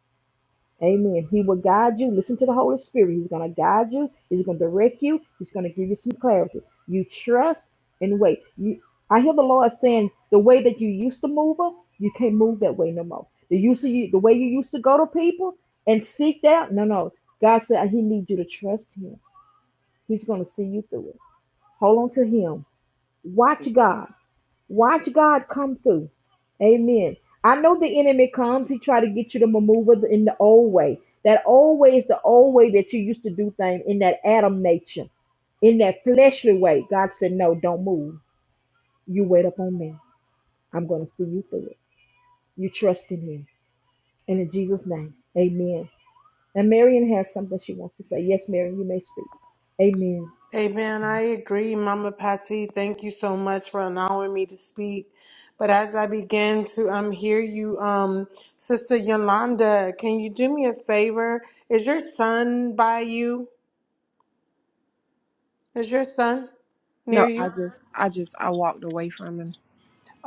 Amen. He will guide you. Listen to the Holy Spirit. He's going to guide you. He's going to direct you. He's going to give you some clarity. You trust and wait. You, I hear the Lord saying the way that you used to move up, you can't move that way no more. The use of you, the way you used to go to people and seek out, no, no. God said He needs you to trust Him. He's going to see you through it. Hold on to Him. Watch God. Watch God come through. Amen. I know the enemy comes. He try to get you to maneuver in the old way. That old way is the old way that you used to do things in that Adam nature, in that fleshly way. God said, "No, don't move. You wait up on me. I'm going to see you through it. You trust in Him." And in Jesus' name, Amen. And Marion has something she wants to say. Yes, Marion, you may speak. Amen. Amen. I agree, Mama Patsy. Thank you so much for allowing me to speak. But as I begin to um hear you, um, Sister Yolanda, can you do me a favor? Is your son by you? Is your son near no, I you? just I just I walked away from him.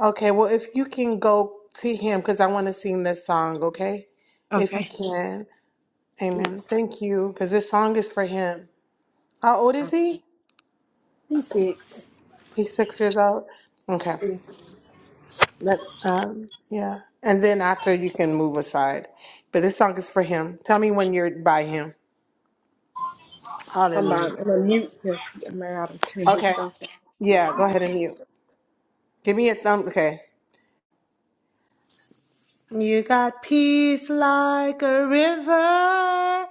Okay. Well, if you can go to him, because I want to sing this song. Okay, if you Okay. can. Amen. Yes, Thank you, because this song is for him. How old I, is he? He's six. He's six years old. Okay. yes. That, um, yeah. And then after you can move aside. But this song is for him. Tell me when you're by him. I'm on Hallelujah. I'm on mute because I'm out to turn his Okay. stuff down. Yeah, go ahead and mute. Give me a thumb. Okay. You got peace like a river.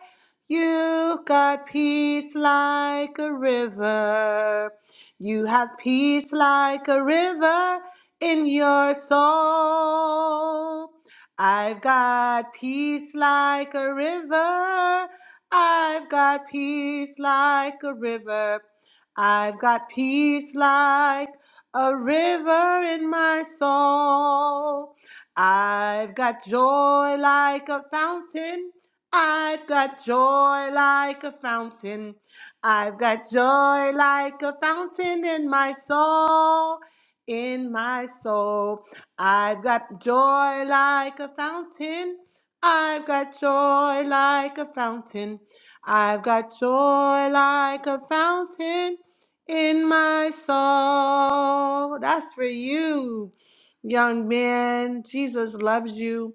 You got peace like a river. You have peace like a river in your soul. I've got peace like a river. I've got peace like a river. I've got peace like a river in my soul. I've got joy like a fountain. I've got joy like a fountain. I've got joy like a fountain in my soul, in my soul. I've got joy like a fountain. I've got joy like a fountain. I've got joy like a fountain in my soul. That's for you young man. Jesus loves you.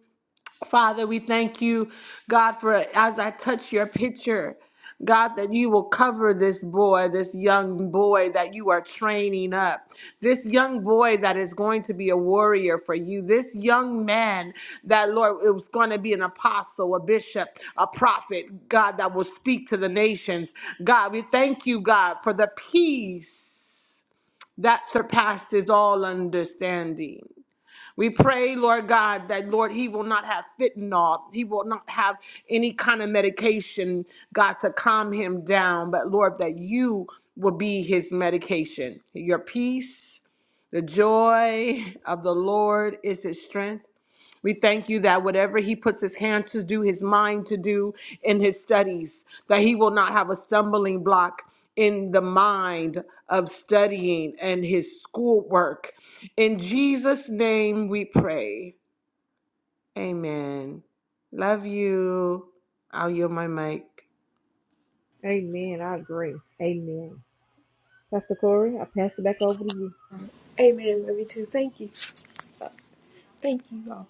Father, we thank you, God, for as I touch your picture, God, that you will cover this boy, this young boy that you are training up, this young boy that is going to be a warrior for you, this young man that, Lord, it was going to be an apostle, a bishop, a prophet, God, that will speak to the nations. God, we thank you, God, for the peace that surpasses all understanding. We pray, Lord God, that, Lord, he will not have fentanyl. He will not have any kind of medication, God, to calm him down. But, Lord, that you will be his medication. Your peace, the joy of the Lord is his strength. We thank you that whatever he puts his hand to do, his mind to do in his studies, that he will not have a stumbling block in the mind of studying and his schoolwork. In Jesus' name we pray. Amen. Love you. I'll yield my mic. Amen. I agree. Amen. Pastor Corey, I pass it back over to you. Amen. Love you too. Thank you. Thank you all.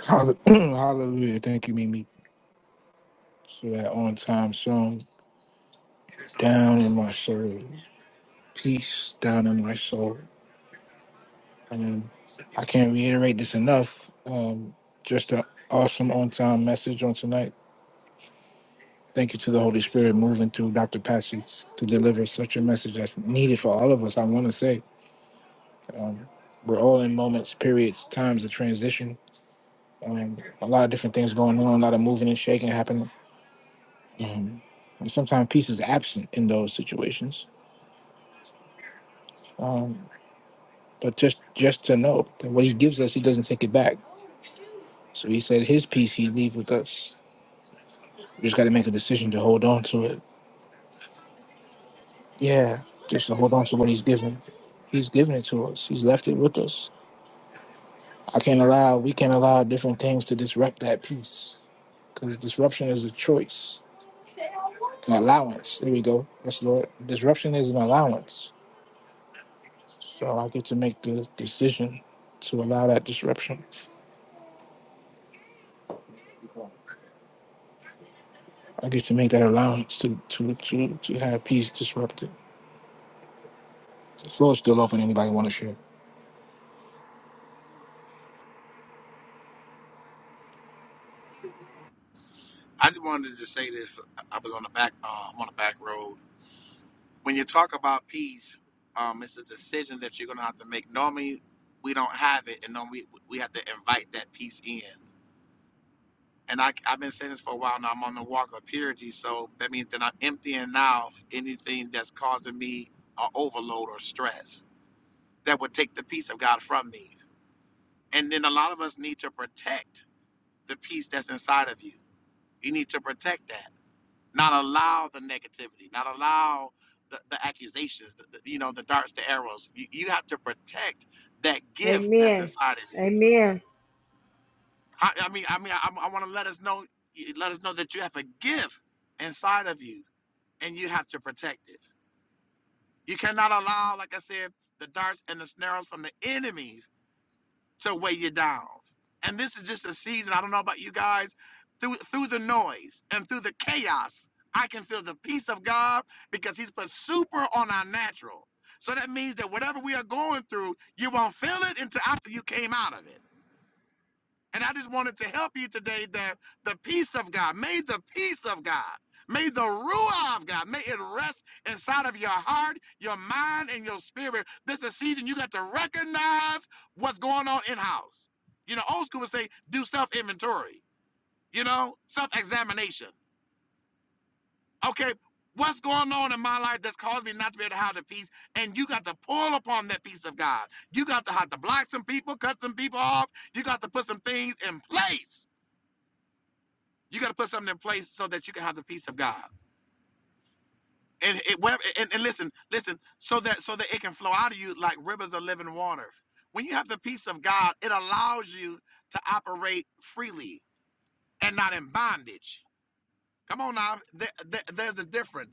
Hall- Hallelujah. Thank you, Mimi, for that on time song. Down in my soul. Peace down in my soul. And I can't reiterate this enough. Um, just an awesome on time message on tonight. Thank you to the Holy Spirit moving through Dr. Patsy to deliver such a message that's needed for all of us. I want to say um, we're all in moments, periods, times of transition. Um, a lot of different things going on, a lot of moving and shaking happening Um, and sometimes peace is absent in those situations. Um, but just just to know that what He gives us, He doesn't take it back. So He said His peace He leave with us. We just got to make a decision to hold on to it. Yeah, just to hold on to what He's given. He's given it to us. He's left it with us. I can't allow. We can't allow different things to disrupt that peace because disruption is a choice, It's an allowance. There we go. Yes, Lord. Disruption is an allowance. So I get to make the decision to allow that disruption. I get to make that allowance to to to to have peace disrupted. The floor is still open. Anybody want to share? I just wanted to say this. I was on the back, uh, I'm on the back road. When you talk about peace, um, it's a decision that you're gonna have to make. Normally, we don't have it, and normally we we have to invite that peace in. And I, I've been saying this for a while now. I'm on the walk of purity, so that means that I'm emptying now anything that's causing me a overload or stress that would take the peace of God from me And then a lot of us need to protect the peace that's inside of you. You need to protect that, not allow the negativity, not allow the, the accusations, the, the- you know, the darts, the arrows. You, you have to protect that gift that's Amen. inside of you. Amen. I, I mean, I mean, I, I want to let us know, let us know that you have a gift inside of you, and you have to protect it. You cannot allow, like I said, the darts and the snares from the enemy to weigh you down. And this is just a season, I don't know about you guys, through through the noise and through the chaos, I can feel the peace of God because he's put super on our natural. So that means that whatever we are going through, you won't feel it until after you came out of it. And I just wanted to help you today that the peace of God, may the peace of God, may the Ruah of God, may it rest inside of your heart, your mind, and your spirit. This is a season you got to recognize what's going on in house. You know, old school would say, do self inventory, you know, self examination. Okay, what's going on in my life that's caused me not to be able to have the peace? And you got to pull upon that peace of God. You got to have to block some people, cut some people off. You got to put some things in place You got to put something in place so that you can have the peace of God. And it wherever, and, and listen, listen, so that so that it can flow out of you like rivers of living water. When you have the peace of God, it allows you to operate freely and not in bondage. Come on now, there, there- there's a difference.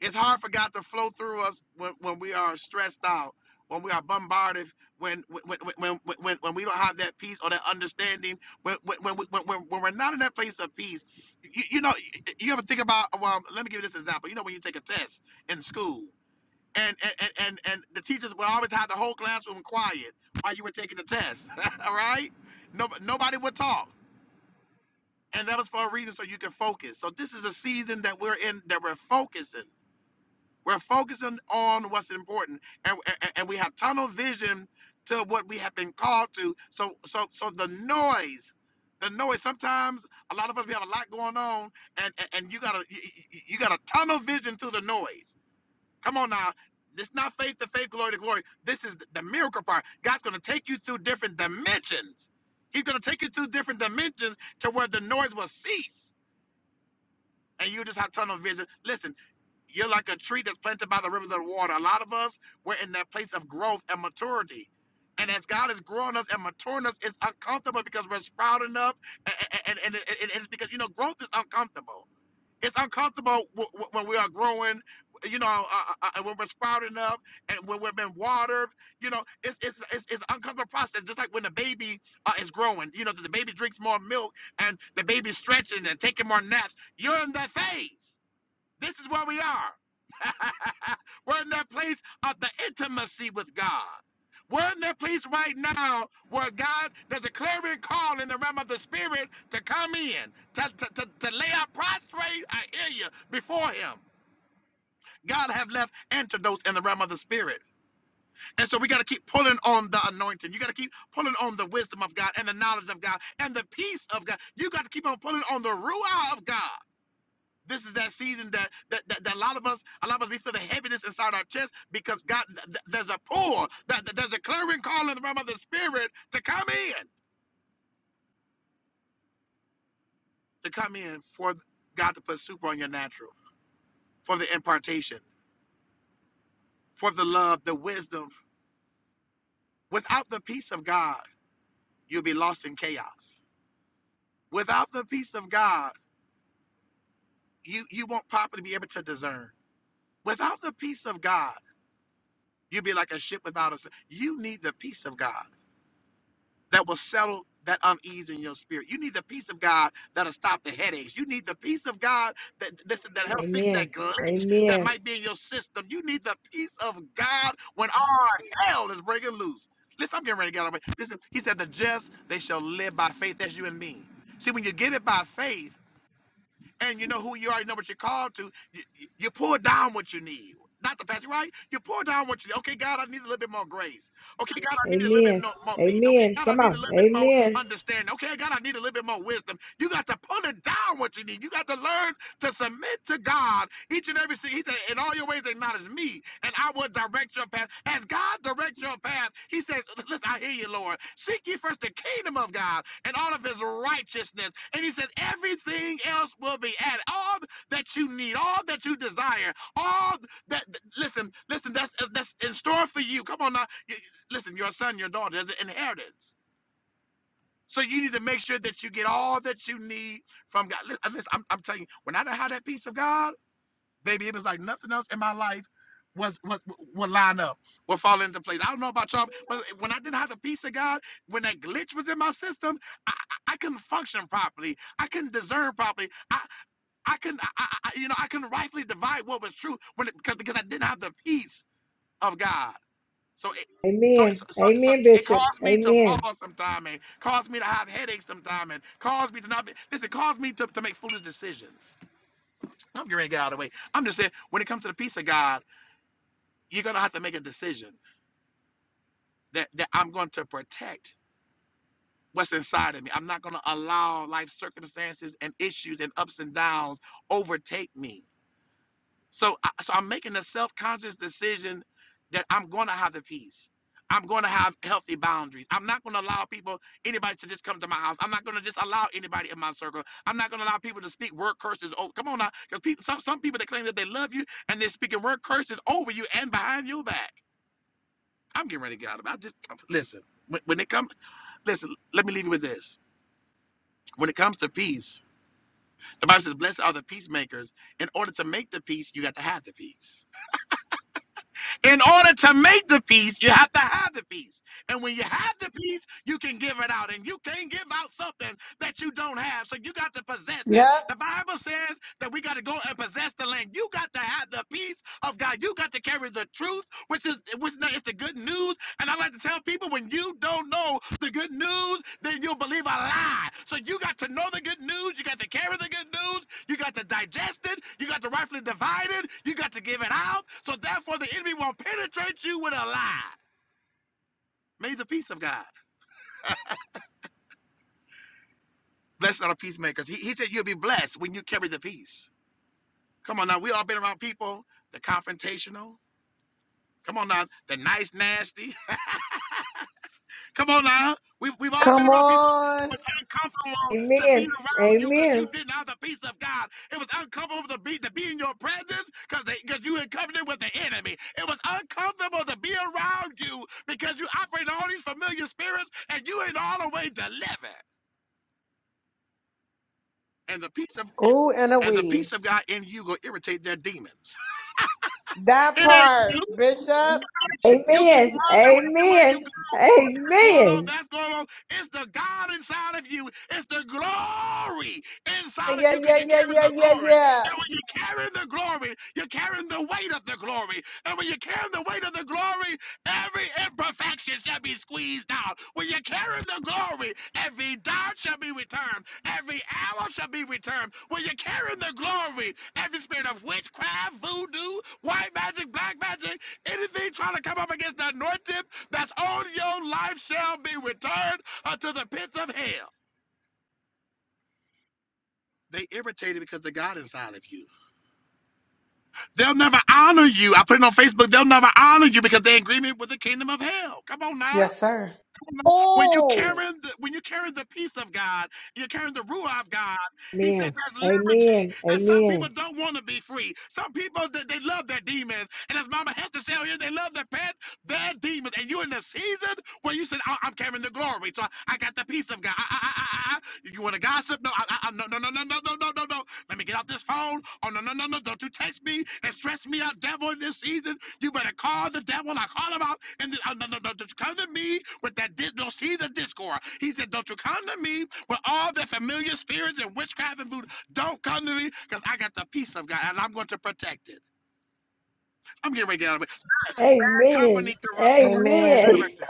It's hard for God to flow through us when, when we are stressed out, when we are bombarded, when when when when, when, we don't have that peace or that understanding, when when when, when, when, we're not in that place of peace. You, you know, you ever think about? Well, let me give you this example. You know, when you take a test in school, and and and, and the teachers would always have the whole classroom quiet while you were taking the test. All right, no, nobody would talk. And that was for a reason, so you can focus. So this is a season that we're in, that we're focusing we're focusing on what's important, and, and and we have tunnel vision to what we have been called to. So so so the noise, the noise. Sometimes a lot of us we have a lot going on, and and, and you gotta you, you you gotta tunnel vision through the noise. Come on now. It's not faith to faith, glory to glory. This is the the miracle part. God's going to take you through different dimensions. He's going to take you through different dimensions to where the noise will cease and you just have tunnel vision. Listen, you're like a tree that's planted by the rivers of water. A lot of us, we're in that place of growth and maturity. And as God is growing us and maturing us, it's uncomfortable because we're sprouting up. And, and, and, and it's because, you know, growth is uncomfortable. It's uncomfortable when we are growing, you know, uh, uh, uh, when we're sprouting up and when we've been watered. You know, it's it's it's, it's an uncomfortable process. Just like when the baby uh, is growing, you know, the baby drinks more milk and the baby's stretching and taking more naps. You're in that phase. This is where we are. We're in that place of the intimacy with God. We're in that place right now where God, there's a clarion call in the realm of the spirit to come in, to, to, to, to lay out prostrate, I hear you, before him. God have left antidotes in the realm of the spirit. And so we got to keep pulling on the anointing. You got to keep pulling on the wisdom of God and the knowledge of God and the peace of God. You got to keep on pulling on the ruah of God. This is that season that that, that, that a lot of us, a lot of us, we feel the heaviness inside our chest because God, th- there's a pull, that th there's a clearing call in the realm of the spirit to come in, to come in for God to put super on your natural, for the impartation, for the love, the wisdom. Without the peace of God, you'll be lost in chaos. Without the peace of God, you you won't properly be able to discern. Without the peace of God, you'll be like a ship without a sail. You need the peace of God. that will settle that unease in your spirit. You need the peace of God that'll stop the headaches. You need the peace of God that listen that help fix Amen. that glitch that Amen. might be in your system. You need the peace of God when all hell is breaking loose. Listen, I'm getting ready to get on. Listen, he said, "The just they shall live by faith." That's you and me. See, when you get it by faith and you know who you already know what you're called to, you, you pull down what you need. Not the passage, right? You pull down what you need. Okay, God, I need a little bit more grace. Okay, God, I need a little bit Amen. no- more peace. Okay, Amen. God, I Come need a on. little bit more Amen. understanding. Okay, God, I need a little bit more wisdom. You got to pull it down what you need. You got to learn to submit to God each and every sin. He said, in all your ways acknowledge me, and I will direct your path. As God directs your path, path. He says, Listen, I hear you, Lord. Seek ye first the kingdom of God and all of his righteousness. And he says, Everything else will be added. All that you need, all that you desire, all that, listen, listen, that's, that's in store for you. Come on now. Listen, your son, your daughter, there's an inheritance. So you need to make sure that you get all that you need from God. Listen, I'm, I'm telling you, when I done had that peace of God, baby, it was like nothing else in my life was was would line up, would fall into place. I don't know about y'all, but when I didn't have the peace of God, when that glitch was in my system, I, I I couldn't function properly. I couldn't discern properly. I I couldn't I, I, you know I couldn't rightfully divide what was true when it, because because I didn't have the peace of God. So it. So, so, Amen. so so Amen, it Bishop. caused me to fall Amen. sometime and caused me to have headaches sometime and caused me to not be, listen, caused me to, to make foolish decisions. I'm getting ready to get out of the way. I'm just saying, when it comes to the peace of God, you're gonna have to make a decision that that I'm going to protect what's inside of me. I'm not gonna allow life circumstances and issues and ups and downs overtake me. So, so I'm making a self-conscious decision that I'm going to have the peace. I'm going to have healthy boundaries. I'm not going to allow people, anybody to just come to my house. I'm not going to just allow anybody in my circle. I'm not going to allow people to speak word curses. Oh, come on now, because people, some some people that claim that they love you and they're speaking word curses over you and behind your back. I'm getting ready to get out of it. I just listen. When, when it comes, listen. Let me leave you with this. When it comes to peace, the Bible says, "Blessed are the peacemakers." In order to make the peace, you got to have the peace. In order to make the peace, you have to have the peace. And when you have the peace, you can give it out. And you can't give out something that you don't have. So you got to possess it. Yep. The Bible says that we got to go and possess the land. You got to have the peace of God. You got to carry the truth, which is which now it's the good news. And I like to tell people when you don't know the good news, then you'll believe a lie. So you got to know the good news. You got to carry the good news. You got to digest it. You got to rightfully divide it. You got to give it out. So therefore, the enemy won't penetrate you with a lie. May the peace of God. Blessed are the peacemakers. He, he said you'll be blessed when you carry the peace. Come on now. We all been around people, the confrontational. Come on now. The nice, nasty. Come on now. We've, we've all been Come around people. It on. was uncomfortable to be Amen. around you because you Amen. didn't have the peace of God. It was uncomfortable to be to be in your presence because because you in covenant with the enemy. It was uncomfortable to be around you because you operate in all these familiar spirits and you ain't all the way delivered. And the peace of Ooh, and a and the wee. peace of God in you will irritate their demons. That It ain't part, you. Bishop. You Amen. keep wondering everywhere you Amen. go, oh, this going on, Amen. that's going on. It's the God inside of you. It's the glory inside of Yeah, yeah, you because you're yeah, carrying yeah, the yeah, glory. yeah. And when you're carrying the glory, you're carrying the weight of the glory. And when you're carrying the weight of the glory, Every imperfection shall be squeezed out. When you carry the glory, every dime shall be returned. Every arrow shall be returned. When you carry the glory, every spirit of witchcraft, voodoo, white magic, black magic, anything trying to come up against that north tip that's on your life shall be returned unto the pits of hell. They irritated because the God inside of you. They'll never honor you. I put it on Facebook. They'll never honor you because they're in agreement with the kingdom of hell. Come on now. Yes, sir. When you Oh. carrying the, when you carrying the peace of God, you're carrying the ruah of God. He said Amen. Amen. there's liberty, and some people Amen. don't want to be free. Some people they, they love their demons, and as Mama Hester said earlier, they love their pet, their demons. And you're in the season where you said, "I- "I'm carrying the glory," so I got the peace of God. I, I, I, I, you want to gossip? No, I, I, no, no, no, no, no, no, no, no, no. Let me get out this phone. Oh, no, no, no, no. Don't you text me and stress me out, devil, in this season. You better call the devil. I call him out. And then, oh, no, no, no. Don't you come to me with that. Di- no, see the discord. He said, don't you come to me with all the familiar spirits and witchcraft and voodoo. Don't come to me because I got the peace of God and I'm going to protect it. I'm getting ready to get out of it. That Amen. Company corrupt, corrupts good Amen. Amen. character.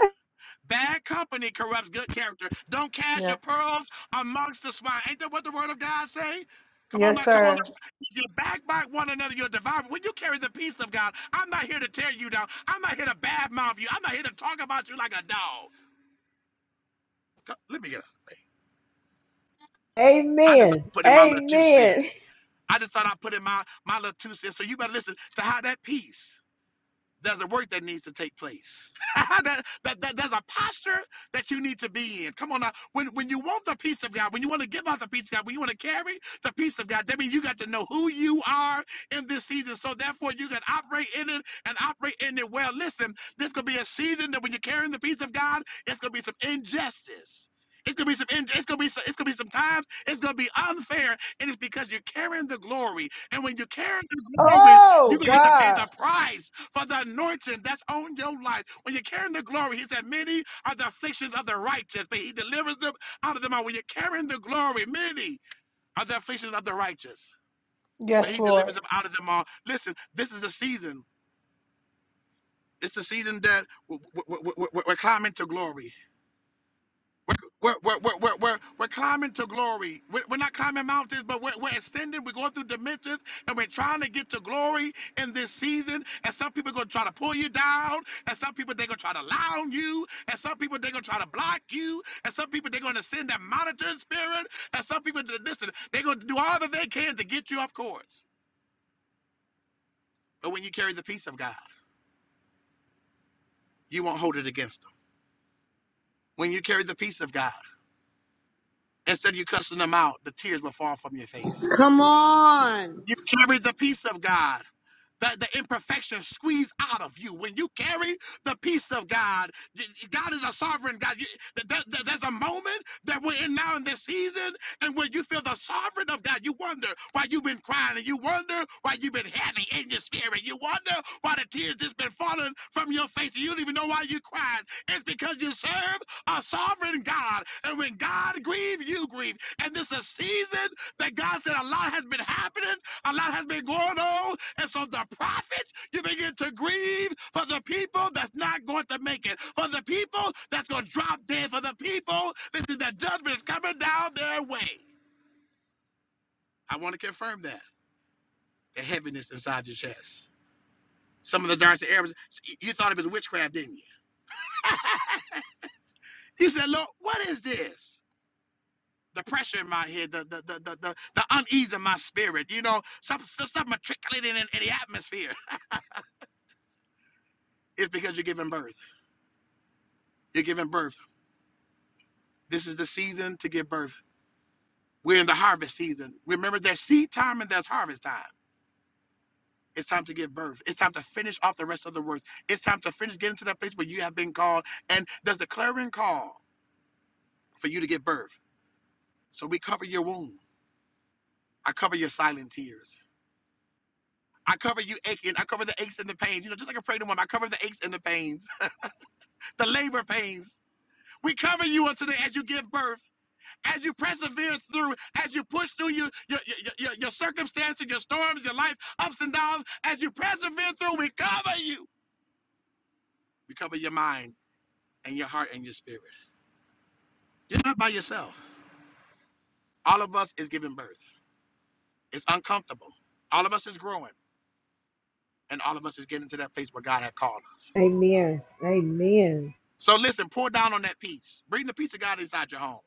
Bad company corrupts good character. Don't cast Yeah. your pearls amongst the swine. Ain't that what the word of God say? Come on Yes, now, come on. sir. now. If You backbite one another, you're devoured. When you carry the peace of God, I'm not here to tear you down. I'm not here to badmouth you. I'm not here to talk about you like a dog. Co- Let me get out of the way. Amen. I just Amen. thought I put in my little two Amen. cents. I just thought I put in my, my little two cents. So you better listen to how that peace. there's a work that needs to take place. that, that, that- there's a posture that you need to be in. Come on now. When, when you want the peace of God, when you want to give out the peace of God, when you want to carry the peace of God, that means you got to know who you are in this season. So therefore, you can operate in it and operate in it well. Listen, this could be a season that when you're carrying the peace of God, it's going to be some injustice. It's gonna be some. in- It's gonna be. so- It's gonna be some times. It's gonna be unfair, and it's because you're carrying the glory. And when you're carrying the glory, you're Oh, gonna have to pay God. the price for the anointing that's on your life. When you're carrying the glory, he said, Many are the afflictions of the righteous, but he delivers them out of them all. When you're carrying the glory, many are the afflictions of the righteous, but Yes, he Lord. delivers them out of them all. Listen, this is the season. It's the season that w- w- w- w- we're climbing to glory. We're, we're, we're, we're, we're, we're climbing to glory. We're, we're not climbing mountains, but we're, we're ascending. We're going through dimensions and we're trying to get to glory in this season. And some people are going to try to pull you down. And some people, they're going to try to lie on you. And some people, they're going to try to block you. And some people, they're going to send that monitoring spirit. And some people, listen, they're going to do all that they can to get you off course. But when you carry the peace of God, you won't hold it against them. When you carry the peace of God, instead of you cussing them out, the tears will fall from your face Come on. You carry the peace of God. The, the imperfection squeeze out of you. When you carry the peace of God, God is a sovereign God. You- th- th- There's a moment that we're in now in this season, and when you feel the sovereign of God, you wonder why you've been crying, and you wonder why you've been heavy in your spirit. You wonder why the tears just been falling from your face, and you don't even know why you're crying. It's because you serve a sovereign God. And when God grieves, you grieve. And this is a season that God said a lot has been happening, a lot has been going on. And so the prophets, you begin to grieve for the people that's not going to make it, for the people that's going to drop dead, for the people, listen, that judgment is coming down their way. I want to confirm that. The heaviness inside your chest. Some of the darts and arrows, you thought it was witchcraft, didn't you? You said, Lord, what is this? the pressure in my head, the the the the, the, the unease in my spirit, you know, some stuff, stuff matriculating in, in the atmosphere. It's because you're giving birth. You're giving birth. This is the season to give birth. We're in the harvest season. Remember, there's seed time and there's harvest time. It's time to give birth. It's time to finish off the rest of the works. It's time to finish getting to that place where you have been called. And there's the clarion call for you to give birth. So we cover your womb. I cover your silent tears. I cover you aching. I cover the aches and the pains. You know, just like a pregnant woman, I cover the aches and the pains the labor pains. We cover you until the, as you give birth, as you persevere through, as you push through your, your, your, your, circumstances, your storms, your life, ups and downs, as you persevere through, we cover you. We cover your mind and your heart and your spirit. You're not by yourself. All of us is giving birth. It's uncomfortable. All of us is growing, and all of us is getting to that place where God had called us. Amen. Amen. So listen, pour down on that peace. Bring the peace of God inside your home.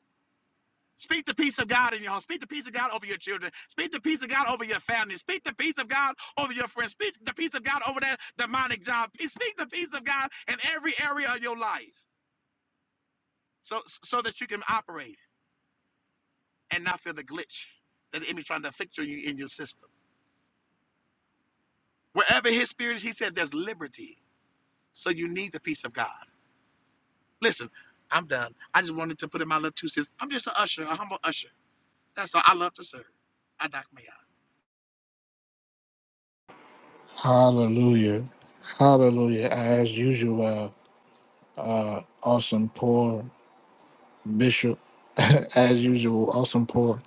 Speak the peace of God in your home. Speak the peace of God over your children. Speak the peace of God over your family. Speak the peace of God over your friends. Speak the peace of God over that demonic job. Speak the peace of God in every area of your life, so so that you can operate and not feel the glitch that the enemy trying to afflict you in your system. Wherever his spirit is, he said there's liberty. So you need the peace of God. Listen, I'm done. I just wanted to put in my little two cents. I'm just an usher, a humble usher. That's all. I love to serve. I dock me out. Hallelujah, Hallelujah. As usual, uh, awesome poor bishop. As usual, awesome poor.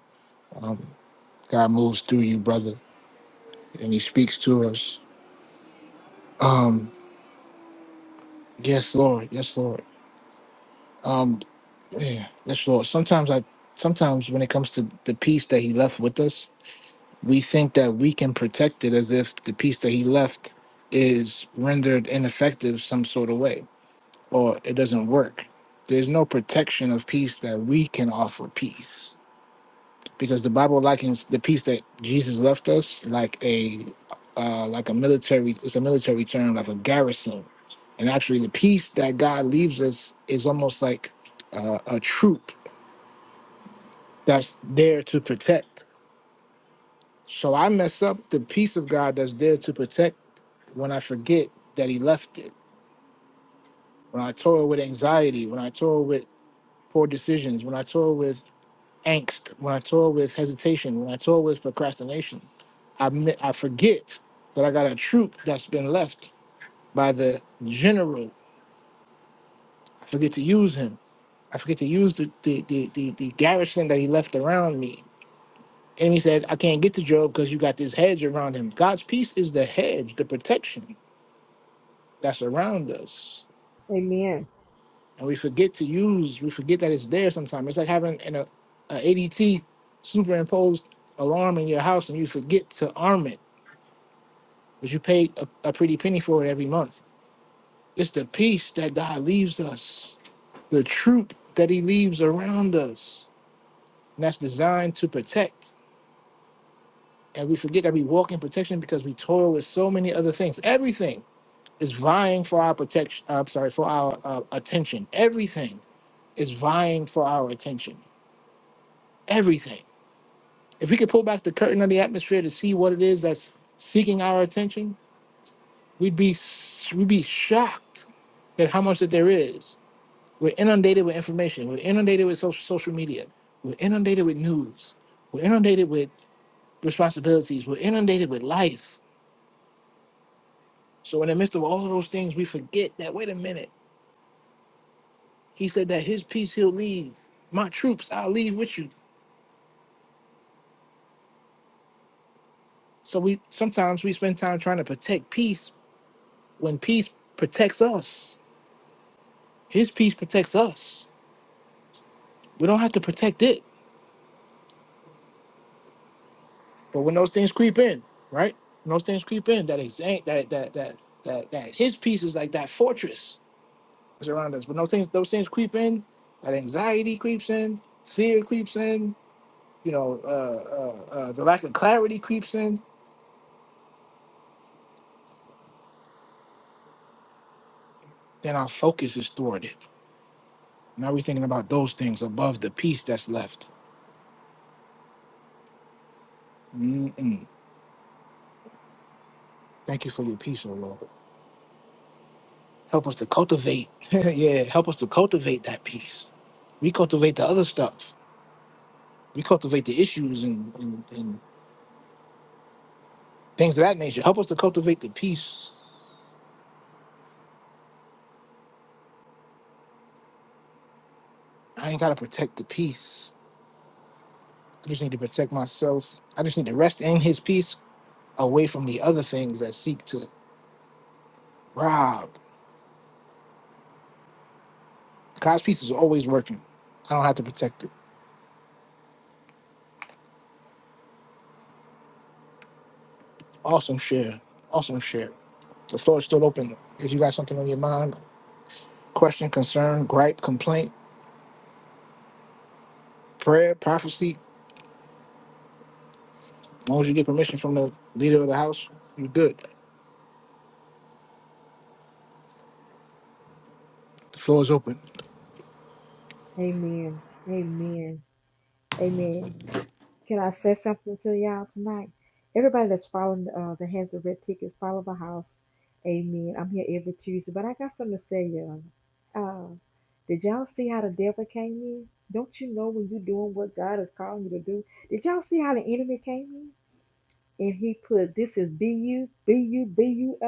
God moves through you, brother, and He speaks to us. Yes, Lord. Yes, Lord. Yeah, yes, Lord. Sometimes I, sometimes when it comes to the peace that He left with us, we think that we can protect it as if the peace that He left is rendered ineffective some sort of way or it doesn't work. There's no protection of peace that we can offer peace because the Bible likens the peace that Jesus left us like a uh, like a military. It's a military term, like a garrison. And actually, the peace that God leaves us is almost like uh, a troop that's there to protect. So I mess up the peace of God that's there to protect when I forget that He left it. When I toil with anxiety, when I toil with poor decisions, when I toil with angst, when I toil with hesitation, when I toil with procrastination, I, mi- I forget that I got a troop that's been left by the general. I forget to use him. I forget to use the, the, the, the, the garrison that he left around me. And he said, I can't get to Job because you got this hedge around him. God's peace is the hedge, the protection that's around us. Amen. And we forget to use, we forget that it's there sometimes. It's like having an a, a ADT superimposed alarm in your house and you forget to arm it but you pay a, a pretty penny for it every month. It's the peace that God leaves us, the troop that He leaves around us, and that's designed to protect. And we forget that we walk in protection because we toil with so many other things. Everything is vying for our protection. I'm sorry, for our uh, attention. Everything is vying for our attention. Everything. If we could pull back the curtain of the atmosphere to see what it is that's seeking our attention, we'd be we'd be shocked at how much that there is We're inundated with information. We're inundated with social social media. We're inundated with news. We're inundated with responsibilities. We're inundated with life. So in the midst of all of those things, we forget that wait a minute. He said that his peace he'll leave. My troops, I'll leave with you. So we sometimes we spend time trying to protect peace when peace protects us. His peace protects us. We don't have to protect it. But when those things creep in, right? When those things creep in, that exact that that that that that his peace is like that fortress that's around us. But no things, those things creep in. That anxiety creeps in. Fear creeps in. You know, uh, uh, uh, the lack of clarity creeps in. Then our focus is thwarted. Now we're thinking about those things above the peace that's left. Mm-mm. Thank you for your peace, O Lord. Help us to cultivate. yeah, help us to cultivate that peace. We cultivate the other stuff. We cultivate the issues and, and, and things of that nature. Help us to cultivate the peace. I ain't gotta protect the peace. I just need to protect myself. I just need to rest in his peace away from the other things that seek to rob. God's peace is always working. I don't have to protect it. Awesome share. Awesome share. The floor is still open. If you got something on your mind, question, concern, gripe, complaint, prayer, prophecy, as long as you get permission from the leader of the house, you're good. The floor is open. Amen. Amen. Can I say something to y'all tonight? Everybody that's following uh, the Hands of Red Tickets, follow the house. Amen. I'm here every Tuesday, but I got something to say, y'all. Uh, did y'all see how the devil came in? Don't you know when you're doing what God is calling you to do? Did y'all see how the enemy came in? And he put, this is B-U, B-U, B-U,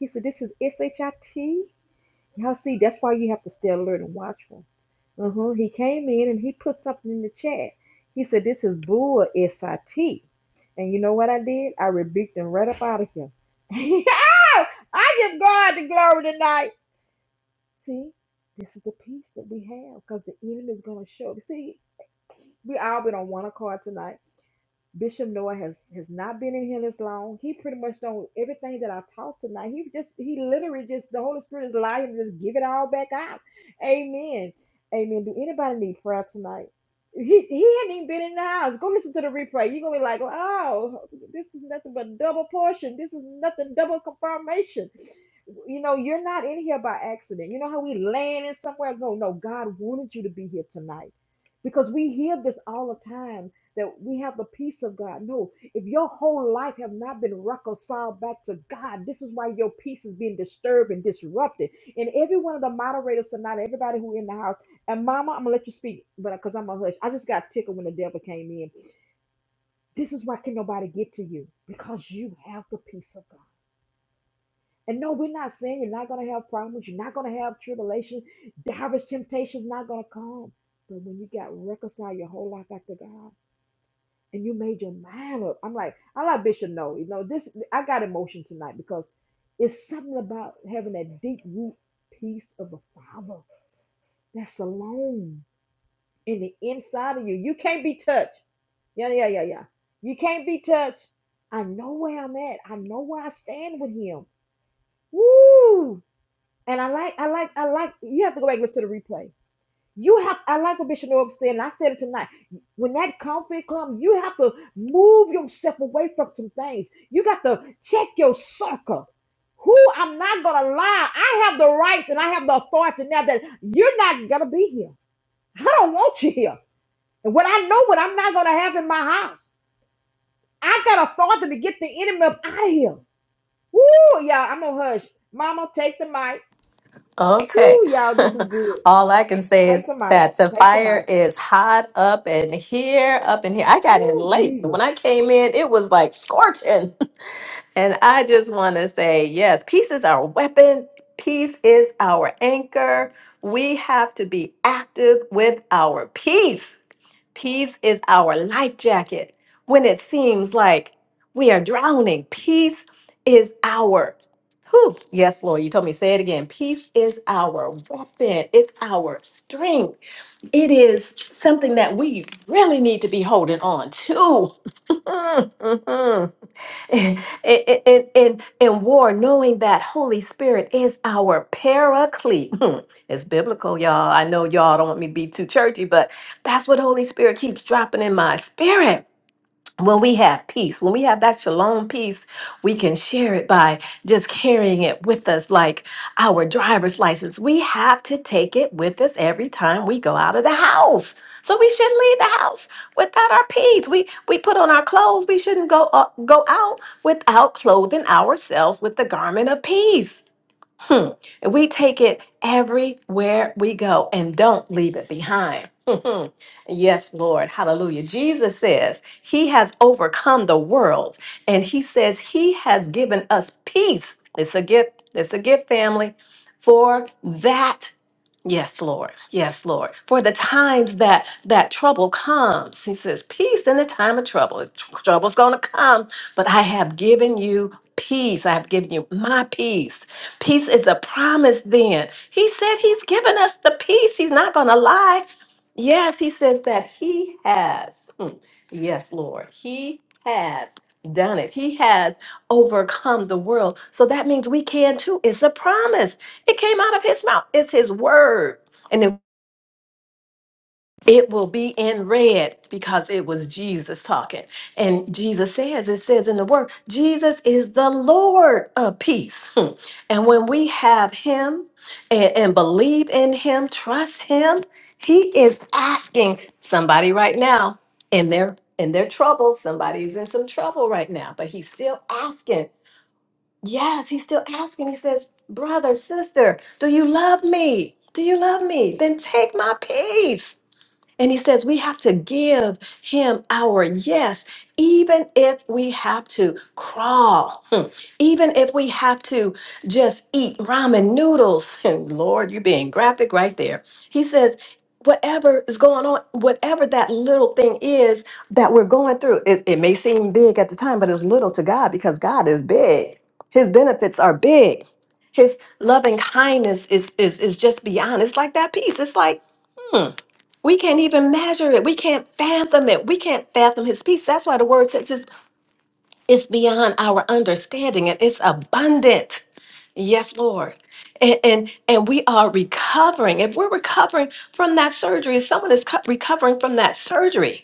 He said, this is S-H-I-T. Now, see, that's why you have to stay alert and watchful. Uh-huh. He came in and he put something in the chat. He said, This is Bull S I T." And you know what I did? I rebuked him right up out of here. Ah, I give God the glory tonight. See, this is the peace that we have because the enemy is going to show. See, we all been on one accord tonight Bishop Noah has has not been in here this long. He pretty much don't everything that I've taught tonight. He just he literally just the Holy Spirit is lying to just give it all back out. Amen. Amen. Do anybody need prayer tonight? He he hadn't even been in the house. Go listen to the replay. You're gonna be like, wow, this is nothing but double portion. This is nothing double confirmation. You know, you're not in here by accident. You know how we land in somewhere? No, no, God wanted you to be here tonight. Because we hear this all the time that we have the peace of God. No, if your whole life have not been reconciled back to God, this is why your peace is being disturbed and disrupted. And every one of the moderators tonight, everybody who in the house, and Mama, I'm gonna let you speak, but because I'm a hush, I just got tickled when the devil came in. This is why can nobody get to you because you have the peace of God. And no, we're not saying you're not gonna have problems, you're not gonna have tribulation, divers temptations not gonna come. But when you got reconciled your whole life back to God and you made your mind up. I'm like, I like Bishop. No, you know this. I got emotion tonight because it's something about having that deep root piece of the Father that's alone in the inside of you. You can't be touched. Yeah, yeah, yeah, yeah. You can't be touched. I know where I'm at. I know where I stand with Him. Woo! And I like, I like, I like. You have to go back and listen to the replay you have, I like what Bishop Noah said, and I said it tonight. When that conflict comes, you have to move yourself away from some things. You got to check your circle. Who I'm not going to lie, I have the rights and I have the authority now that you're not going to be here. I don't want you here. And what I know, what I'm not going to have in my house, I got authority to get the enemy up out of here. Woo, y'all, I'm going to hush. Mama, take the mic. Okay. Woo, y'all, this is good. All I can say Take is the mic. that the Take the fire mic. is hot up in here, up in here. I got in Woo, late. Jesus. When I came in, it was like scorching. And I just want to say, yes, peace is our weapon, peace is our anchor. We have to be active with our peace. Peace is our life jacket when it seems like we are drowning. Peace is our, whew, yes, Lord, you told me, say it again. Peace is our weapon, it's our strength. It is something that we really need to be holding on to. in, in, in, in war, knowing that Holy Spirit is our paraclete. It's biblical, y'all. I know y'all don't want me to be too churchy, but that's what Holy Spirit keeps dropping in my spirit when we have peace, when we have that shalom peace, we can share it by just carrying it with us, like our driver's license. We have to take it with us every time we go out of the house. So we shouldn't leave the house without our peace. We we put on our clothes. We shouldn't go uh, go out without clothing ourselves with the garment of peace. And we take it everywhere we go and don't leave it behind. yes, Lord. Hallelujah. Jesus says he has overcome the world and he says he has given us peace. It's a gift. It's a gift, family, for that. Yes, Lord. Yes, Lord. For the times that that trouble comes, he says, peace in the time of trouble. Tr- Trouble's going to come, but I have given you peace. I have given you my peace. Peace is a promise then. He said he's given us the peace. He's not going to lie. Yes, he says that he has. Mm. Yes, Lord. He has done it. He has overcome the world. So that means we can too. It's a promise. It came out of his mouth. It's his word. And it, it will be in red because it was Jesus talking. And Jesus says, it says in the word, Jesus is the Lord of peace. Hmm. And when we have him and, and believe in him, trust him, he is asking somebody right now in their in their trouble. Somebody's in some trouble right now, but he's still asking Yes, he's still asking. He says, Brother, sister, do you love me? Do you love me? Then take my peace. And he says we have to give him our yes, even if we have to crawl, hmm, even if we have to just eat ramen noodles. And Lord, you're being graphic right there. He says, whatever is going on, whatever that little thing is that we're going through, it, it may seem big at the time, but it's little to God because God is big. His benefits are big. His loving kindness is, is, is just beyond. It's like that peace. It's like, we can't even measure it. We can't fathom it. We can't fathom his peace. That's why the word says it's, it's beyond our understanding and it's abundant. Yes, Lord. And, and and we are recovering. If we're recovering from that surgery, if someone is co- recovering from that surgery,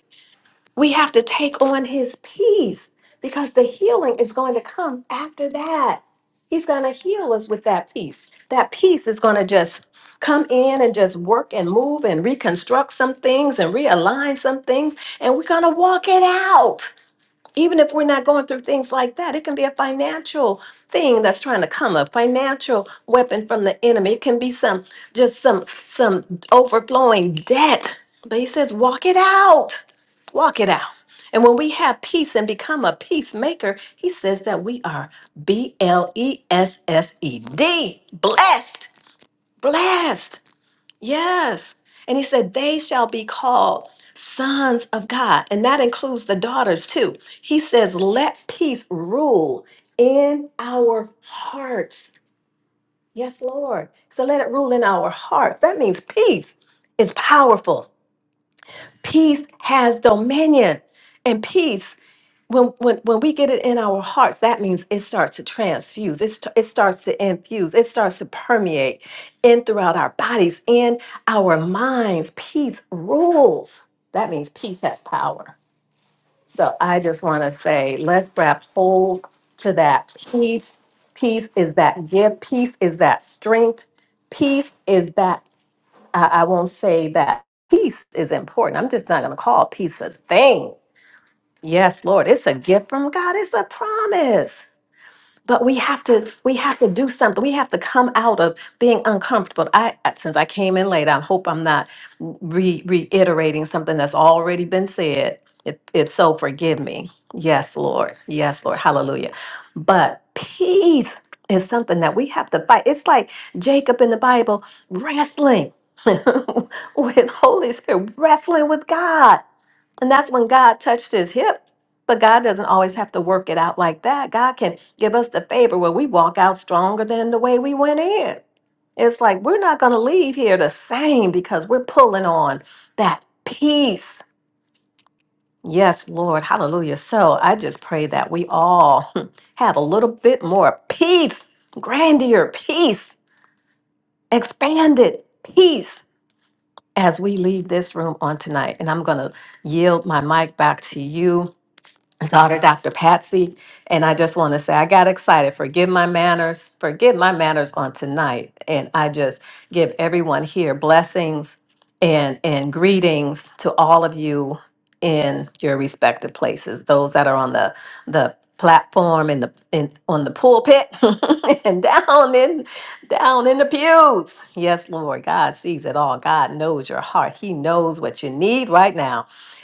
we have to take on his peace because the healing is going to come after that. He's going to heal us with that peace. That peace is going to just come in and just work and move and reconstruct some things and realign some things, and we're going to walk it out even if we're not going through things like that, it can be a financial thing that's trying to come, a financial weapon from the enemy. It can be some just some some overflowing debt. But he says, walk it out. Walk it out. And when we have peace and become a peacemaker, he says that we are B L E S S E D, blessed, blessed. Yes. And he said, They shall be called sons of God. And that includes the daughters too. He says, Let peace rule in our hearts. Yes, Lord. So let it rule in our hearts. That means peace is powerful, peace has dominion, and peace when when when we get it in our hearts that means it starts to transfuse it, st- it starts to infuse it starts to permeate in throughout our bodies in our minds peace rules that means peace has power so i just want to say let's grab hold to that peace peace is that give peace is that strength peace is that i, I won't say that peace is important i'm just not going to call peace a thing Yes, Lord, it's a gift from God. It's a promise. But we have to we have to do something. We have to come out of being uncomfortable. I since I came in late, I hope I'm not re- reiterating something that's already been said. If, if so, forgive me. Yes, Lord. Yes, Lord. Hallelujah. But peace is something that we have to fight. It's like Jacob in the Bible wrestling with Holy Spirit, wrestling with God. And that's when God touched his hip. But God doesn't always have to work it out like that. God can give us the favor where we walk out stronger than the way we went in. It's like we're not going to leave here the same because we're pulling on that peace. Yes, Lord. Hallelujah. So I just pray that we all have a little bit more peace, grandeur, peace, expanded peace as we leave this room on tonight. And I'm going to yield my mic back to you daughter, Dr. Patsy. And I just want to say, I got excited. Forgive my manners. Forgive my manners on tonight. And I just give everyone here blessings and, and greetings to all of you in your respective places, those that are on the, the platform and the in on the pulpit and down in down in the pews yes lord god sees it all god knows your heart he knows what you need right now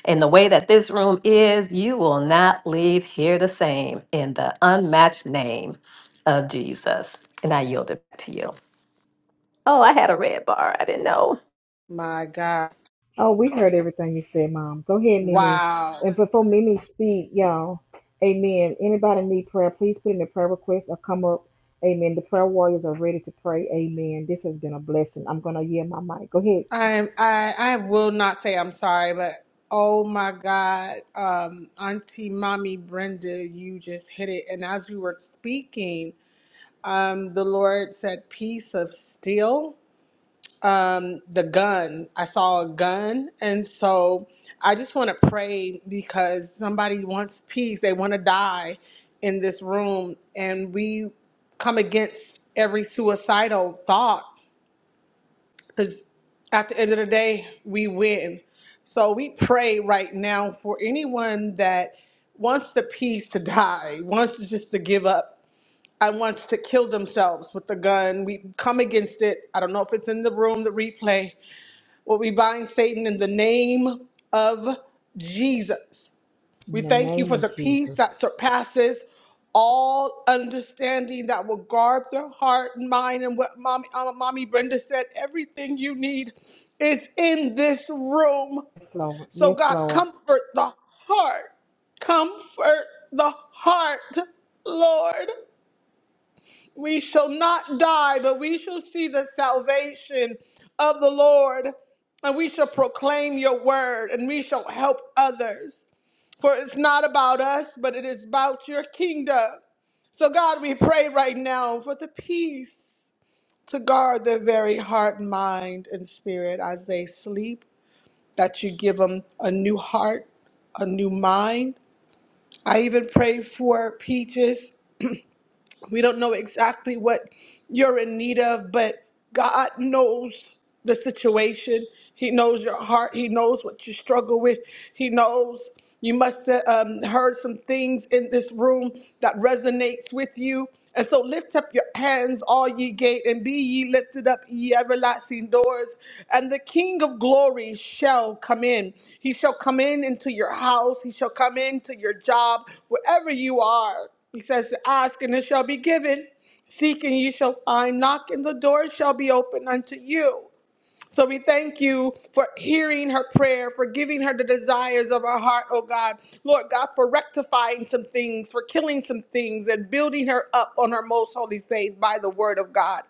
and the way that this room is, you will not leave here the same in the unmatched name of Jesus. And I yield it to you. Oh, I had a red bar. I didn't know. My God. Oh, we heard everything you said, Mom. Go ahead, Mimi. Wow. And before Mimi speak, y'all, amen. Anybody need prayer, please put in the prayer request or come up. Amen. The prayer warriors are ready to pray. Amen. This has been a blessing. I'm going to yield my mic. Go ahead. I am I I will not say I'm sorry, but oh my God. Um Auntie Mommy Brenda, you just hit it. And as you were speaking, um the Lord said peace of steel. um the gun i saw a gun and so i just want to pray because somebody wants peace they want to die in this room and we come against every suicidal thought because at the end of the day we win so we pray right now for anyone that wants the peace to die wants to just to give up and wants to kill themselves with the gun we come against it i don't know if it's in the room the replay well, we bind Satan in the name of Jesus. We In the thank you name for of the peace Jesus. that surpasses all understanding that will guard the heart and mind. And what mommy, uh, mommy Brenda said, everything you need is in this room. Yes, Lord. So, Yes, God, Lord. comfort the heart. Comfort the heart, Lord. We shall not die, but we shall see the salvation of the Lord, and we shall proclaim your word, and we shall help others. For it's not about us, but it is about your kingdom. So, God, we pray right now for the peace to guard their very heart, mind, and spirit as they sleep, that you give them a new heart, a new mind. I even pray for Peaches we don't know exactly what you're in need of, but God knows the situation. He knows your heart. He knows what you struggle with. He knows you must have um, heard some things in this room that resonates with you. And so lift up your hands, all ye gate, and be ye lifted up, ye everlasting doors. And the King of glory shall come in. He shall come in into your house. He shall come into your job, wherever you are. He says, Ask and it shall be given. Seek and ye shall find. Knock and the door shall be opened unto you. So we thank you for hearing her prayer, for giving her the desires of her heart, oh God. Lord God, for rectifying some things, for killing some things, and building her up on her most holy faith by the word of God.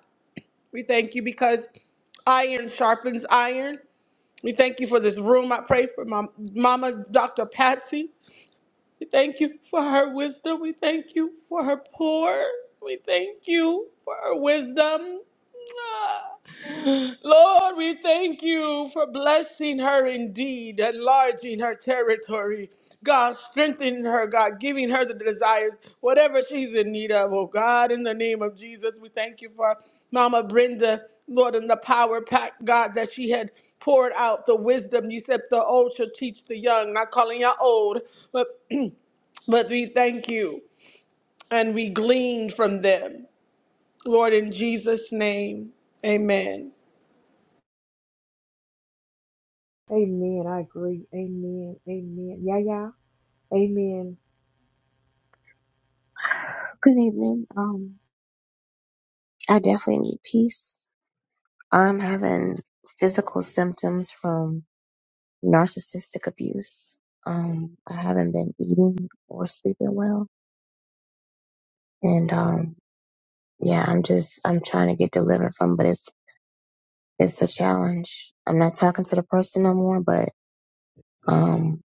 We thank you because iron sharpens iron. We thank you for this room. I pray for my mama, Dr. Patsy. We thank you for her wisdom. We thank you for her poor. We thank you for her wisdom. Ah, Lord, we thank you for blessing her indeed, enlarging her territory. God, strengthening her, God, giving her the desires, whatever she's in need of. Oh, God, in the name of Jesus, we thank you for Mama Brenda, Lord, and the power pack, God, that she had poured out the wisdom. You said the old shall teach the young, not calling you all old, but. But we thank you and we glean from them. Lord, in Jesus' name, amen. Amen. I agree. Amen. Amen. Yeah, yeah. Amen. Good evening. Um, I definitely need peace. I'm having physical symptoms from narcissistic abuse. Um, I haven't been eating or sleeping well, and um, yeah, I'm just I'm trying to get delivered from, but it's it's a challenge. I'm not talking to the person no more, but um,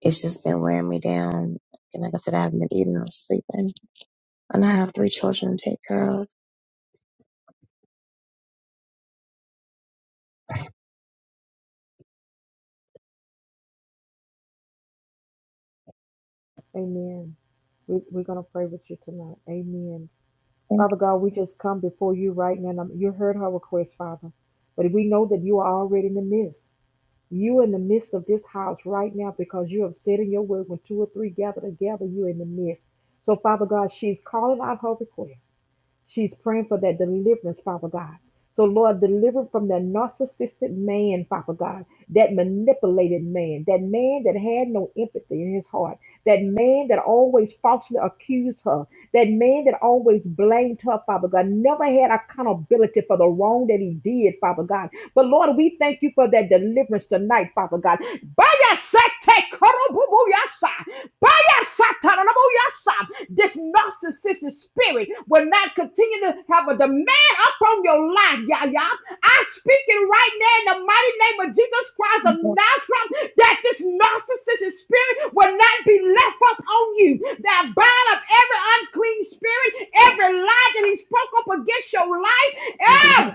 it's just been wearing me down. And like I said, I haven't been eating or sleeping, and I have three children to take care of. Amen. We, we're going to pray with you tonight. Amen. Thank Father God, we just come before you right now. Um, You heard her request, Father. But we know that you are already in the midst. You in the midst of this house right now because you have said in your word when two or three gather together, you're in the midst. So, Father God, she's calling out her request. She's praying for that deliverance, Father God. So, Lord, deliver from that narcissistic man, Father God, that manipulated man, that man that had no empathy in his heart, that man that always falsely accused her, that man that always blamed her, Father God, never had accountability for the wrong that he did, Father God. But, Lord, we thank you for that deliverance tonight, Father God. Bayasate korobubu yasa. Bayasata nanabu yasa narcissistic spirit will not continue to have a demand upon your life, y'all, y'all. I speak it right now in the mighty name of Jesus Christ of you, Lord. Nazareth that this narcissistic spirit will not be left up on you. That bind up every unclean spirit, every lie that he spoke up against your life,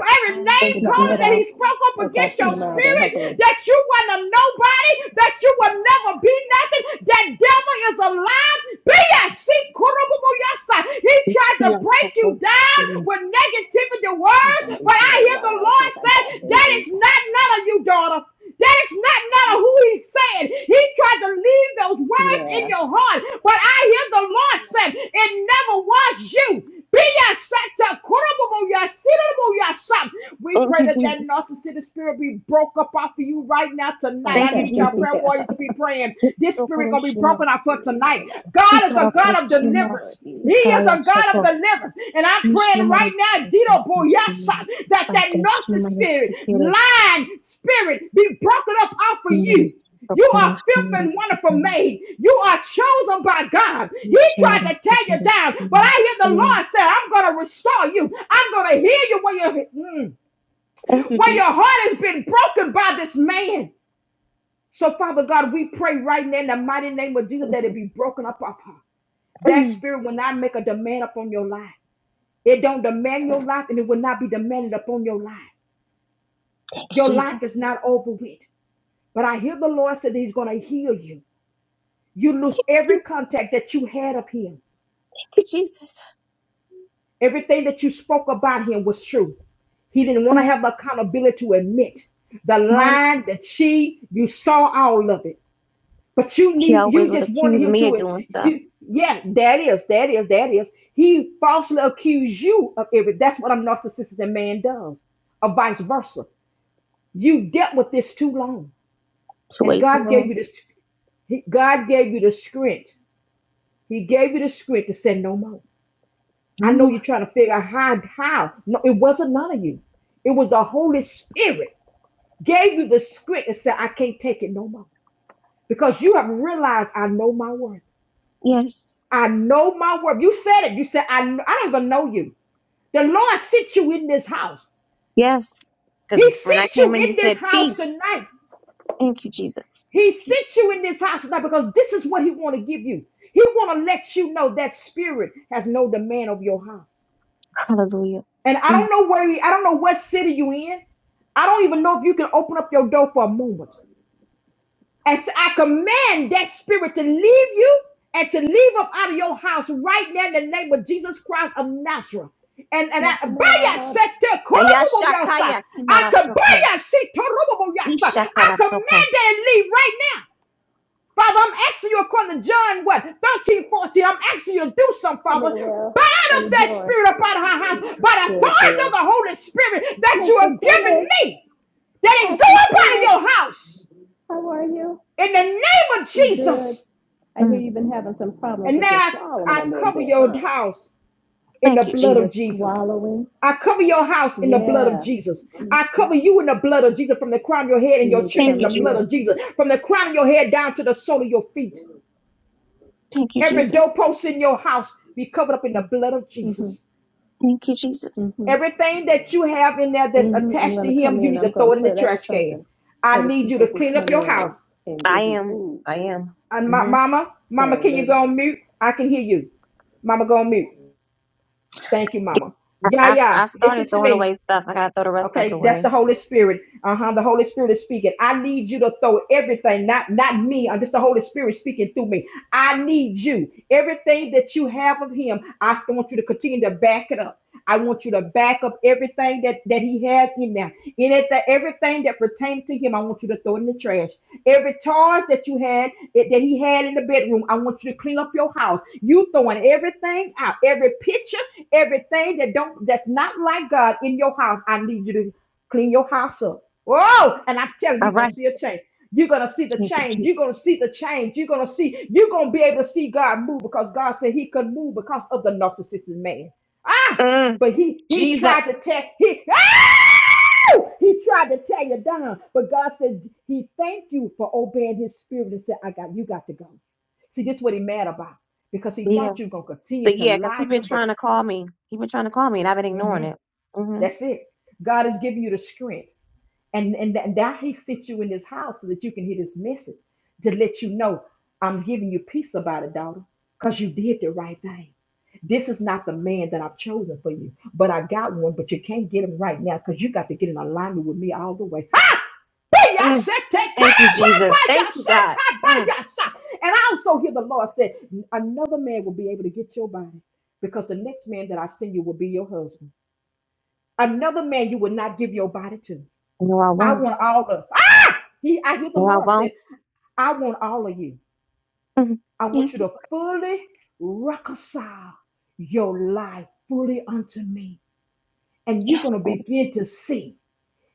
every name Thank You you, about to calling head Jesus. that he out? spoke up Okay, I'll against see you your tomorrow then, hopefully. spirit, that you were a nobody, that you will never be nothing. That devil is alive P.S.C. He tried Be to our break support. you down Amen. with negativity I'm words, gonna be but I here a hear the while since Lord I got say, here That is late. not none of you, daughter. That is not none of who he said. He tried to leave those words in Yeah, your heart, but I hear the Lord say, It never was you. Be your set to we Thank pray you, that that Jesus. narcissistic spirit be broke up off of you right now tonight. Thank I you, okay, need y'all prayer Jesus. yeah. warriors to be praying. This spirit Kitsokoro gonna be Let's broken off shimaras. see, for what tonight. did I God is say a his Tikarako God of room number deliverance. shimaras. is? He is Tikaraya a God of shoko. deliverance. And I'm praying right Kishimaras. now, Dito Boyasa, Kishimaras. that that Anta narcissistic shimaras spirit, sekere. lying spirit be broken up off of you. Shimaras. You are Sokoro filth and shimaras wonderful sekere. made. You are chosen by God. He tried to Kishimaras tear you sekere. down, but I Shimaras hear the sekere. Lord say, I'm going to restore you. I'm going to heal you when you. mm, Thank you, where your Jesus. heart has been broken by this man. So, Father God, we pray right now in the mighty name of Jesus that it be broken up upon. That Mm. spirit will not make a demand upon your life. It don't demand your life and it will not be demanded upon your life. Thank you, Your life Jesus. is not over with. But I hear the Lord said that He's going to heal you. You lose every Yes, contact that you had of Him. Thank you, Jesus. Everything that you spoke about Him was true. He didn't want to Mm. have the accountability to admit the Right? line, that she You saw all of it. But you He need you always would just wanted accuse him me of to doing stuff. you yeah, that is, that is, that is. He falsely accused you of everything. That's what a narcissistic man does, or vice versa. You dealt with this too long. It's And way too God gave long. you this he, God gave you the script. He gave you the script to say no more. I No know more. you're trying to figure out how how. No, it wasn't none of you. It was the Holy Spirit gave you the script and said, I can't take it no more. Because you have realized I know my worth. Yes. I know my word. You said it. You said, I, I don't even know you. The Lord sits you in this house. Yes. He Because when I sits you came in, you in this said house peace. tonight. Thank you, Jesus. He Peace. sits you in this house tonight because this is what he want to give you. He want to let you know that spirit has no demand of your house. Hallelujah. And I Mm. don't know where, you, I don't know what city you in. I don't even know if you can open up your door for a moment. And so I command that spirit to leave you and to leave up out of your house right now in the name of Jesus Christ of Nazareth. And and I Not by your the. sector, Korobobo Yasa. Ayashakaya I could by timarashoko. your sector, Korobobo Yasa. I command Nishakarasoko. that and leave right now. Father, I'm asking you according to John what thirteen fourteen, I'm asking you to do something, Hey, Father. Manuel. Bind How up you that doing? spirit up out of her house by the Good, authority of good. the Holy Spirit that you Mr. are giving Tillis, me. That it go Pastor up out Tillis, of your house how are you? in the name of You good? Jesus. I hear Mm. you've been having some problems And now with your I, swallowing a I little cover bit, your huh? house in the Thank you, blood Jesus. of You're Jesus. swallowing? I cover your house in the blood of Yeah. Jesus. I cover you in the blood of Jesus from the crown of your head and You your need to children Thank come in you, the in blood here. Jesus. of Jesus. From the crown of your head down to the sole of your feet. Thank you, Every Jesus. doorpost in your house be covered up in the blood of Mm-hmm, Jesus. Thank you, Jesus. mm-hmm, Everything that you have in there that's mm-hmm. I'm attached to going to come him, you in. need I'm to going throw to it in the put up trash can. something for I the need you people to who clean up come your in and, house. and I give you am. food. I am. And my hmm mama, mama, So can you they go on mute? I can hear you. Mama, go on mute. Thank you, Mama. I, Yeah, I, yeah. I Listen started to throwing me. away stuff. I gotta throw the rest of it Okay, that's away. the Holy Spirit. Uh huh. The Holy Spirit is speaking. I need you to throw everything, not not me. I'm just the Holy Spirit speaking through me. I need you. Everything that you have of Him, I still want you to continue to back it up. I want you to back up everything that that He has in there. In it, that everything that pertains to Him, I want you to throw in the trash. Every toys that you had that that He had in the bedroom, I want you to clean up your house. You throwing everything out. Every picture kitchen, everything that don't that's not like God in your house. I need you to clean your house up. Whoa! And I'm telling you, All you're gonna right. see a change. You're gonna see the Thank you, change. You're gonna Jesus. see the change. You're gonna see. You're gonna be able to see God move because God said He could move because of the narcissistic man. Ah! Mm. But he he Jesus. tried to tell he ah! he tried to tear you down. But God said He thanked you for obeying His spirit and said, "I got you. Got to go." See, this is what he mad about because he Yeah. thought you were gonna So continue to yeah, because lie he been him. to trying to call me. He been trying to call me, and I've been ignoring hmm it. hmm That's it. God is giving you the strength. And, and, that, that He sits you in this house so that you can hear this message to let you know I'm giving you peace about it, daughter, because you did the right thing. This is not the man that I've chosen for you, but I got one, but you can't get him right now because you got to get in alignment with me all the way. Ha! Be ya Mm. shit, take- Thank you, come on, by- Jesus. by ya Thank you, shit, God. take- by Mm. ya shit. And I also hear the Lord say, another man will be able to get your body because the next man that I send you will be your husband. Another man you would not give your body to. No, I I won't. want all of ah! He I hear the No, I Lord won't. said, I want all of you. Mm. I want you Yes, Lord. to fully reconcile your life fully unto me. And you're yes. going to Lord. begin to see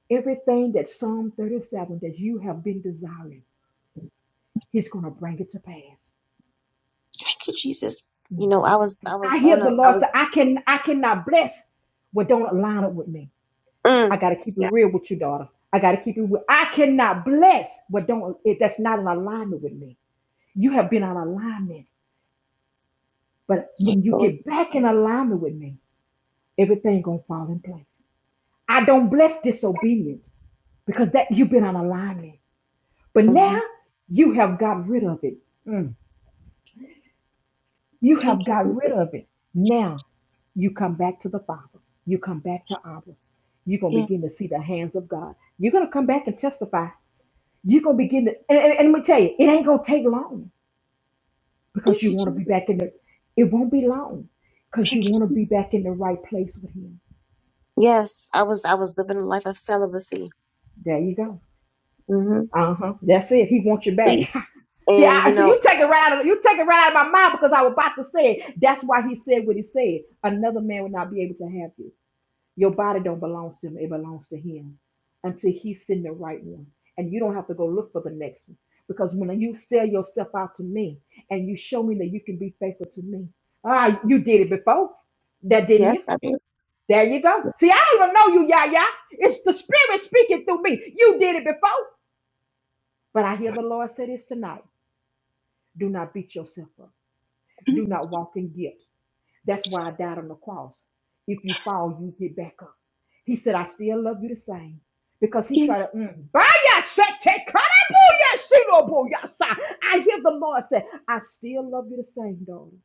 everything that Psalm 37 that you have been desiring. He's going to bring it to pass. Thank you, Jesus. You know, I was, I was I on hear the a, I Lord say, was. I can I cannot bless what don't align up with me. I Mm. got to keep it Yeah. real with you, daughter. I got to keep it real. I cannot bless, but don't, if that's not in alignment with me. You have been out of alignment. But Yes, when you Lord. get back in alignment with me, everything going to fall in place. I don't bless disobedience because that you've been on alignment. But now hmm you have got rid of it. Mm. You Thank have you, got rid Jesus. of it. Now you come back to the Father. You come back to Abba. You're gonna Yeah. begin to see the hands of God. You're gonna come back and testify. You're gonna begin to and, and, and let me tell you, it ain't gonna take long because Thank you you, wanna be back Jesus. in the it won't be long because Thank you you. wanna Jesus. be back in the right place with him. Yes, I was, I was living a life of celibacy. There you go. hmm Uh-huh. That's it. He wants you See, back. See, and I you see know, you take it right out of you take it right out of my mind because I was about to say it. That's why he said what he said. Another man would not be able to have you. Your body don't belong to him, it belongs to him until he send the right one. And you don't have to go look for the next one. Because when you sell yourself out to me and you show me that you can be faithful to me, ah, you did it before. That didn't yes, you? I did. There you go. See, I don't even know you, Yah Yah. It's the Spirit speaking through me. You did it before. But I hear the Lord say this tonight. Do not beat yourself up. Mhm. Do not walk in guilt. That's why I died on the cross. If you fall, you get back up. He said, I still love you the same. Because he tried Yes. to, mm, "Baya shete karabuya shinobuya sa." I hear the Lord say, I still love you the same, daughter.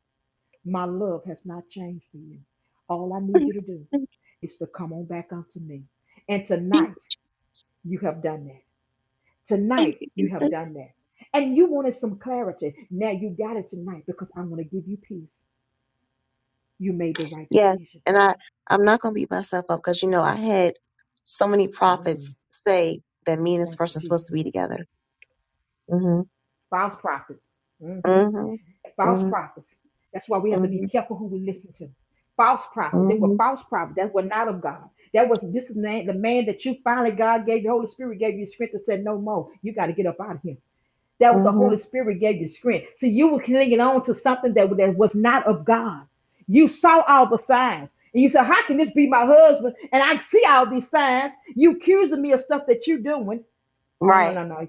My love has not changed for you. All I need Mm. you to do Thank is to come on back unto me. And you, tonight, you have done that. thank Tonight, you, you have Jesus. done that. And you wanted some clarity. Now you got it tonight because I'm going to give you peace. You made the right Yes, decision. and I I'm not going to beat myself up because you know I had so many Mm. prophets say that me and this Thank you, person are supposed to be Jesus. together. hmm False prophets. hmm hmm False hmm prophets. That's why we have to be hmm careful who we listen to. False prophet. They were hmm false prophets. That were not of God. That was this is na- the man that you finally God gave the Holy Spirit gave you strength and said, No more. You got to get up out of here. That was the hmm Holy Spirit gave you strength. So you were clinging on to something that, that was not of God. You saw all the signs. And you said, How can this be my husband? And I see all these signs. You accusing me of stuff that you're doing No, no, Right. no, no.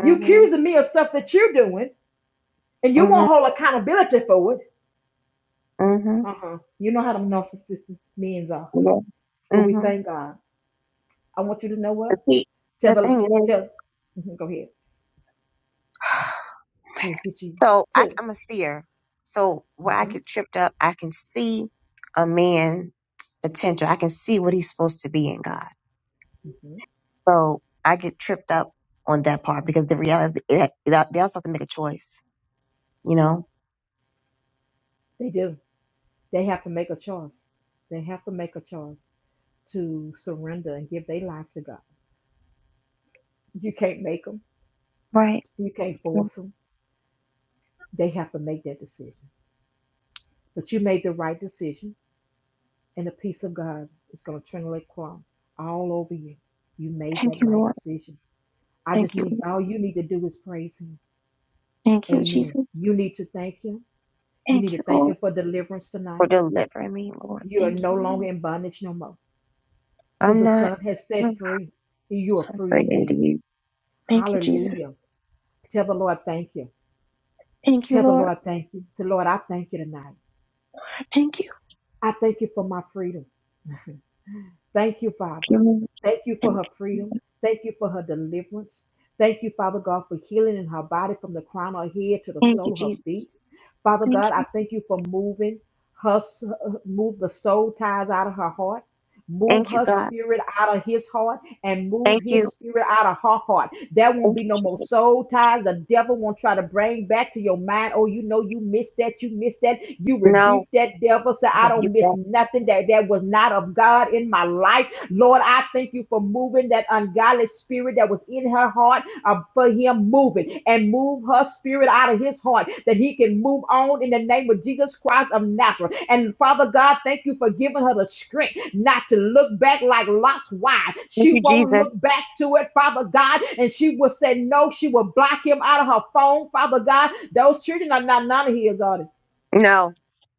You accusing me of stuff that you're doing, and you hmm won't hold accountability for it. hmm Uh-huh. You know how them narcissistic men are. Yeah. But we hmm thank God. I want you to know what? See, Tell the the thing is, tell. mhm, Go ahead. Thank you, Jesus. so I, Tell. I'm a seer. So where I hmm get tripped up, I can see a man's potential. I can see what he's supposed to be in God. hmm So I get tripped up on that part because the reality is that that they also have to make a choice, you know? They do. They have to make a choice. They have to make a choice to surrender and give their life to God. You can't make them. Right. You can't force them. They have to make that decision. But you made the right decision. And the peace of God is going to turn like crumb all over you. You made Thank that you, right Lord. decision. I just Thank you. need, all you need to do is praise Him. Thank you, Amen. Jesus. You need to thank Him. You need Thank to you, thank Lord, Him for deliverance for tonight. delivering me, Lord. You are Thank no you. longer Lord. in bondage no more. Who I'm the not Son has I'm set free, you are so free afraid into indeed. you. Thank you, Hallelujah. Jesus. Tell the Lord, thank you. Thank you, Tell the Lord. Lord, thank you. Say, Lord, I thank you tonight. Thank you. I thank you for my freedom. Thank you, Thank Father. you, Lord. Thank you for Thank her freedom. you. Thank you for her deliverance. Thank you, Father God, for healing in her body from the crown of her head to the Thank you, sole of her feet. Jesus. Father Thank God, I you. thank you for moving her, move the soul ties out of her heart, move Thank you, her God. spirit out of his heart, and move Thank you. his spirit out of her heart. There won't Thank be you, no more Jesus. soul ties. The devil won't try to bring back to your mind, oh, you know you missed that, you missed that. You No, rebuke that devil. Say, I I love you, don't miss nothing that, that was not of God in my life. Lord, I thank you for moving that ungodly spirit that was in her heart uh, for him moving and move her spirit out of his heart that he can move on in the name of Jesus Christ of Nazareth. And Father God, thank you for giving her the strength not to look back like Lot's wife. Thank She you, won't Jesus. look back to it, Father God, and she will say no. She will block him out of her phone, Father God. Those children are not none of his, are they? No,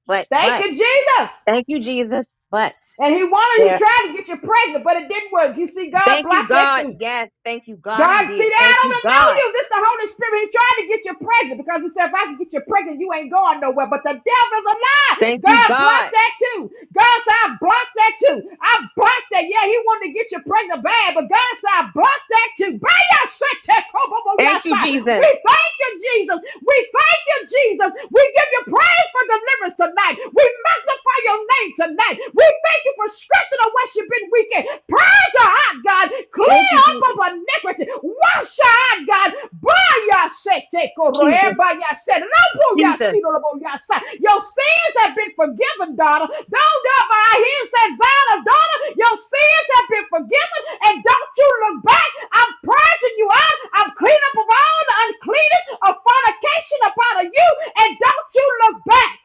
but, Thank but. you, Jesus. Thank you, Jesus. But And he wanted, he there. tried to get you pregnant, but it didn't work. You see, God Thank you, blocked that God. too. Yes. Thank you, God. He God, see, did. I Thank don't you, even know God. you. This is the Holy Spirit. He's trying to get you pregnant because he said, if I can get you pregnant, you ain't going nowhere. But the devil's a lie. Thank you, God blocked God. that too. God said, I blocked that too. I blocked that. Yeah, he wanted to get you pregnant bad, but God said, I blocked that too. By your shit, that come up on your Thank you, side. Jesus. We thank you, Jesus. We thank you, Jesus. We give you praise for deliverance tonight. We magnify your name tonight. We thank you for strengthening the worshiping wicked. Purge your heart, God. Clear Thank you, up of Jesus. iniquity. Wash your heart, God. Baya se te koroe, Jesus. baya se lobo ya si Jesus. lobo ya sa. Your sins have been forgiven, daughter. Don't ever I hear it Zion, daughter, your sins have been forgiven, and don't you look back. I'm purging you out. I'm cleaning up of all the uncleanness of fornication upon you, and don't you look back.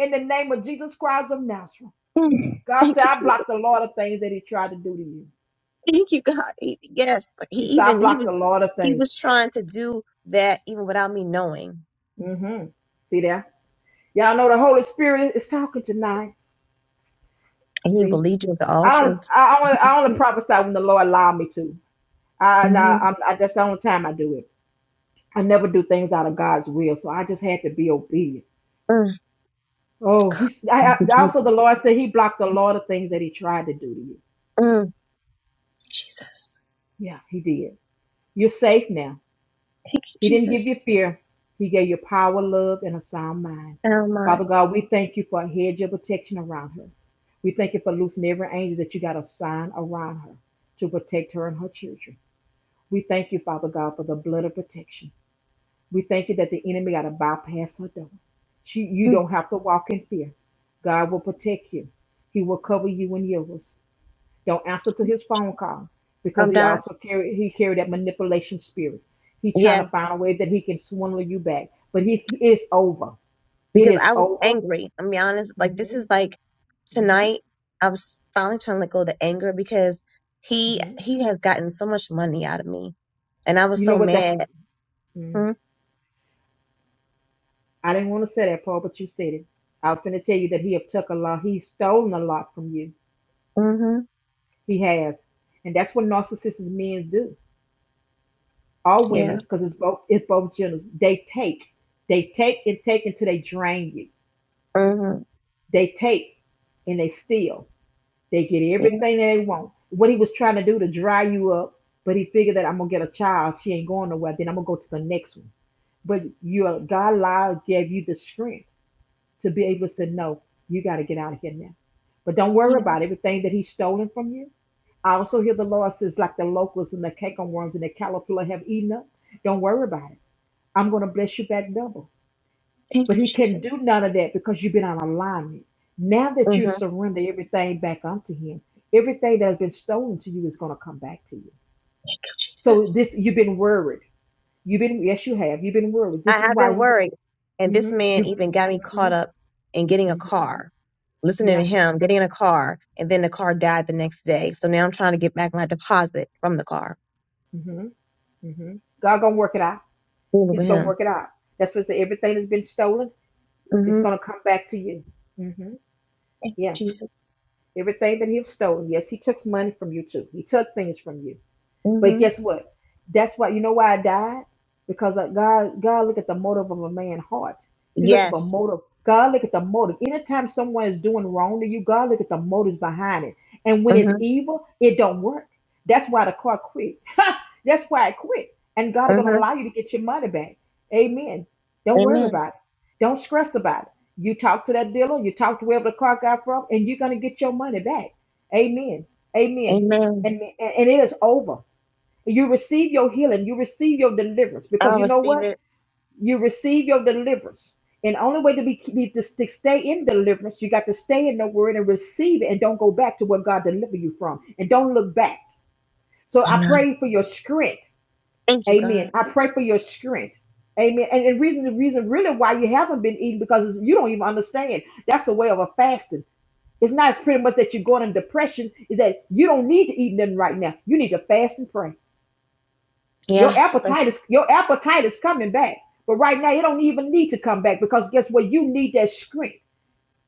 In the name of Jesus Christ of Nazareth. Mm. God Thank said, you, I blocked a Jesus. lot of things that he tried to do to you. Thank you, God. He- yes. like, He He said, I even he blocked a was lot of he things. was trying to do that even without me knowing. hmm See there? Y'all know the Holy Spirit is talking tonight. And he will See, lead you into all I don't, truths. I only, I only prophesy when the Lord allowed me to. I, and I, Mhm. I'm, I, that's the only time I do it. I never do things out of God's will, so I just had to be obedient. Mm. Oh, he's I, Thank you, I, also Jesus. the Lord said he blocked a lot of things that he tried to do to you. Mm. Jesus. Yeah, he did. You're safe now. Thank you, He didn't give Jesus. you fear. He gave you power, love, and a sound mind. Sound mind. Father God, we thank you for a hedge of protection around her. We thank you for loosing every angel that you got assigned around her to protect her and her children. We thank you, Father God, for the blood of protection. We thank you that the enemy got to bypass her door. She, you Mm. don't have to walk in fear. God will protect you. He will cover you and yours don't answer to his phone call because I'm he done. also carry he carried that manipulation spirit. He's trying Yes. to find a way that he can swindle you back, but he it's over. It because is I was over. angry. I'm gonna be honest. Like this hmm is like hmm tonight. I was finally trying to let go of the anger because he hmm he has gotten so much money out of me, and I was You know so what? That's mad. mm, I didn't want to say that, Paul, but you said it. I was going to tell you that he have took a lot. He's stolen a lot from you. Mm-hmm. He has, and that's what narcissistic men do. All Yeah. women's, because it's both it's both genders. They take, they take and take until they drain you. Mm-hmm. They take and they steal. They get Yeah. everything they want. What he was trying to do to dry you up, but he figured that I'm gonna get a child. She ain't going nowhere. Then I'm gonna go to the next one. But your God allowed gave you the strength to be able to say no. You got to get out of here now. But don't worry Yeah. about everything that he's stolen from you. I also hear the Lord says, like the locusts and the cake on worms and the caterpillar have eaten up. Don't worry about it. I'm gonna bless you back double. Thank But you, he can do Jesus. none of that because you've been on alignment. Now that you Mm-hmm. Thank you, surrender everything back unto him, everything that has been stolen to you is going to come back to you. So Jesus. this you've been worried. You've been yes, you have. You've been worried. I This is have why been you worried, and this hmm man you even got me hmm caught up in getting hmm a car. Listening yeah to him, getting in a car, and then the car died the next day. So now I'm trying to get back my deposit from the car. hmm hmm God gonna work it out. Fooling He's with gonna work it him. out. That's what I say. Everything that's been stolen, it's gonna come back to you. hmm Thank Yeah, you, Jesus. everything that he's stolen. Yes, he took money from you too. He took things from you. But hmm guess what? That's why you know why I died because uh, God God look at the motive of a man's heart. He look at the Yes. motive. God look at the motive. Anytime someone is doing wrong to you, God look at the motives behind it. And when it's hmm evil, it don't work. That's why the car quit. That's why it quit. And God is hmm gonna allow you to get your money back. Amen. Don't worry Amen. about it. Don't stress about it. You talk to that dealer, you talk to wherever the car got from, and you're gonna get your money back. Amen. Amen Amen. and and, and it is over. You receive your healing. You receive your deliverance I because you know receive what? it. You receive your deliverance. And the only way to be, be to, to stay in deliverance, you got to stay in the word and receive it and don't go back to what God delivered you from and don't look back. So I Amen. pray for your strength. Thank you, Amen. God. I pray for your strength. Amen. And the reason, the reason really why you haven't been eating because you don't even understand. That's a way of a fasting. It's not pretty much that you're going in depression, is that you don't need to eat nothing right now. You need to fast and pray. Your Yes. That's, appetite is your appetite is coming back. But right now you don't even need to come back because guess what? You need that strength.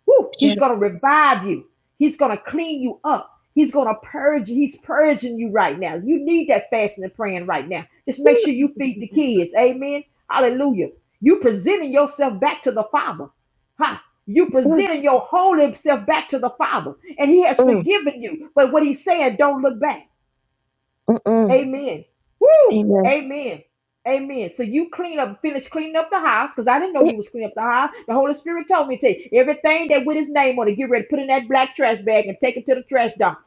Woo! He's gonna yes. revive you. He's gonna clean you up. He's gonna purge you. He's purging you right now. You need that fasting and praying right now. Just make Ooh, sure Thank you you, feed the Jesus. kids. Amen. Hallelujah. You presenting yourself back to the Father. Huh? You Ooh, presenting your whole self back to the Father. And He has mm, forgiven you. But what He's saying, don't look back. mm, mm. Amen. Woo! Amen. Amen. Amen. So you clean up, finish cleaning up the house, because I didn't know you was cleaning up the house. The Holy Spirit told me to tell you, everything that with his name on it, get ready, put in that black trash bag and take it to the trash dump.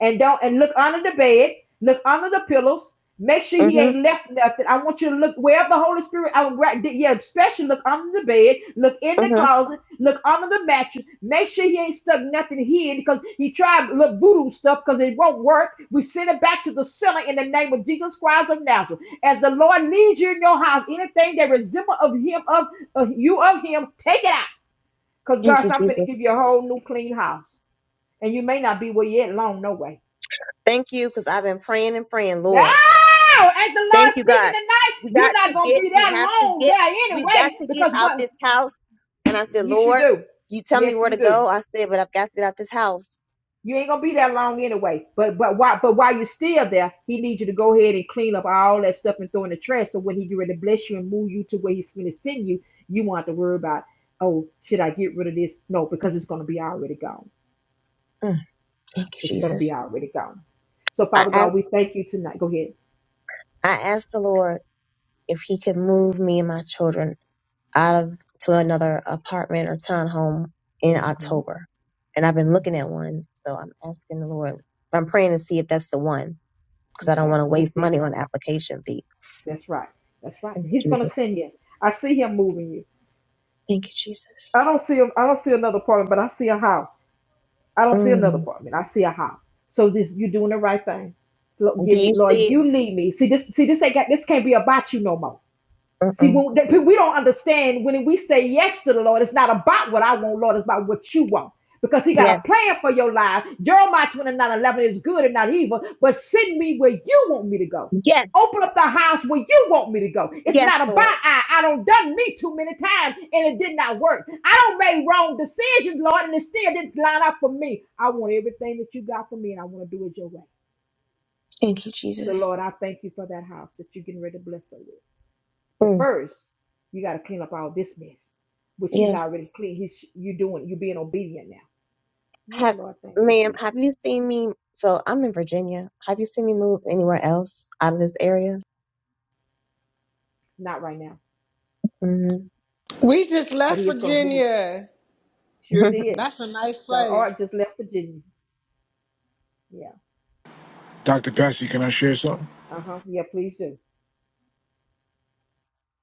And don't and look under the bed, look under the pillows. Make sure he Mm-hmm, ain't left nothing. I want you to look wherever the Holy Spirit. I would, yeah, especially look under the bed, look in the mm-hmm. closet, look under the mattress. Make sure he ain't stuck nothing here because he tried little voodoo stuff because it won't work. We send it back to the center in the name of Jesus Christ of Nazareth. As the Lord leads you in your house, anything that resembles of him of, of you of him, take it out. Because Thank God, you, said, I'm going to Jesus. give you a whole new clean house. And you may not be where you at long, no way. Thank you, because I've been praying and praying, No! Lord. As the Thank Lord you, speaking God. tonight, We you're got not to gonna get, be we that have to long get, there we got anyway. to get Because out what this house. And I said, yes, you Lord, do. you tell me Yes, where to you do. go. I said, but I've got to get out this house. You ain't gonna be that long anyway. But but why but while you're still there, he needs you to go ahead and clean up all that stuff and throw in the trash. So when he get ready to bless you and move you to where he's gonna send you, you won't have to worry about, oh, should I get rid of this? No, because it's gonna be already gone. Mm, Thank you, It's gonna be Jesus. already gone. So I Father asked God, we thank you tonight. Go ahead. I asked the Lord if He could move me and my children out of to another apartment or townhome in hmm October, and I've been looking at hmm one. So I'm asking the Lord. I'm praying to see if that's the one because I don't Okay, want to that's waste it. money on application fee. That's right. That's right. He's gonna Jesus, send you. I see him moving you. thank you, I Jesus. don't see him. I don't see another apartment, but I see a house. I don't see another Mm. apartment. I see a house. So this you're doing the right thing. Lord, Do give me, you Lord, see? It? you lead me. See this, see this ain't got this can't be about you no more. See, Mm-mm. when that, we don't understand when we say yes to the Lord, it's not about what I want, Lord, it's about what you want. Because he got a Yes, plan for your life. Jeremiah 29:11 is good and not evil, but send me where you want me to go. yes, Open up the house where you want me to go. It's not yes, Lord. about I. I don't done me too many times and it did not work. I don't make wrong decisions, Lord, and it still didn't line up for me. I want everything that you got for me and I want to do it your way. Thank you, So, Lord, Jesus. I thank you for that house that you're getting ready to bless us with. But Mm. first, you got to clean up all this mess, which he's Yes. already clean. He's you doing you being obedient now. Oh Have, Lord, thank you, ma'am, Jesus. have you seen me? So I'm in Virginia. Have you seen me move anywhere else out of this area? Not right now, Mm-hmm. We just but left he is going to move. Virginia. Sure did. That's a nice The place. art just left Virginia. Yeah. Dr. Passy, can I share something? Uh huh. Yeah. Please do.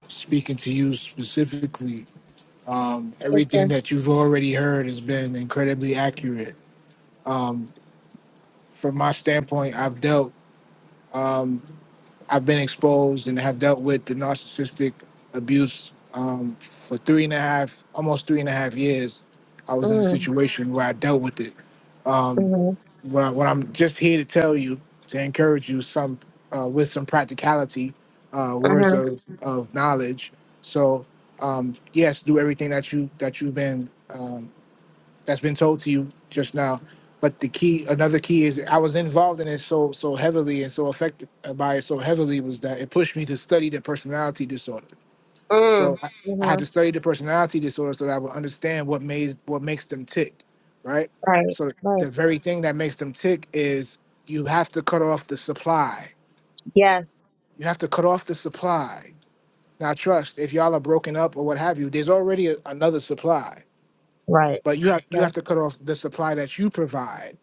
Speaking to you specifically, um, yes, everything sir. that you've already heard has been incredibly accurate from my standpoint, I've dealt, I've been exposed and have dealt with the narcissistic abuse um, for three and a half, almost three and a half years. I was in a Mm, situation where I dealt with it. Um, mm-hmm, what, I, what I'm just here to tell you, to encourage you, some uh, with some practicality, uh, words mm-hmm, of, of knowledge. So um, yes, do everything that you that you've been um, that's been told to you just now. But the key, another key is I was involved in it so so heavily and so affected by it so heavily was that it pushed me to study the personality disorder. So mm, I, I had mm-hmm. to study the personality disorder so that I would understand what makes what makes them tick, right? Right, So right. the very thing that makes them tick is you have to cut off the supply. Yes, You have to cut off the supply. Now trust, if y'all are broken up or what have you, there's already a, another supply, right, but you have you right, have to cut off the supply that you provide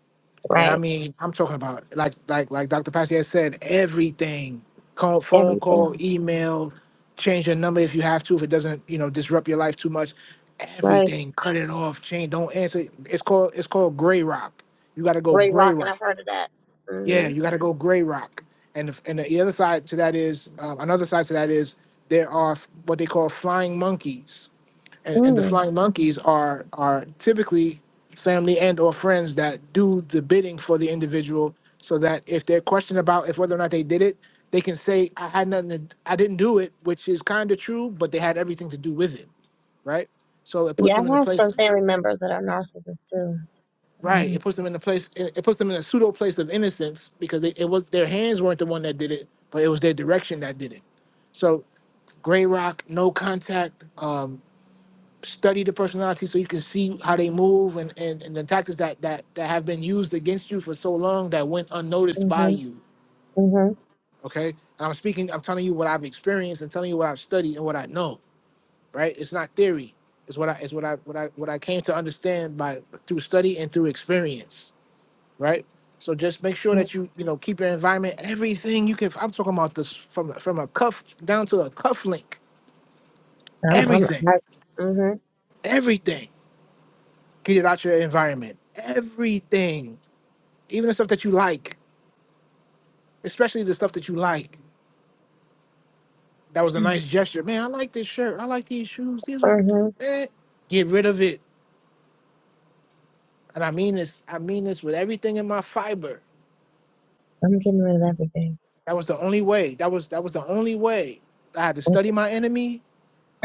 And I right. mean, I'm talking about like like like Dr. Passy has said, everything. Call phone call, Everything. email, change your number if you have to, if it doesn't, you know, disrupt your life too much. Right. Everything. Cut it off. Change. Don't answer. It's called it's called gray rock. You gotta go Ray gray Rock, and I've rock. heard of that. Yeah, Mm-hmm. you gotta go gray rock. And the, and the other side to that is um, another side to that is there are f- what they call flying monkeys and, and the Mm. flying monkeys are are typically family and or friends that do the bidding for the individual so that if they're questioned about if whether or not they did it they can say i had nothing to, i didn't do it which is kind of true but they had everything to do with it right so it puts Yeah, them in I a have place some family members that are narcissists too. right Mm-hmm, it puts them in a place it it puts them in a pseudo place of innocence because it, it was their hands weren't the one that did it but it was their direction that did it so gray rock no contact um study the personality so you can see how they move and, and, and the tactics that, that that have been used against you for so long that went unnoticed by mm-hmm, you. mm-hmm. Okay. And I'm speaking, I'm telling you what I've experienced and telling you what I've studied and what I know, right? It's not theory. It's what I it's what I what I what I came to understand by through study and through experience, right? So just make sure that Mm-hmm. you, you know, keep your environment, everything you can I'm talking about this from from a cuff down to a cuff link. I'm, I'm, Everything. I, mm-hmm, Everything. Get it out your environment. Everything even the stuff that you like, especially the stuff that you like. That was a mm-hmm. nice gesture. Man, I like this shirt. I like these shoes. These were, Mm-hmm. eh, get rid of it. And I mean this, I mean this with everything in my fiber. I'm getting rid of everything. That was the only way. That was that was the only way. I had to study my enemy,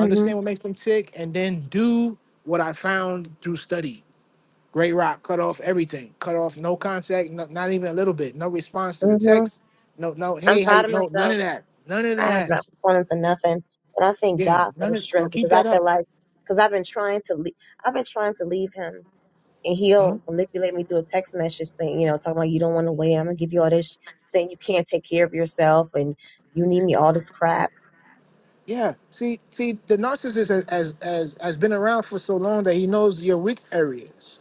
Mm-hmm, what makes them tick, and then do what I found through study. Great rock, cut off everything. Cut off no contact, no, not even a little bit. No response to the mm-hmm. text. No, no, I'm hey, how proud you, of no, none myself. of that. None of I have not that. performed for nothing. And I thank Yeah, God for none the of well, strength keep because I that feel up like, because I've been trying to leave, I've been trying to leave him. And he'll Mhm. manipulate me through a text message thing, you know, talking about you don't want to wait. I'm going to give you all this, saying you can't take care of yourself and you need me all this crap. Yeah. See, see, the narcissist has, has has has been around for so long that he knows your weak areas,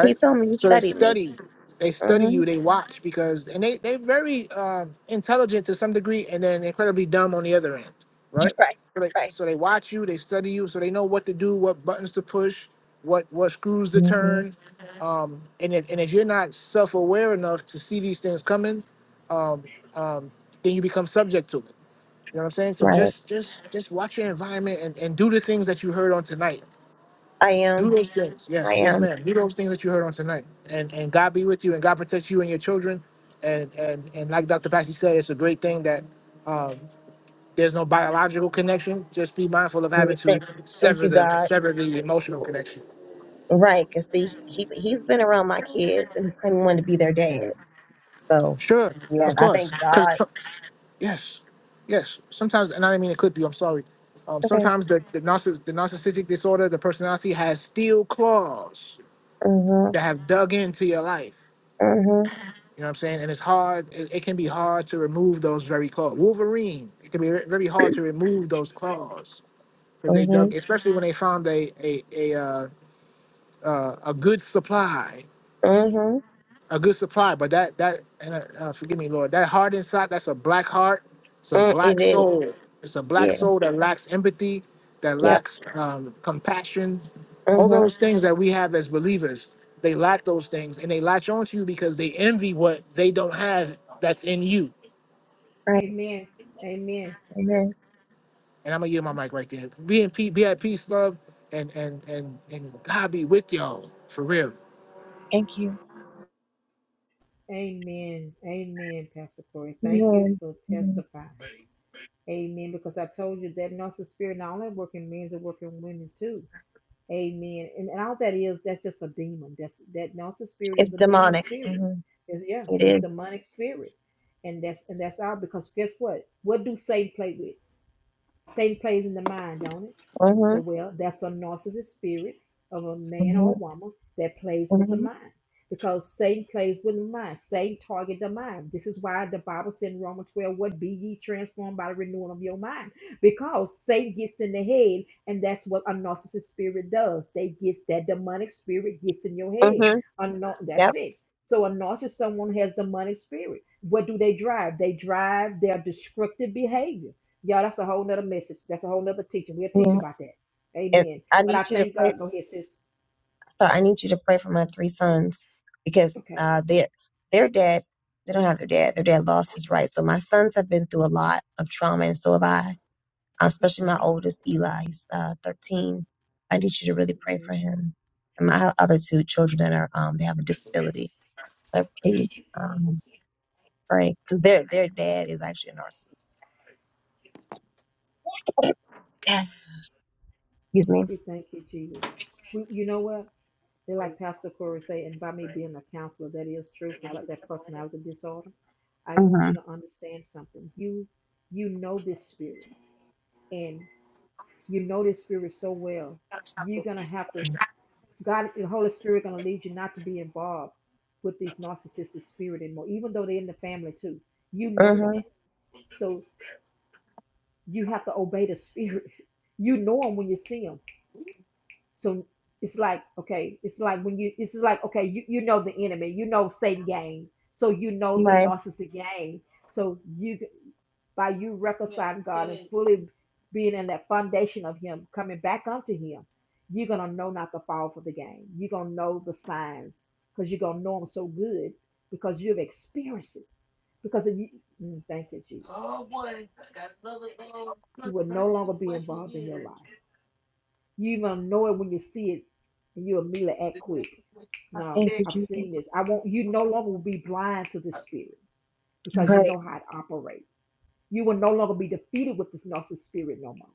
He told me you So they studied me. study, they study hmm you, they watch because, and they they very um, intelligent to some degree, and then incredibly dumb on the other end, right? Right, So they right. so they watch you, they study you, so they know what to do, what buttons to push, what what screws to hmm turn, um, and if and if you're not self aware enough to see these things coming, um, um, then you become subject to it You know what I'm saying? So Right. just just just watch your environment and, and do the things that you heard on tonight. I Do am. those things. I Yes, yes, am. ma'am. Do those things that you heard on tonight. And and God be with you and God protect you and your children. And and and like Dr. Passy said, it's a great thing that there's no biological connection. Just be mindful of having to Thank thank sever you, the God. sever the emotional connection. Right. Because, see, he, he's been around my kids and he's claiming one to be their dad. So, Sure, yeah, of I course. thank Cause God so- yes, yes. Sometimes and I didn't mean to clip you, I'm sorry. Um, Okay. sometimes the, the narciss the narcissistic disorder, the personality has steel claws Mhm. that have dug into your life. Mhm. You know what I'm saying? And it's hard. It, it can be hard to remove those very claws. Wolverine. It can be ve- very hard to remove those claws because they dug, Mhm. especially when they found a a a uh, uh, a good supply. Mhm. a good supply. But that that and uh, uh, forgive me, Lord, that heart inside, that's a black heart. It's a Mm, It black is. soul. It's a black Yeah. soul that lacks empathy, that Yep. lacks um, compassion. All Mhm. those things that we have as believers, they lack those things, and they latch onto you because they envy what they don't have that's in you. Right. Amen. Amen. Amen. And I'm gonna give my mic right there. Be in peace. Be at peace, love, and and and and God be with y'all for real. Thank you. Amen. Amen. Pastor Corey, thank you Amen. for Mhm. testifying. Amen. Because I told you that narcissist spirit not only working men, it working women too. Amen. And, and all that is, that's just a demon. That's that narcissist spirit It's is a demon demonic. spirit. Mhm. It's yeah, It it's is. demonic spirit. And that's and that's all because guess what? What do Satan play with? Satan plays in the mind, don't it? So, Mhm. well, that's a narcissist spirit of a man or a Mhm. woman that plays with the Mhm. mind. Because Satan plays with the mind. Satan target the mind. This is why the Bible said in Romans 12, what be ye transformed by the renewing of your mind. Because Satan gets in the head, and that's what a narcissist spirit does. They gets that demonic spirit gets in your head. Mhm. A nar- that's Yep. it. So a narcissist someone has demonic spirit. What do they drive? They drive their destructive behavior yeah, that's a whole nother message. That's a whole nother teaching. We'll Yeah. teach about that. And Amen. I But need I you to thank pray. God. Go ahead, sis. So I need you to pray for my three sons because Okay. uh, their their dad they don't have their dad. Their dad lost his right. So my sons have been through a lot of trauma, and so have I uh, especially my hmm oldest Eli, he's uh, 13. I need you to really pray hmm for him. And my other two children that are, um, they have a disability. But please, Okay. um, pray. Cause their, their dad is actually a narcissist. Yeah. Excuse me. We thank you, Jesus. We, you know what? They're like Pastor Corey say, and by me being a counselor, that is true for about that personality disorder. I want Mm-hmm. you to understand something. You you know this spirit, and you know this spirit so well. You're gonna have to God, the Holy Spirit, going to lead you not to be involved with these narcissistic spirit anymore, even though they're in the family too. You know them, Mm-hmm. so you have to obey the spirit. You know them when you see them. So it's like, okay, it's like when you, it's just like, okay, you, you know the enemy, you know Satan game. So you know the Right. narcissistic game. So you, by you reconciling God and fully being in that foundation of Him, coming back unto Him, you're going to know not to fall for the game. You're going to know the signs because you're going to know them so good because you've experienced it. Because if you, mm, thank you, Jesus, you will no longer be involved in your life. You're gonna know it when you see it, and you immediately act quick. No, Thank you, I've seen Jesus. this. I won't. You no longer will be blind to this spirit because you Right. know how it operates. You will no longer be defeated with this narcissist spirit no more.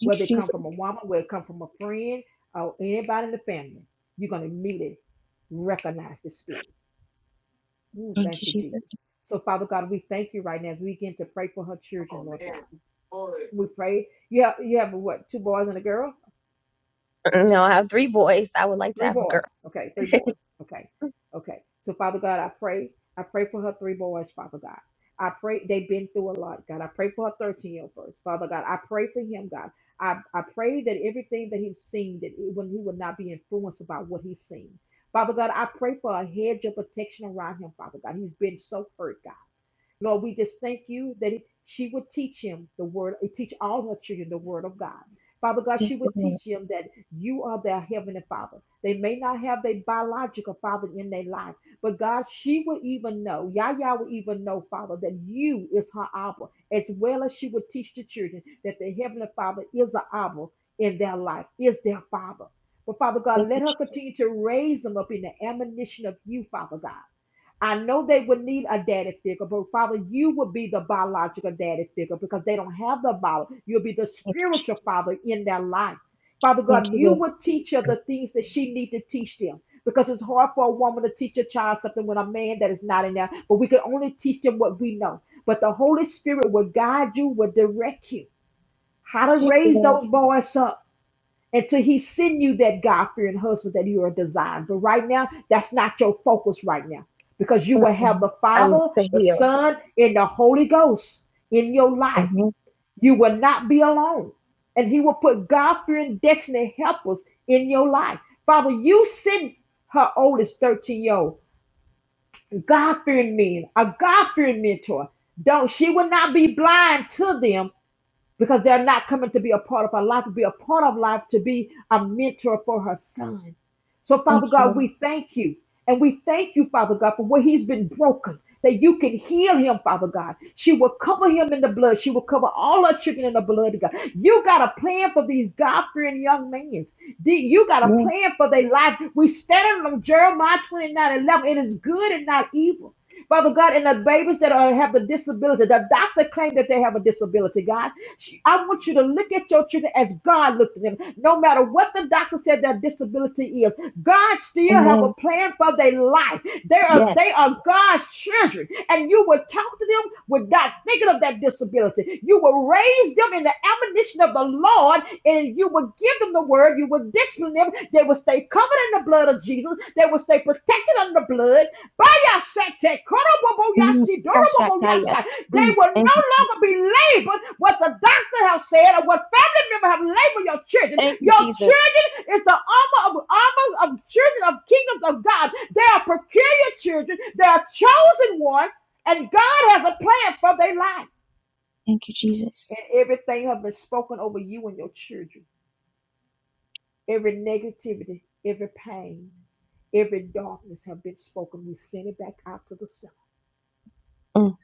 Thank you, Whether it come Jesus. from a woman, whether it come from a friend, or anybody in the family, you're gonna immediately recognize the spirit. Ooh, Thank thank you, you, Jesus. Jesus. So, Father God, we thank you right now as we begin to pray for her children, Lord God. We pray. You have you have what two boys and a girl. You know, I have three boys. I would like to Three have a girl. boys. Okay, three boys. Okay, okay. So, Father God, I pray. I pray for her three boys, Father God. I pray they've been through a lot, God. I pray for her 13 year old first, Father God. I pray for him, God. I, I pray that everything that he's seen, that he, when he will not be influenced about what he's seen. Father God, I pray for a hedge of protection around him, Father God. He's been so hurt, God. Lord, we just thank you that he- she would teach him the word, eh, teach all her children the word of God. Father God, Thank she you, would Lord. teach them that you are their heavenly father. They may not have their biological father in their life, but God, she would even know, Yahya would even know, Father, that you is her Abba, as well as she would teach the children that the heavenly father is an Abba in their life, is their father. But Father God, Thank let you, her continue Jesus. to raise them up in the admonition of you, Father God. I know they would need a daddy figure, but Father, you would be the biological daddy figure because they don't have the Bible. You'll be the Thank you, spiritual Jesus. father in their life. Father Thank God, you, you Lord. would teach her the things that she need to teach them because it's hard for a woman to teach a child something with a man that is not in there, but we can only teach them what we know. But the Holy Spirit will guide you, will direct you how to Thank you, raise Lord. those boys up until he send you that God-fearing husband that you are designed. But right now, that's not your focus right now because you will have Mm-mm. the I'm Father, to the heal. Son, and the Holy Ghost in your life. Mm-hmm. You will not be alone. And he will put God-fearing destiny helpers in your life. Father, you send her oldest 13-year-old God-fearing men, a God-fearing mentor. Don't she will not be blind to them because they're not coming to be a part of her life, to be a part of life, to be a mentor for her son. So, Father Thank you, God, Lord. we thank you. And we thank you, Father God, for where he's been broken, that you can heal him, Father God. She will cover him in the blood. She will cover all her children in the blood, God. You got a plan for these God fearing young men. You got a plan Yes. for their life. We stand on Jeremiah 29, 11. It is good and not evil. Father God, and the babies that are, have the disability, the doctor claimed that they have a disability, God. I want you to look at your children as God looked at them. No matter what the doctor said their disability is, God still have a Amen. plan for their life. They are they Yes. are God's children, and you will talk to them without thinking of that disability. You will raise them in the admonition of the Lord, and you will give them the word. You will this never, they will stay covered in the blood of Jesus. They will stay protected under the blood. Bayasete, Mm. koroboboyasi, Ashakaya. doroboboyasa. They Mm. will Thank no you, longer Jesus. be labeled what the doctor has said or what family member have labeled your children. Thank you, Your Jesus. children is the armor of armor of children of kingdoms of God. They are peculiar children. They are chosen one, and God has a plan for their life. Thank you, Jesus. And everything has been spoken over you and your children. Every negativity, every pain, every darkness have been spoken. We send it back out to the sun. Mm.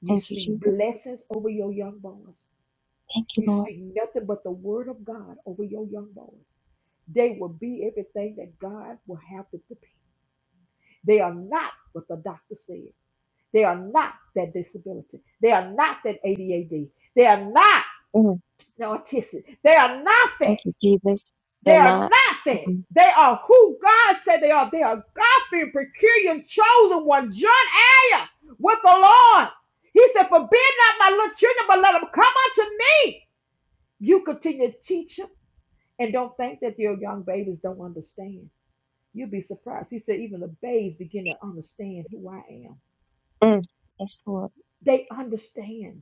You Thank you, speak Jesus. blessings over your young boys. Thank you, You Lord. speak nothing but the word of God over your young boys. They will be everything that God will have them to be. They are not what the doctor said. They are not that disability. They are not that ADAD. They are not Mm. the autistic. They are not Thank that. you, Jesus. They They're are not. nothing. Mm-mm. They are who God said they are. They are God fearing, peculiar, chosen one, joint heir with the Lord. He said, Forbid not my little children, but let them come unto me. You continue to teach them and don't think that your young babies don't understand. You'll be surprised. He said, Even the babes begin to understand who I am. Mm. Yes, Lord. They understand.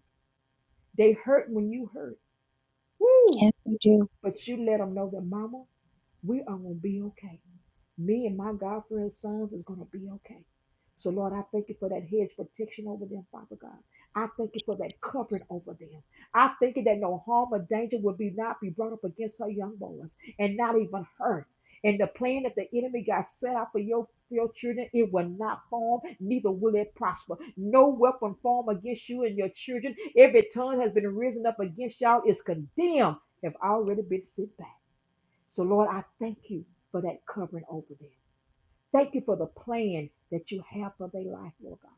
They hurt when you hurt. Woo! Yes, they do. But you let them know that, Mama. We are going to be okay. Me and my God friend's sons is going to be okay. So, Lord, I thank you for that hedge protection over them, Father God. I thank you for that covering over them. I thank you that no harm or danger will be not be brought up against her young boys and not even her. And the plan that the enemy got set out for your, for your children, it will not form, neither will it prosper. No weapon formed against you and your children. Every tongue has been risen up against y'all is condemned, have already been set back. So, Lord, I thank you for that covering over them. Thank you for the plan that you have for their life, Lord God.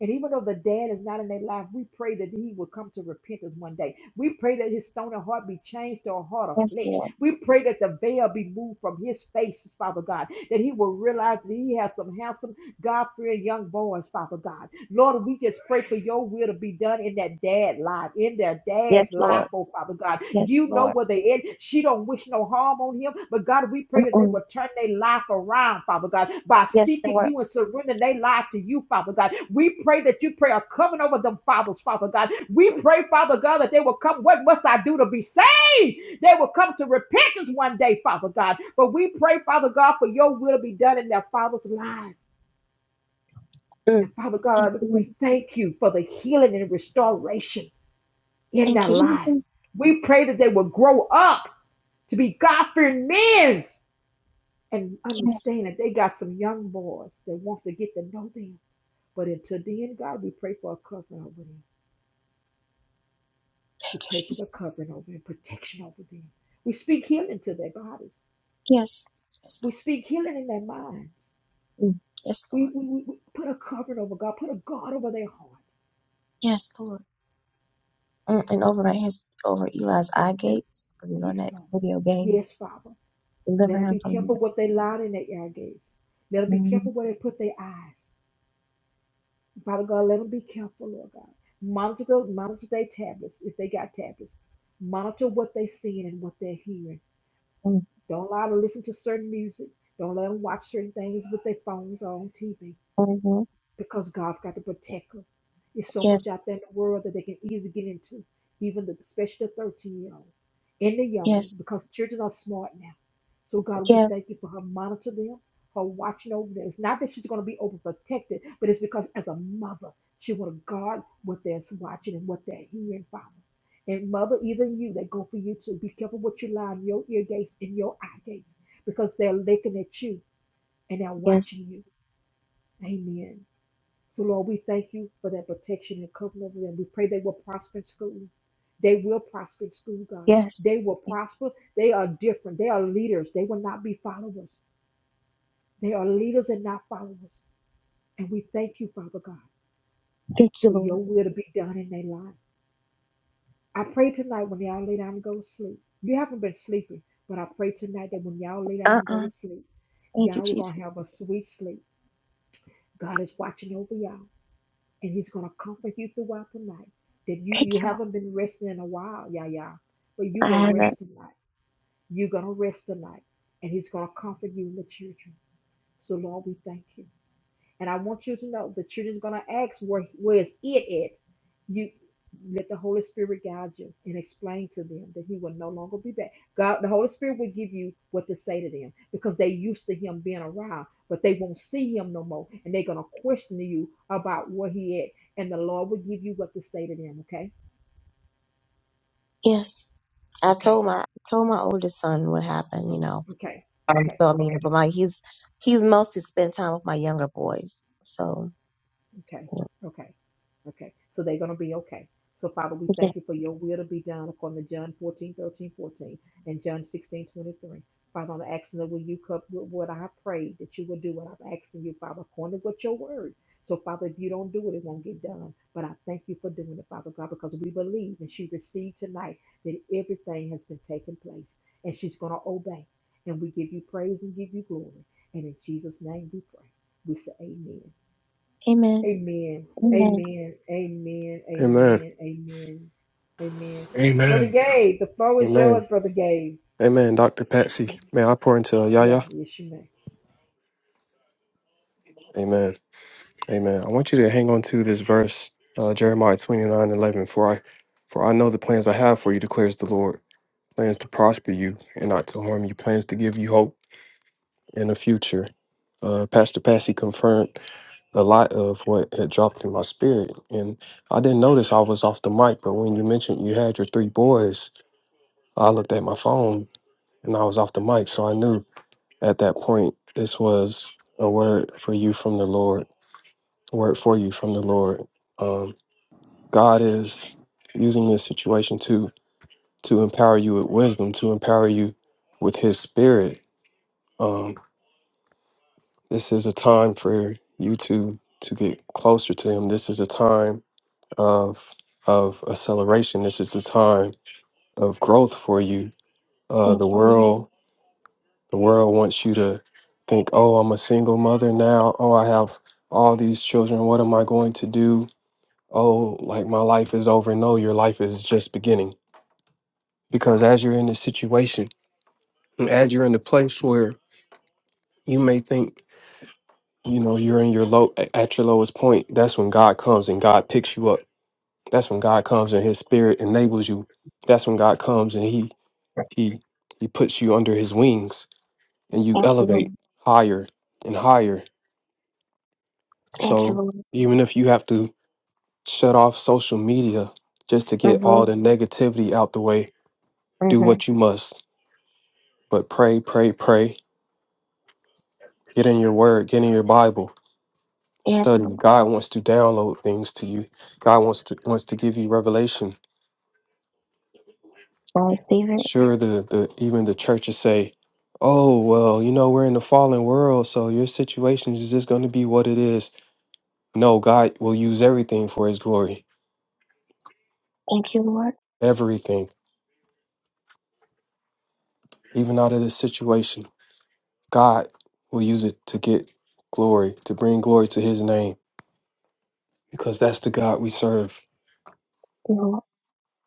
And even though the dad is not in their life, we pray that he will come to repentance one day. We pray that his stony heart be changed to a heart of Yes, flesh. Lord. We pray that the veil be moved from his face, Father God, that he will realize that he has some handsome, God fearing young boys, Father God. Lord, we just pray for your will to be done in that dad life, in their dad's Yes, life, Lord. oh Father God. Yes, You know Lord. where they in. She don't wish no harm on him, but God, we pray that they Mm-mm. will turn their life around, Father God, by Yes, seeking Lord. you and surrendering their life to you, Father God. We pray that you pray a covering over them fathers, Father God. We pray, Father God, that they will come. What must I do to be saved? They will come to repentance one day, Father God. But we pray, Father God, for your will to be done in their father's life. Mm. And Father Thank God, you, Lord. we thank you for the healing and restoration in Thank their you, life. Jesus. We pray that they will grow up to be God fearing men and Yes. understand that they got some young boys that wants to get to know them. But until then, God, we pray for a covering over them. We Thank you, pray for Jesus. the covering over them, protection over them. We speak healing to their bodies. Yes. Yes, We speak healing in their minds. Lord. Mm. Yes, Lord. We, we, we we put a covering over God, put a guard over their heart. Yes, Lord. Mm, and over right his over Eli's eye gates. You know Yes, that Lord. video game. Yes, Father. Let Deliver them him be from here. careful what they line in their ear gates. Let them be hmm careful where they put their eyes. Father God, let them be careful, Lord God. Monitor, the- monitor their tablets if they got tablets. Monitor what they're seeing and what they're hearing. Don't allow them to listen to certain music. Don't let them watch certain things with their phones or on TV hmm because God's got to protect them. There's so much Yes, out there in the world that they can easily get into, even the especially the 13 year old and the young ones, yes, because children are smart now. So God, we yes, thank you for her monitoring them, her watching over them. It's not that she's going to be overprotected, but it's because as a mother, she want to guard what they're watching and what they're hearing, Father. And mother, even you, they go for you too. Be careful what you lie in your ear gates and your eye gates, because they're looking at you and they're yes, watching you. Amen. So, Lord, we thank you for that protection and covering over them. We pray they will prosper in school. They will prosper in school, God. yes. They will prosper. They are different. They are leaders. They will not be followers. They are leaders and not followers. And we thank you, Father God, Thank you, for your Lord. will to be done in their life. I pray tonight when y'all lay down and go to sleep. You haven't been sleeping, but I pray tonight that when y'all lay down Uh and go uh to sleep, Thank you, y'all are going to have Jesus. a sweet sleep. God is watching over y'all. and he's going to comfort you throughout the night. That you Thank you you, Lord. haven't been resting in a while, yeah, yeah, but you I will rest haven't. tonight. You're gonna rest tonight, and he's gonna comfort you in the children. So Lord, we thank you. And I want you to know that you're just gonna ask where where is it at? You let the Holy Spirit guide you and explain to them that He will no longer be back. God, the Holy Spirit will give you what to say to them because they used to Him being around, but they won't see Him no more, and they're gonna question you about where He at. And the Lord will give you what to say to them. Okay, Yes. I okay, told my told my oldest son what happened, you know. okay, Um, okay. so I mean, but my he's he's mostly spent time with my younger boys. So Okay, yeah. okay, okay. So they're going to be okay. So, Father, we yeah. thank you for your will to be done according to John 14 13 14 and John 16 23. Father, I'm asking that will you cup what I prayed that you will do what I'm asking you, Father, according to what your word. So, Father, if you don't do it, it won't get done. But I thank you for doing it, Father God, because we believe and she received tonight that everything has been taking place and she's going to obey. And we give you praise and give you glory. And in Jesus' name we pray. We say amen. Amen. Amen. Amen. Amen. Amen. Amen. Amen. Amen. Amen. Brother Amen. Gabe, the floor is yours, Amen. Brother Gabe. Amen. Dr. Patsy, may I pour into Yeah, Yahya? yes, you may. Amen. Amen. I want you to hang on to this verse, uh, Jeremiah 29 11. For I, for I know the plans I have for you, declares the Lord. Plans to prosper you and not to harm you, plans to give you hope in the future. Uh, Pastor Patsy confirmed a lot of what had dropped in my spirit. And I didn't notice I was off the mic, but when you mentioned you had your three boys, I looked at my phone and I was off the mic. So I knew at that point, this was a word for you from the Lord, a word for you from the Lord. Um, God is using this situation to to empower you with wisdom, to empower you with His Spirit. Um, this is a time for you to to get closer to Him. This is a time of of acceleration. This is the time of growth for you. Uh, Thank the you. world Lord. The world wants you to think, oh, I'm a single mother now. Oh, I have all these children. What am I going to do? Oh, like my life is over. No, your life is just beginning. Because as you're in this situation, and as you're in the place where you may think, you know, you're in your low at your lowest point, that's when God comes and God picks you up. That's when God comes and his spirit enables you. That's when God comes and he he he puts you under his wings and you Thank you, Lord. elevate higher and higher Thank you, So Lord. even if you have to shut off social media just to get all the negativity out the way, do Mm-hmm. what you must. But pray, pray, pray. Get in your word, get in your Bible. Yes, Study. Lord. God wants to download things to you. God wants to wants to give you revelation. Receive it. Sure, the, the even the churches say, Oh, well, you know, we're in the fallen world, so your situation is just gonna be what it is. No, God will use everything for his glory. Thank you, Lord. Everything. Even out of this situation. God will use it to get glory, to bring glory to his name, because that's the God we serve. Lord.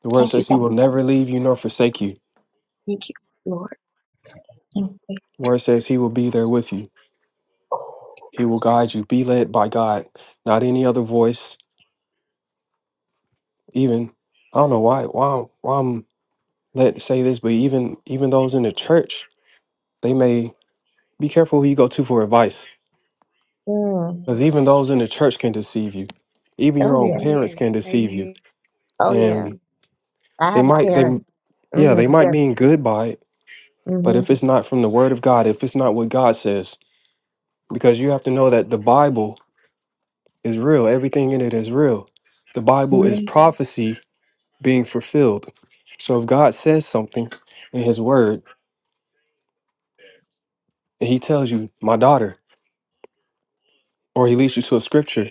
The word Thank you, says he God. will never leave you nor forsake you. Thank you, Lord. Thank you. The word says he will be there with you. He will guide you. Be led by God, not any other voice. Even I don't know why why why I'm led to say this, but even even those in the church, they may be careful who you go to for advice. Mm. Because even those in the church can deceive you. Even your Oh, own yeah. parents Amen. can deceive you. Amen. Oh, yeah. And I they have a might they parent. yeah, Mm-hmm. they might Yeah. mean good by it But Mm-hmm. if it's not from the word of God, if it's not what God says, because you have to know that the Bible is real, everything in it is real. The Bible is Mm-hmm. prophecy being fulfilled. So if God says something in his word and he tells you, my daughter, or he leads you to a scripture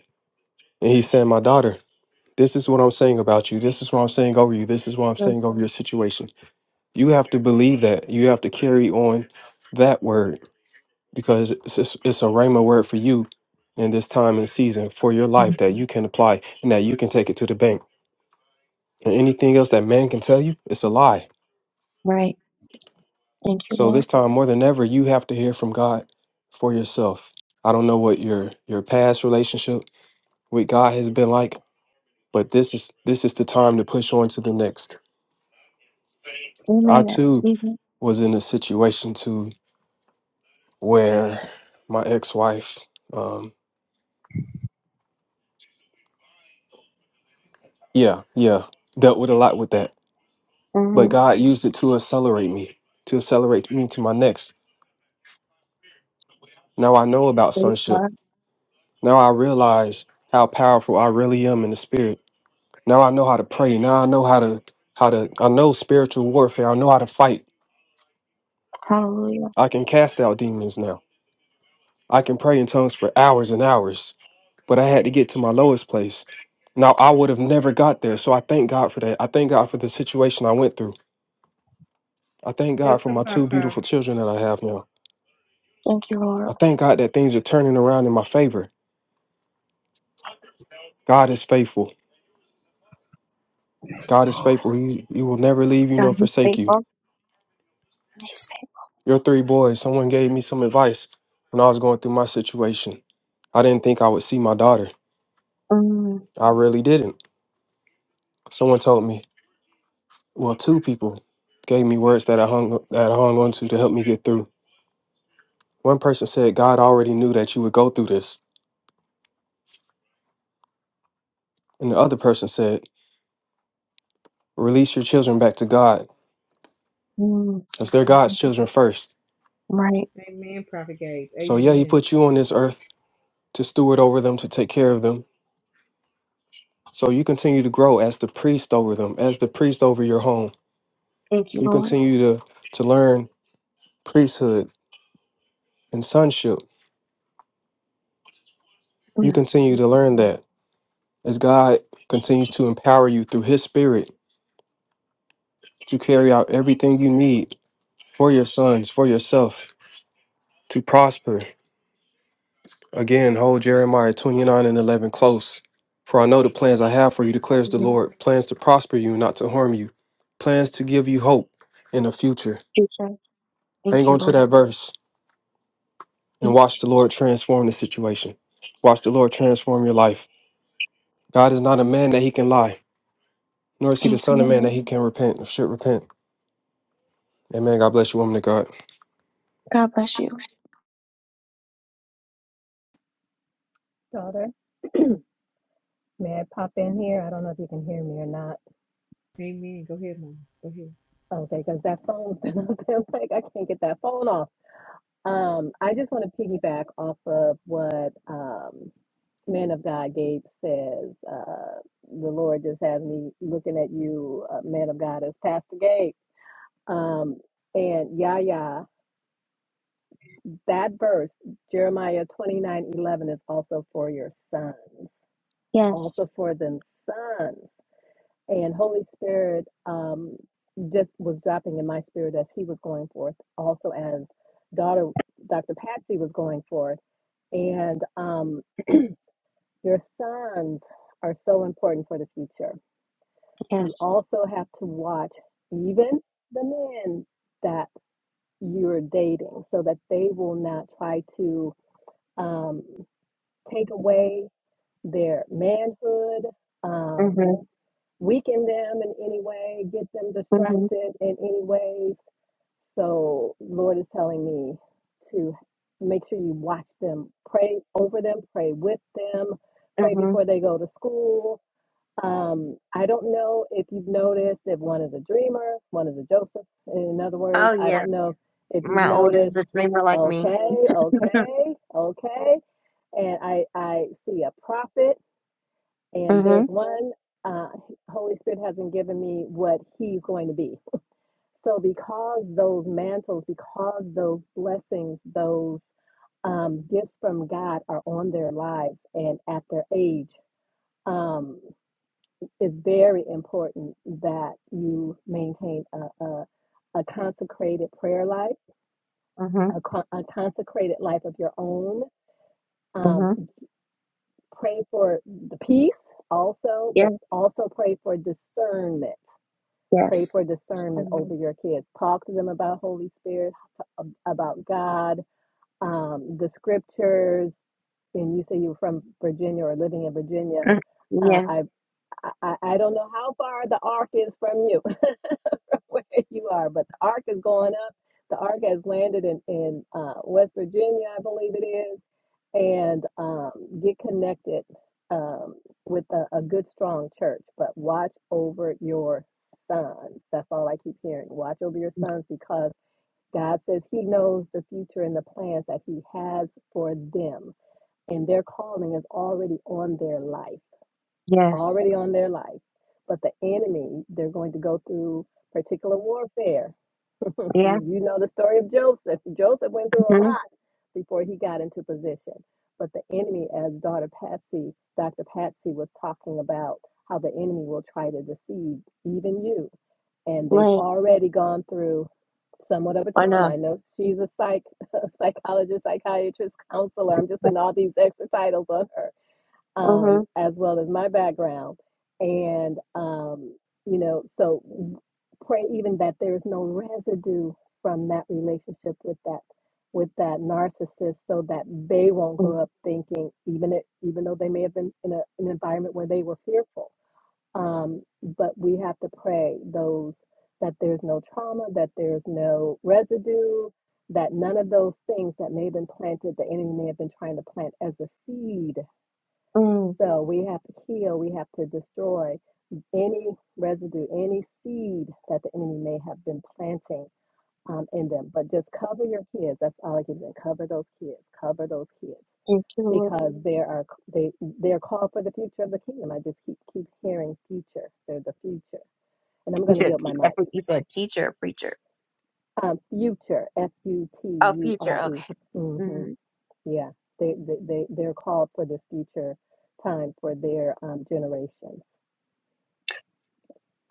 and he's saying, my daughter, this is what I'm saying about you. This is what I'm saying over you. This is what I'm saying over your situation. You have to believe that. You have to carry on that word because it's, it's, it's a rhema word for you in this time and season for your Mm-hmm. life that you can apply and that you can take it to the bank. And anything else that man can tell you, it's a lie. Right. Thank you, So Lord. this time more than ever, you have to hear from God for yourself. I don't know what your your past relationship with God has been like, but this is this is the time to push on to the next. I Amen. I too Receive it. was in a situation too where my ex-wife, um, yeah, yeah, dealt with a lot with that but Mm-hmm. God used it to accelerate me, to accelerate me to my next. Now I know about Praise sonship. God. Now I realize how powerful I really am in the spirit. Now I know how to pray. Now I know how to how to I know spiritual warfare. I know how to fight. Hallelujah. I can cast out demons now. I can pray in tongues for hours and hours. But I had to get to my lowest place. Now I would have never got there. So I thank God for that. I thank God for the situation I went through. I thank God for my Testify, two Prophet. beautiful children that I have now. Thank you, Lord. I thank God that things are turning around in my favor. God is faithful. God is faithful. He, he will never leave you God nor is forsake you. faithful. He's Your three boys, someone gave me some advice when I was going through my situation. I didn't think I would see my daughter. faithful. Mm. I really didn't. Someone told me, well, two people gave me words that I hung that I hung on to to help me get through. One person said, God already knew that you would go through this. And the other person said, release your children back to God, Mm. because they're Hallelujah. God's children first. Right. Amen, Prophet Gabe. So yeah, he Amen. put you on this earth to steward over them, to take care of them. So you continue to grow as the priest over them, as the priest over your home. Thank you, You Lord. continue to to learn priesthood and sonship. You Mm. continue to learn that as God continues to empower you through his spirit to carry out everything you need for your sons, for yourself, to prosper. Again, hold Jeremiah 29 and 11 close. For I know the plans I have for you, declares the Amen. Lord plans to prosper you, not to harm you, plans to give you hope in the future. Jesus. Hang Thank you, on to Lord. that verse and watch the Lord transform the situation. Watch the Lord transform your life. God is not a man that he can lie, nor is he the Thank you, son of man Lord. that he can repent or should repent. Amen. God bless you, woman of God. God bless you. daughter. May I pop in here? I don't know if you can hear me or not. Amen. Go ahead, Mom. Go ahead. Okay, because that phone's been up there. Like, I can't get that phone off. Um, I just want to piggyback off of what um, man of God Gabe says. Uh, the Lord just has me looking at you, uh, man of God, as Pastor Gabe. Um, and Yahya, that verse, Jeremiah twenty nine eleven, is also for your sons, Yes. also for them sons. And Holy Spirit um, just was dropping in my spirit as he was going forth, also as daughter Dr. Patsy was going forth And um, your sons are so important for the future. You Yes. also have to watch even the men that you're dating so that they will not try to um, take away their manhood, um, Mhm. weaken them in any way, get them Mhm. distracted in any way So, Lord is telling me to make sure you watch them, pray over them, pray with them, pray Mhm. before they go to school. Um, I don't know if you've noticed if one is a dreamer, one is a Joseph. In other words, Oh I yeah, don't know if you've my oldest noticed. is a dreamer like me. Okay, Mhm. okay, okay. And I I see a prophet, and there's Mhm. one. Uh, Holy Spirit hasn't given me what he's going to be. So, because those mantles, because those blessings, those um, gifts from God are on their lives and at their age, um, it's very important that you maintain a, a, a consecrated prayer life, Mhm. a, con- a consecrated life of your own. Um, Mhm. pray for the peace also, but Yes. also pray for discernment. Pray Yes. for discernment Mhm. over your kids. Talk to them about Holy Spirit, t- about God um, the scriptures, and you say you were from Virginia or living in Virginia. Mm. Uh, I, Yes. I I don't know how far the ark is from you, where you are, but the ark is going up. The ark has landed in in uh, West Virginia, I believe it is, and um, get connected um, with a, a good, strong church. But watch over your sons. That's all I keep hearing. Watch over your sons because God says He knows the future and the plans that He has for them, and their calling is already on their life, Yes. already on their life. But the enemy, they're going to go through particular warfare. you, Yeah. you know the story of Joseph. Joseph went through a Mhm. lot before he got into position. But the enemy, as daughter Patsy, Dr. Patsy was talking about how the enemy will try to deceive even you and they've Right. already gone through somewhat of a I trauma. know. I know she's a psych, psychologist, psychiatrist, counselor. I'm just putting all these extra titles on her, um, Mhm. as well as my background. And, um, you know, so pray even that there's no residue from that relationship with that with that narcissist so that they won't Mm. grow up thinking even if, even though they may have been in a, an environment where they were fearful um, but we have to pray those that there's no trauma, that there's no residue, that none of those things that may have been planted, the enemy may have been trying to plant as a seed. Mm. So we have to heal, we have to destroy any residue, any seed that the enemy may have been planting um, in them. But just cover your kids. That's all I can say. Cover those kids. Cover those kids Thank you. Lord. because they are they they're called for the future of the kingdom. I just keep keep hearing future. They're the future and I'm You going to said yield te- my I mic. think you said teacher or preacher. Um, future, F U T Oh, U future. R E. Okay. Mm-hmm. Mhm. Yeah, they, they, they, they're called for this future time for their um, generations.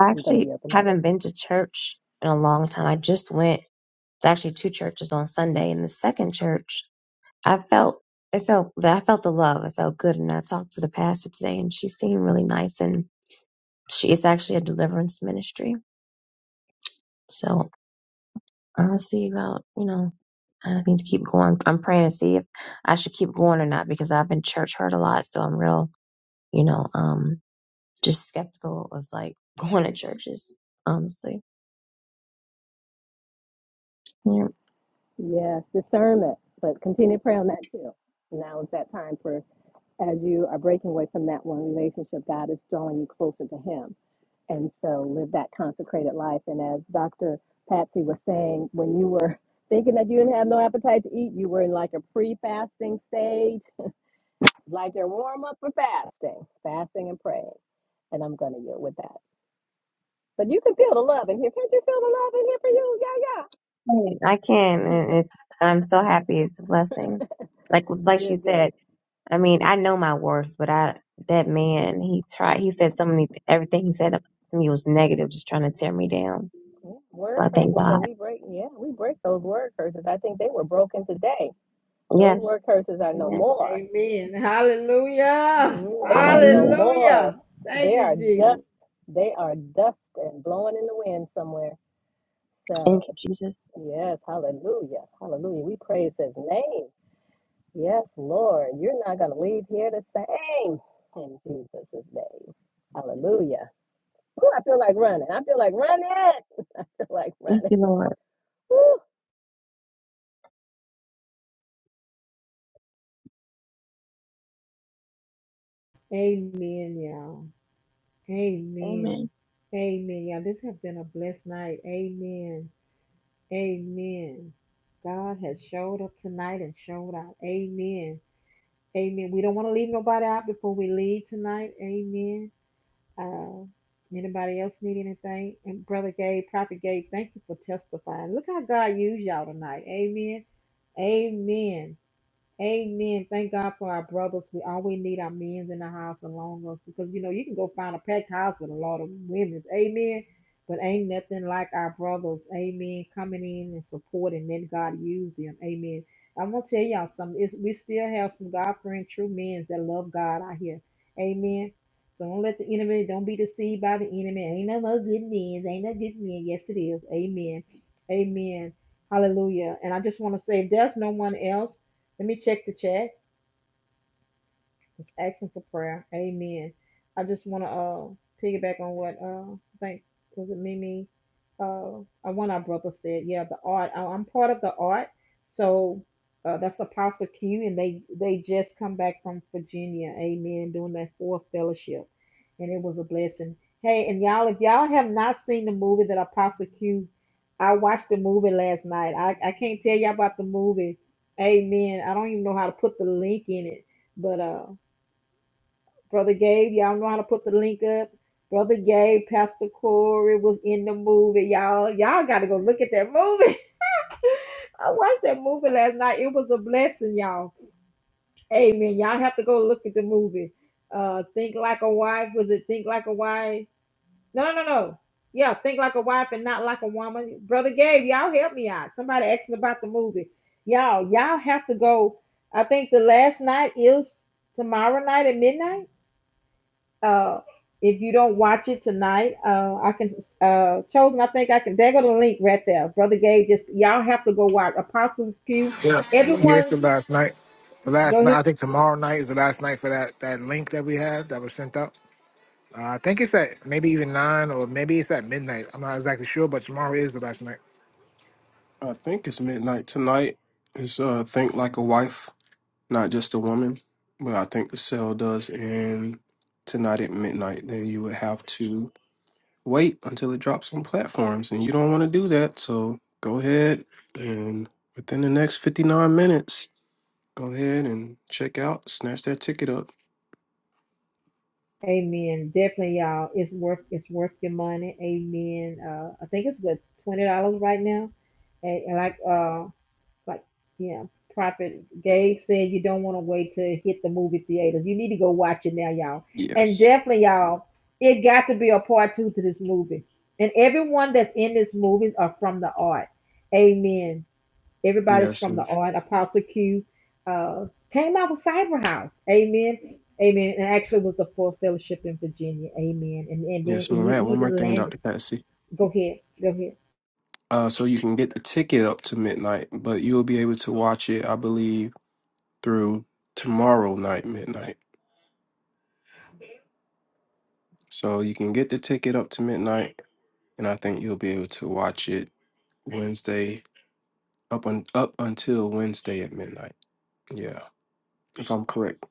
I I'm going to actually yield the mic. haven't been to church in a long time. I just went. It's actually two churches on Sunday, and the second church I felt I felt that I felt the love. I felt good, and I talked to the pastor today, and she seemed really nice. And she is actually a deliverance ministry, so I'll see about you know. I need to keep going. I'm praying to see if I should keep going or not because I've been church hurt a lot, so I'm real, you know, um, just skeptical of like going to churches. Honestly, yeah. Yes, discernment, but continue to pray on that too. Now is that time for, as you are breaking away from that one relationship, God is drawing you closer to Him. And so live that consecrated life. And as Dr. Patsy was saying, when you were thinking that you didn't have no appetite to eat, you were in like a pre fasting stage like your warm up for fasting, fasting and praying. And I'm gonna yield with that. But you can feel the love in here. Can't you feel the love in here for you? Yeah, I can, and it's I'm so happy. It's a blessing. Like like yeah. she Good, said. good. I mean, I know my worth, but I that man, he tried. He said so many. Everything he said to me was negative, just trying to tear me down. Yeah, So Word I thank curses, but God. we break. Yeah, we break those word curses. I think they were broken today. Those Yes. word curses are no Amen. more. Amen. Hallelujah. Mm, they are no Hallelujah. more. Hallelujah. Thank They are you, dust. Jesus. They are dust and blowing in the wind somewhere. Thank you, So Jesus. yes, hallelujah, hallelujah. We praise His name. Yes, Lord, you're not going to leave here the same in Jesus' name. Hallelujah. Ooh, I feel like running. I feel like running. I feel like Thank running. you, Lord. Woo. Amen, y'all. Amen. Amen. Amen. Y'all, this has been a blessed night. Amen. Amen. God has showed up tonight and showed out. Amen. Amen. We don't want to leave nobody out before we leave tonight. Amen. Uh, anybody else need anything? And Brother Gabe, Prophet Gabe, thank you for testifying. Look how God used y'all tonight. Amen. Amen. Amen. Thank God for our brothers. We always need our men's in the house along us because you know you can go find a packed house with a lot of women's. Amen. But ain't nothing like our brothers. Amen. Coming in and supporting. Then God used them. Amen. I'm gonna tell y'all something. It's, we still have some God fearing true men that love God out here. Amen. So don't let the enemy don't be deceived by the enemy. Ain't no more good men. Ain't no good men. Yes, it is. Amen. Amen. Hallelujah. And I just want to say if there's no one else. Let me check the chat. It's asking for prayer. Amen. I just want to uh, piggyback on what uh, I think was it Mimi, uh, uh, one of our brothers said. Yeah, the art. I, I'm part of the art, so uh, that's Apostle Q, and they they just come back from Virginia. Amen. Doing that fourth fellowship, and it was a blessing. Hey, and y'all, if y'all have not seen the movie that Apostle Q, I watched the movie last night. I, I can't tell y'all about the movie. Amen. I don't even know how to put the link in it, but uh. Brother Gabe, y'all know how to put the link up. Brother Gabe, Pastor Corey was in the movie, y'all. Y'all got to go look at that movie. I watched that movie last night. It was a blessing, y'all. Amen. Y'all have to go look at the movie. Uh, Think Like a Wife. Was it Think Like a Wife? No, no, no. no. Yeah, Think Like a Wife and Not Like a Woman. Brother Gabe, y'all help me out. Somebody asked me about the movie. Y'all, y'all have to go. I think the last night is tomorrow night at midnight Uh, if you don't watch it tonight, uh, I can uh, chosen. I think I can. There go the link right there, brother Gabe. Just y'all have to go watch Apostle Pew. Yeah. Yeah, it's the Everyone, last night. The last go night. ahead. I think tomorrow night is the last night for that that link that we had that was sent out. Uh, I think it's at maybe even nine or maybe it's at midnight. I'm not exactly sure, but tomorrow is the last night. I think it's midnight tonight. It's uh think like a wife, not just a woman. But I think the sale does end tonight at midnight. Then you would have to wait until it drops on platforms. And you don't want to do that. So go ahead and within the next 59 minutes, go ahead and check out, snatch that ticket up. Amen. Definitely, y'all. It's worth it's worth your money. Amen. Uh, I think it's good twenty dollars right now. And, and like uh, like yeah prophet gabe said you don't want to wait to hit the movie theaters you need to go watch it now y'all and Yes. definitely y'all it got to be a part two to this movie and everyone that's in this movies are from the art amen everybody's Yes. from the And art apostle q uh came out with cyber house amen amen and actually was the fourth fellowship in virginia amen and and then yes, and ma'am. he I had one more even thing, landed Dr. Patsy. go ahead go ahead Uh, so you can get the ticket up to midnight, but you'll be able to watch it, I believe, through tomorrow night, midnight. So you can get the ticket up to midnight, and I think you'll be able to watch it Wednesday up on up until Wednesday at midnight. Yeah, if I'm correct.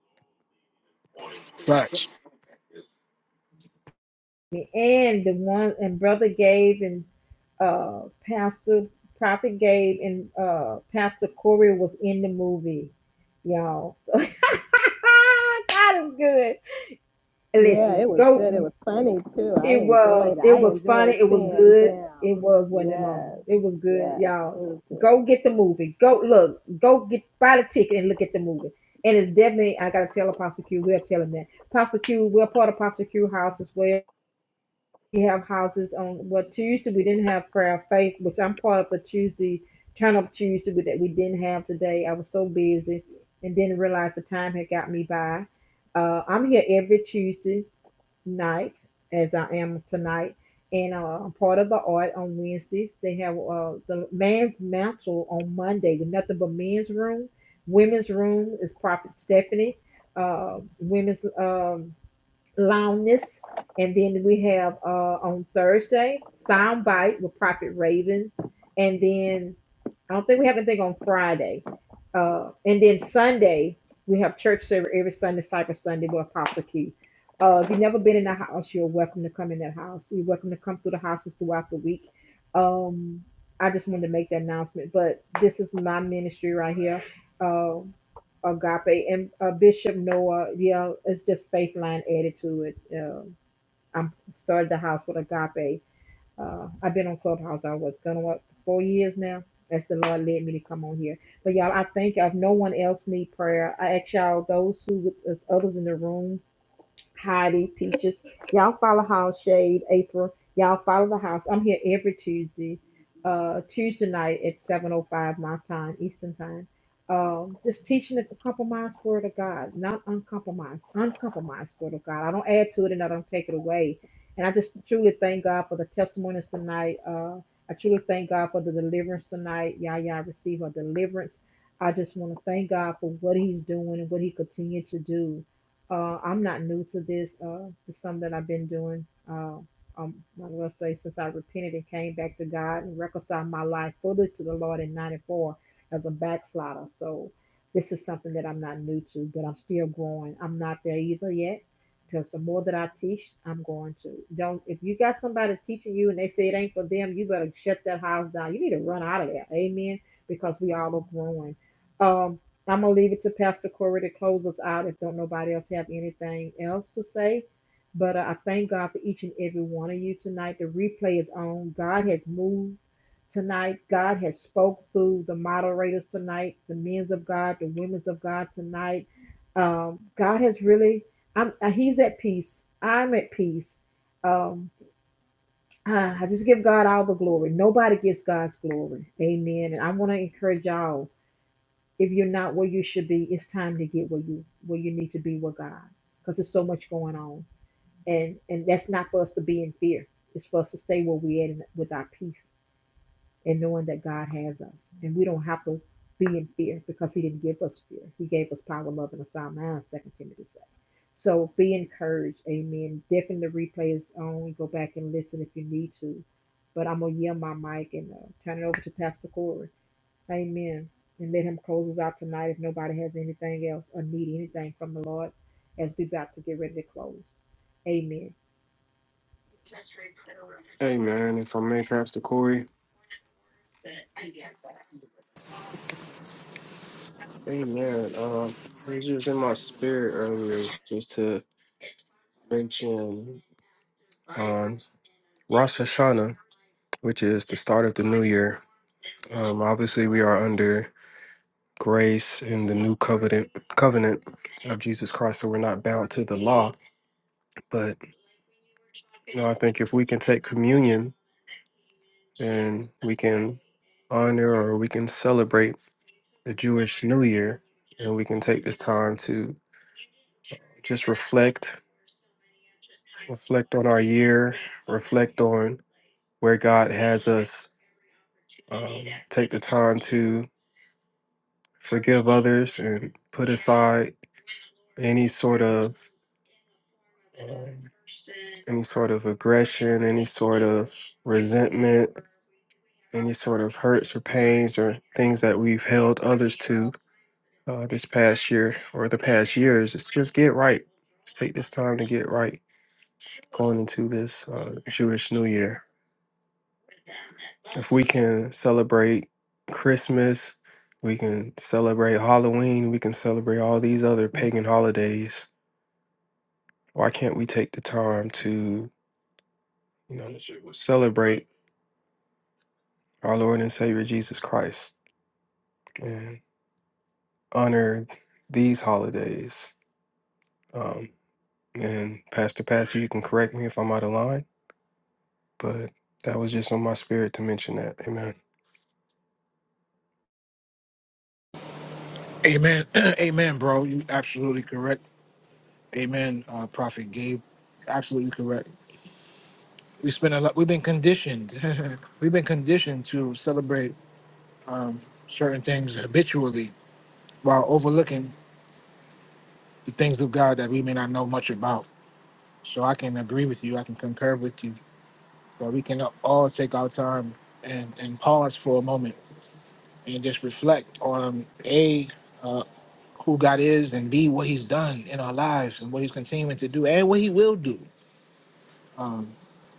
Facts. me, and the one and brother Gabe and uh pastor prophet Gabe and uh pastor Corey was in the movie, y'all. So God is good. Yeah, Listen, it was good. It go. was funny too. I It was enjoyed it. it I was enjoyed funny. It was seeing good. It them. was wasn't it, Mama? Yes, It was good, yes. It y'all. was good. Go get the movie. Go look. Go get buy the ticket and look at the movie. And it's definitely I gotta tell Apostle Q. We're telling that Apostle Q. We're part of Apostle Q house as well we have houses on well Tuesday we didn't have prayer of faith, which I'm part of the Tuesday turn up Tuesday but that we didn't have today. I was so busy and didn't realize the time had got me by. Uh, I'm here every Tuesday night as I am tonight. And uh, I'm part of the art on Wednesdays. They have uh, the man's mantle on Monday with nothing but men's room. Women's room is Prophet Stephanie. Uh, women's um, Loudness. And then we have uh, on Thursday, Soundbite with Prophet Raven. And then I don't think we have anything on Friday. Uh, and then Sunday, we have church service every Sunday, Cyber Sunday with Apostle Q. Uh, if you've never been in the house, you're welcome to come in that house. You're welcome to come through the houses throughout the week. Um, I just wanted to make that announcement, but this is my ministry right here. Um, agape and uh, bishop noah yeah it's just faith line added to it um i'm started the house with agape uh i've been on clubhouse i was gonna what four years now as the lord led me to come on here but y'all i think if no one else need prayer i ask y'all those who with others in the room Heidi, Peaches. Y'all follow House Shade, April. Y'all follow the house. I'm here every Tuesday, uh, Tuesday night at 7.05 my time, Eastern time. Um, just teaching the compromised word of God, not uncompromised, uncompromised word of God. I don't add to it and I don't take it away. And I just truly thank God for the testimonies tonight. Uh, I truly thank God for the deliverance tonight. Y'all, y'all receive a deliverance. I just want to thank God for what he's doing and what he continued to do. Uh, I'm not new to this. Uh, it's something that I've been doing. Uh, um, I will say since I repented and came back to God and reconciled my life fully to the Lord in '94 as a backslider. So this is something that I'm not new to, but I'm still growing. I'm not there either yet. Because the more that I teach, I'm going to. Don't if you got somebody teaching you and they say it ain't for them, you better shut that house down. You need to run out of there. Amen. Because we all are growing. Um, I'm gonna leave it to Pastor Corey to close us out if don't nobody else have anything else to say. But uh, I thank God for each and every one of you tonight. The replay is on. God has moved tonight. God has spoke through the moderators tonight, the men's of God, the women's of God tonight. Um, God has really. I'm. uh, He's at peace. I'm at peace. Um, I I just give God all the glory. Nobody gets God's glory. Amen. And I want to encourage y'all. If you're not where you should be, it's time to get where you where you need to be with God, because there's so much going on, and and that's not for us to be in fear. It's for us to stay where we at and with our peace and knowing that God has us, and we don't have to be in fear because He didn't give us fear. He gave us power, love, and a sound mind. Second Timothy says. So be encouraged, Amen. Definitely the replay is on. Go back and listen if you need to. But I'm gonna yield my mic and uh, turn it over to Pastor Corey. Amen. And let him close us out tonight if nobody has anything else or need anything from the Lord as we about to get ready to close. Amen. Hey man, if I may, Pastor Corey, just to um, Rosh Hashanah, which is the start of the new year. Um, obviously, we are under grace and the new covenant covenant of Jesus Christ. So we're not bound to the law. But you know, I think if we can take communion and we can honor or we can celebrate the Jewish New Year, and we can take this time to just reflect, reflect on our year, reflect on where God has us. Um, take the time to forgive others and put aside any sort of um, any sort of aggression, any sort of resentment, any sort of hurts or pains or things that we've held others to uh, this past year or the past years. It's just get right. Let's take this time to get right going into this uh, Jewish New Year. If we can celebrate Christmas, we can celebrate Halloween, we can celebrate all these other pagan holidays. Why can't we take the time to, you know, celebrate our Lord and Savior Jesus Christ and honor these holidays? Um, and Pastor Pastor, you can correct me if I'm out of line, but that was just on my spirit to mention that. Amen. Amen. Amen, bro. You absolutely correct. Amen, uh, Prophet Gabe. Absolutely correct. We spend a lot. We've been conditioned. we've been conditioned to celebrate certain things habitually while overlooking the things of God that we may not know much about. So I can agree with you. I can concur with you where we can all take our time and, and pause for a moment and just reflect on A, uh, who God is, and B, what He's done in our lives and what He's continuing to do and what He will do. Um,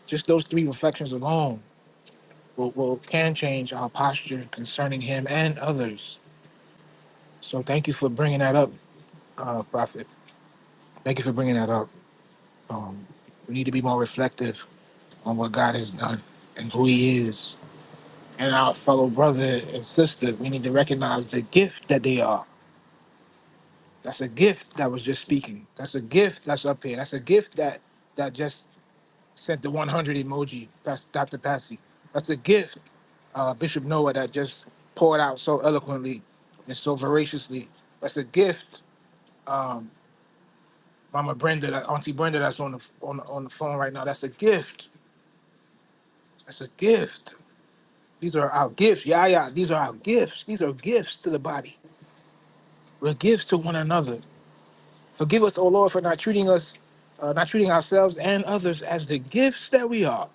just those three reflections alone will, will can change our posture concerning Him and others. So thank you for bringing that up, uh, Prophet. Thank you for bringing that up. Um, we need to be more reflective on what God has done and who He is and our fellow brother and sister, we need to recognize the gift that they are. That's a gift that was just speaking. That's a gift that's up here. That's a gift that that just sent the 100 emoji, Pas- Dr. Passy. That's a gift, uh, Bishop Noah, that just poured out so eloquently and so voraciously. That's a gift, um, Mama Brenda, that Auntie Brenda, that's on the on the, on the phone right now. That's a gift. That's a gift. These are our gifts. Yeah, yeah. These are our gifts. These are gifts to the body. We're gifts to one another. Forgive us, O Lord, for not treating us, uh, not treating ourselves and others as the gifts that we are.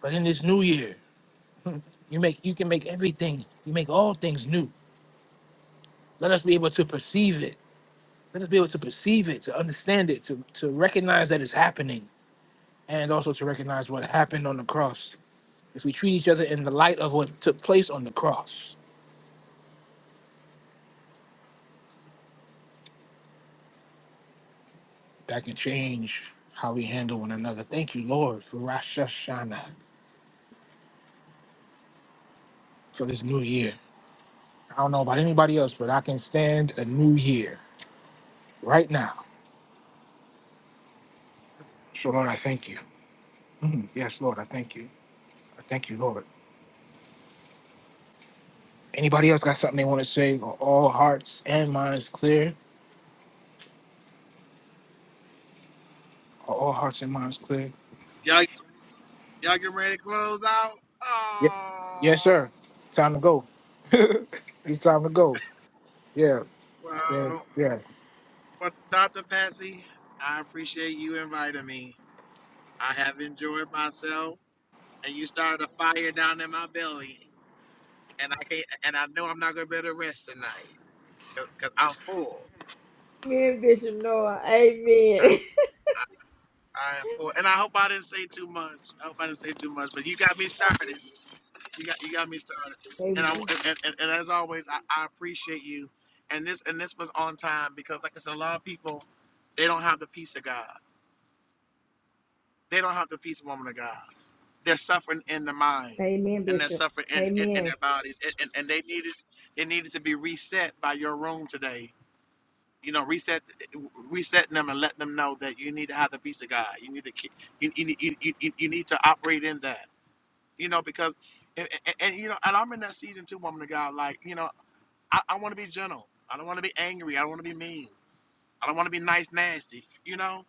But in this new year, you make you can make everything, you make all things new. Let us be able to perceive it. Let us be able to perceive it, to understand it, to, to recognize that it's happening, and also to recognize what happened on the cross. If we treat each other in the light of what took place on the cross, that can change how we handle one another. Thank you, Lord, for Rosh Hashanah, for this new year. I don't know about anybody else, but I can stand a new year right now. So, Lord, I thank you. Mm, yes, Lord, I thank you. I thank you, Lord. Anybody else got something they want to say? Are all hearts and minds clear? Are all hearts and minds clear? Y'all Y'all getting ready to close out? Yes, yes, Oh, sir. Time to go. it's time to go. Yeah, yeah, well, yeah. but Dr. Patsy, I appreciate you inviting me. I have enjoyed myself, and you started a fire down in my belly, and I can't, and I know I'm not gonna be able to rest tonight because I'm full. Amen, Bishop Noah. I, I, I am full, and I hope I didn't say too much. I hope I didn't say too much, but you got me started. You got you got me started. And I Amen. and, and, and as always, I, I appreciate you. And this and this was on time because like I said, a lot of people they don't have the peace of God. They don't have the peace of woman of God. They're suffering in their mind Amen, and they're Bishop. suffering in, in, in Amen. their bodies. And, and, and they needed they needed to be reset by your room today. You know, reset resetting them and let them know that you need to have the peace of God. You need to keep- you, you, you, you, you you need to operate in that you know, because and, and, and, you know, and I'm in that season too, woman of God. Like, you know, I, I want to be gentle. I don't want to be angry. I don't want to be mean. I don't want to be nice, nasty. You know,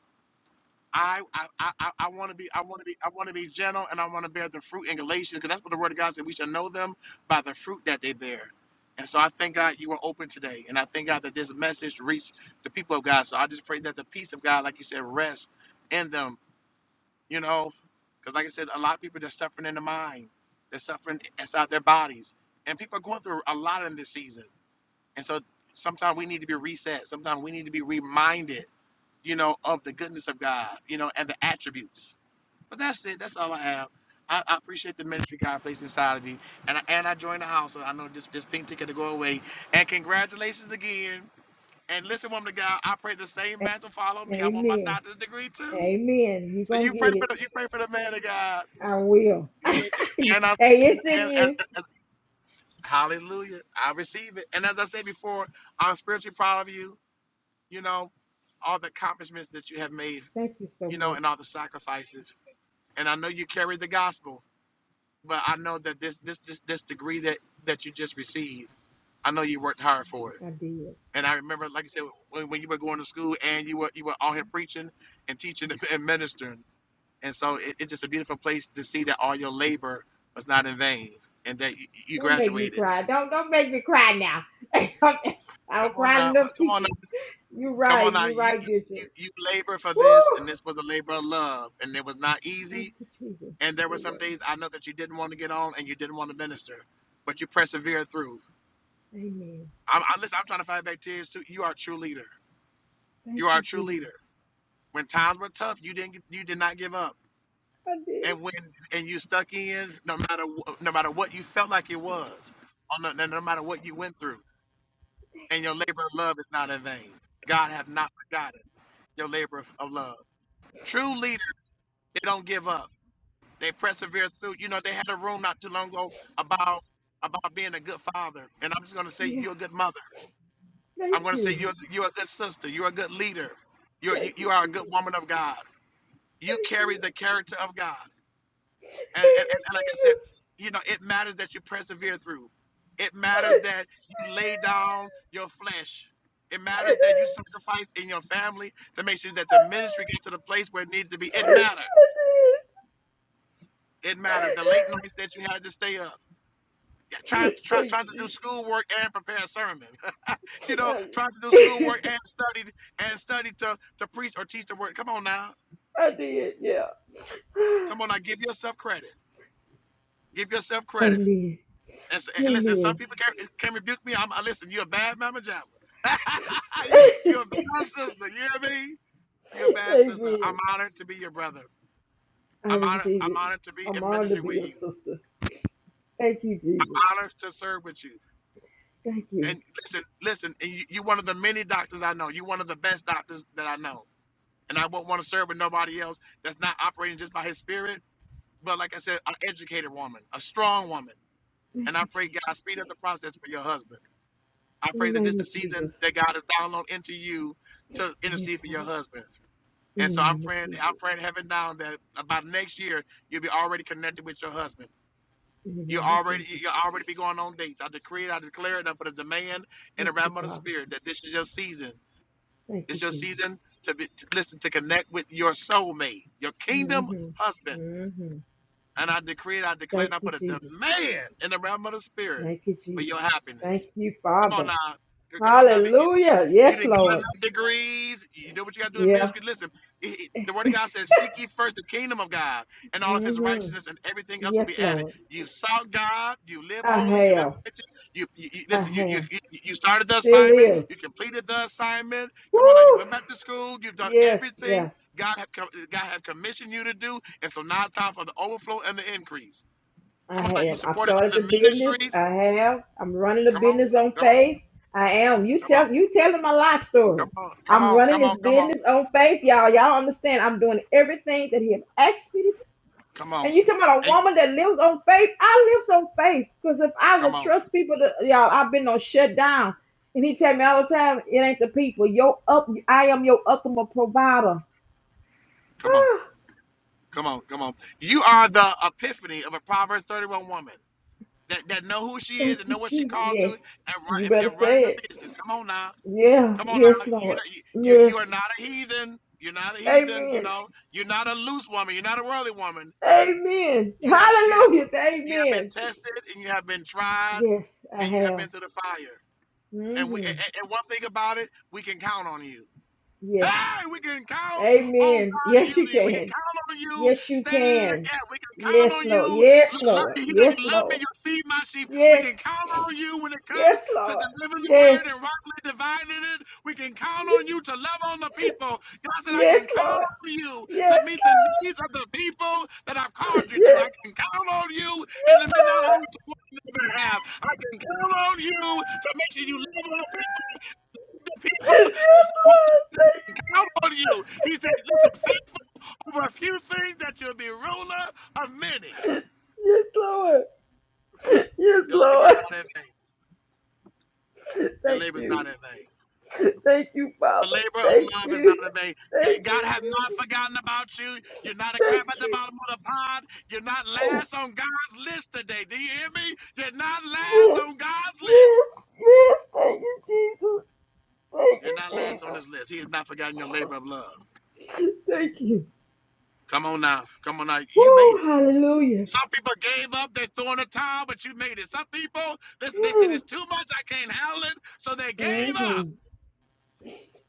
I I I, I want to be I want to be I want to be gentle, and I want to bear the fruit in Galatians, because that's what the Word of God said. We shall know them by the fruit that they bear. And so I thank God you were open today, and I thank God that this message reached the people of God. So I just pray that the peace of God, like you said, rests in them you know, because like I said, a lot of people they're suffering in the mind, they're suffering inside their bodies, and people are going through a lot in this season. And so sometimes we need to be reset. Sometimes we need to be reminded, you know, of the goodness of God, you know, and the attributes. But that's it. That's all I have. I, I appreciate the ministry God placed inside of you, and I, and I joined the house. So I know this this pink ticket to go away. And congratulations again. And listen, woman of God, I pray the same mantle follow me. I want my Amen. doctor's degree too. Amen. You're So going you to pray get for it. the you pray for the man of God. I will. You ready? hey, And I and, it's in and, and, you. and- hallelujah, I receive it. And as I said before, I'm spiritually proud of you. You know, all the accomplishments that you have made. Thank you so You know, much. and all the sacrifices. And I know you carry the gospel, but I know that this this this, this degree that that you just received, I know you worked hard for it. I did. And I remember, like I said, when, when you were going to school and you were you were out here preaching and teaching and ministering. And so it, it's just a beautiful place to see that all your labor was not in vain and that you, you Don't make me graduated. cry. Don't don't make me cry now. I Come don't on cry now, enough uh, come on now, teaching. You're come right. on now. You're You, right, you you Bishop. labor for this, Woo! and this was a labor of love, and it was not Thank easy. you, And there were some Jesus. days I know that you didn't want to get on and you didn't want to minister, but you persevered through. Amen. I'm I, listen. I'm trying to fight back tears too. You are a true leader. Thank You are a you, true Jesus. leader. When times were tough, you didn't you did not give up I did. and when and you stuck in no matter wh- no matter what you felt like it was on no, no no matter what you went through and your Jesus. labor of love is not in vain god have not forgotten your labor of, of love true leaders they don't give up they persevere through you know they had a room not too long ago about about being a good father and i'm just going to say Yeah. you're a good mother Thank i'm going to say you. you're you're a good sister you're a good leader you're, you Thank you you, are a good Jesus. woman of god you Thank carry you. the character of god And, and, Thank and you, like I said, Jesus. you know, it matters that you persevere through. It matters that you lay down I your flesh. It did. matters that you sacrifice in your family to make sure that the ministry gets to the place where it needs to be. It matters. It matters. The late nights that you had to stay up, yeah, I trying did. to try, Thank trying to do you, schoolwork and prepare a sermon. you Jesus. know, I, trying to do schoolwork and study and study to to preach or teach the word. Come on now. I did. Yeah. Come on now. Give yourself credit. Give yourself credit. Amen. And, s- and listen, some Amen. people can, can rebuke me. I'm, I listen. You're a bad mama jama. you, you're a bad sister. You hear me? You're a bad sister. Amen. I'm honored to be your brother. I I'm honored. receive I'm it. honored to be I'm in honored to ministry be with your you. sister. Thank you, Jesus. I'm honored to serve with you. Thank you. And listen, listen. And you, you're one of the many doctors I know. You're one of the best doctors that I know. And I won't want to serve with nobody else that's not operating just by His Spirit. But like I said, an educated woman, a strong woman. Thank And I you, pray God speed Jesus. up the process for your husband. I pray In the that this is name the of season Jesus. that God has downloaded into you to Yes, intercede for your Lord. husband. In And the so I'm name of praying, I'm Jesus. praying heaven down that about next year you'll be already connected with your husband. In the You name of already Jesus. you'll already be going on dates. I decree it, I declare it, I put a demand in the Thank you, realm of the Father. spirit that this is your season. Thank It's you, your Jesus. season to be to listen to connect with your soulmate, your hmm kingdom husband. hmm And I decree and I declare and Thank I you, put a Jesus. demand in the realm of the spirit Thank you, for Jesus. your Thank happiness. you, Come on Father. now. Come on now. You, you Hallelujah. Yes, didn't get Lord. enough degrees. You know what you got to do in Yeah. ministry. Listen, it, it- the word of God says, Seek ye first the kingdom of God and all of his hmm righteousness, and everything else will be Yes, added. Lord. You sought God. You live I holy. You live have. righteous. You, you, you- I Listen, you, have. you you started the Still assignment. is. You completed the assignment. Come on now. You Woo! went back to school. You've done Yes, everything yes. God have com- God have commissioned you to do, and so now it's time for the overflow and the increase. I Come on, now, you have. I supported started other the business. ministries. I have. I'm running a Come on, business on come on, faith. I am. You come on, tell you telling my life story. come on, come I'm on, running come this on, come on, business on faith, y'all. Y'all understand? I'm doing everything that he have asked me to. do. come on, And you talking about a and woman that lives on faith? I live on faith because if I come would on, trust people, to, y'all, I've been on shut down. And he tell me all the time, it ain't the people. Your up, I am your ultimate provider. come on, come on, come on. You are the epiphany of a Proverbs thirty-one woman that, that know who she is Thank and you, know what she Jesus. called to Yes, and you run better and, running say the it. business. Come on now, Yeah, come on yes, now. You Lord. know you, you you are Yes. not a heathen. You're not a heathen. You Amen. know you're not a loose woman. You're not a worldly woman Amen. You have you have Hallelujah. you have been Amen. tested and you have been tried Yes, I and you have have. been through the fire. And we Mm-hmm. and, and one thing about it, we can count on you. Yes. Hey, we can count on Amen. God Yes, you using you. We can can. count on you Yes, you standing in the can. gap. We can count Yes, on you. Lord. Yes, Lo- lo- Lord. He said, Yes, "You love me, Lord. you feed my sheep." We Yes. can count on you when it comes Yes, to Lord. delivering the word and Yes. rightly dividing it. We can count on you to love on the people. God said, "I Yes, can count Lord. on you to Yes, meet the Lord. needs of the people that I've Yes. called you to. Yes, I can count on you in the midnight Lord. hour to work on their behalf. I can count on you to make sure you love on the people." the Yes, Lord. Thank people you, and support can count on you. He said, Jesus. listen, faithful over a few things that you'll be ruler of many. Yes, Lord. Yes, Your labor is Lord. not in vain. Your Thank labor is you. not in vain. Thank you, The Father. labor of Thank love is not you. in vain. Thank G- God you, has not Jesus. forgotten about you. You're not a Thank crab at the you. bottom of the pond. You're not last on God's list today. Do you hear me? You're not last Yes. on God's list. Yes. Yes. Thank you, Jesus. Thank You're not last on you, his list. He has not forgotten your labor of love. Jesus. Thank you. Come on now. Come on now. You made Woo. it. Hallelujah. Some people gave up, they threw in a towel, but you made it. Some people, listen, they said it's too much, I can't handle it. So they gave up. Mm-hmm.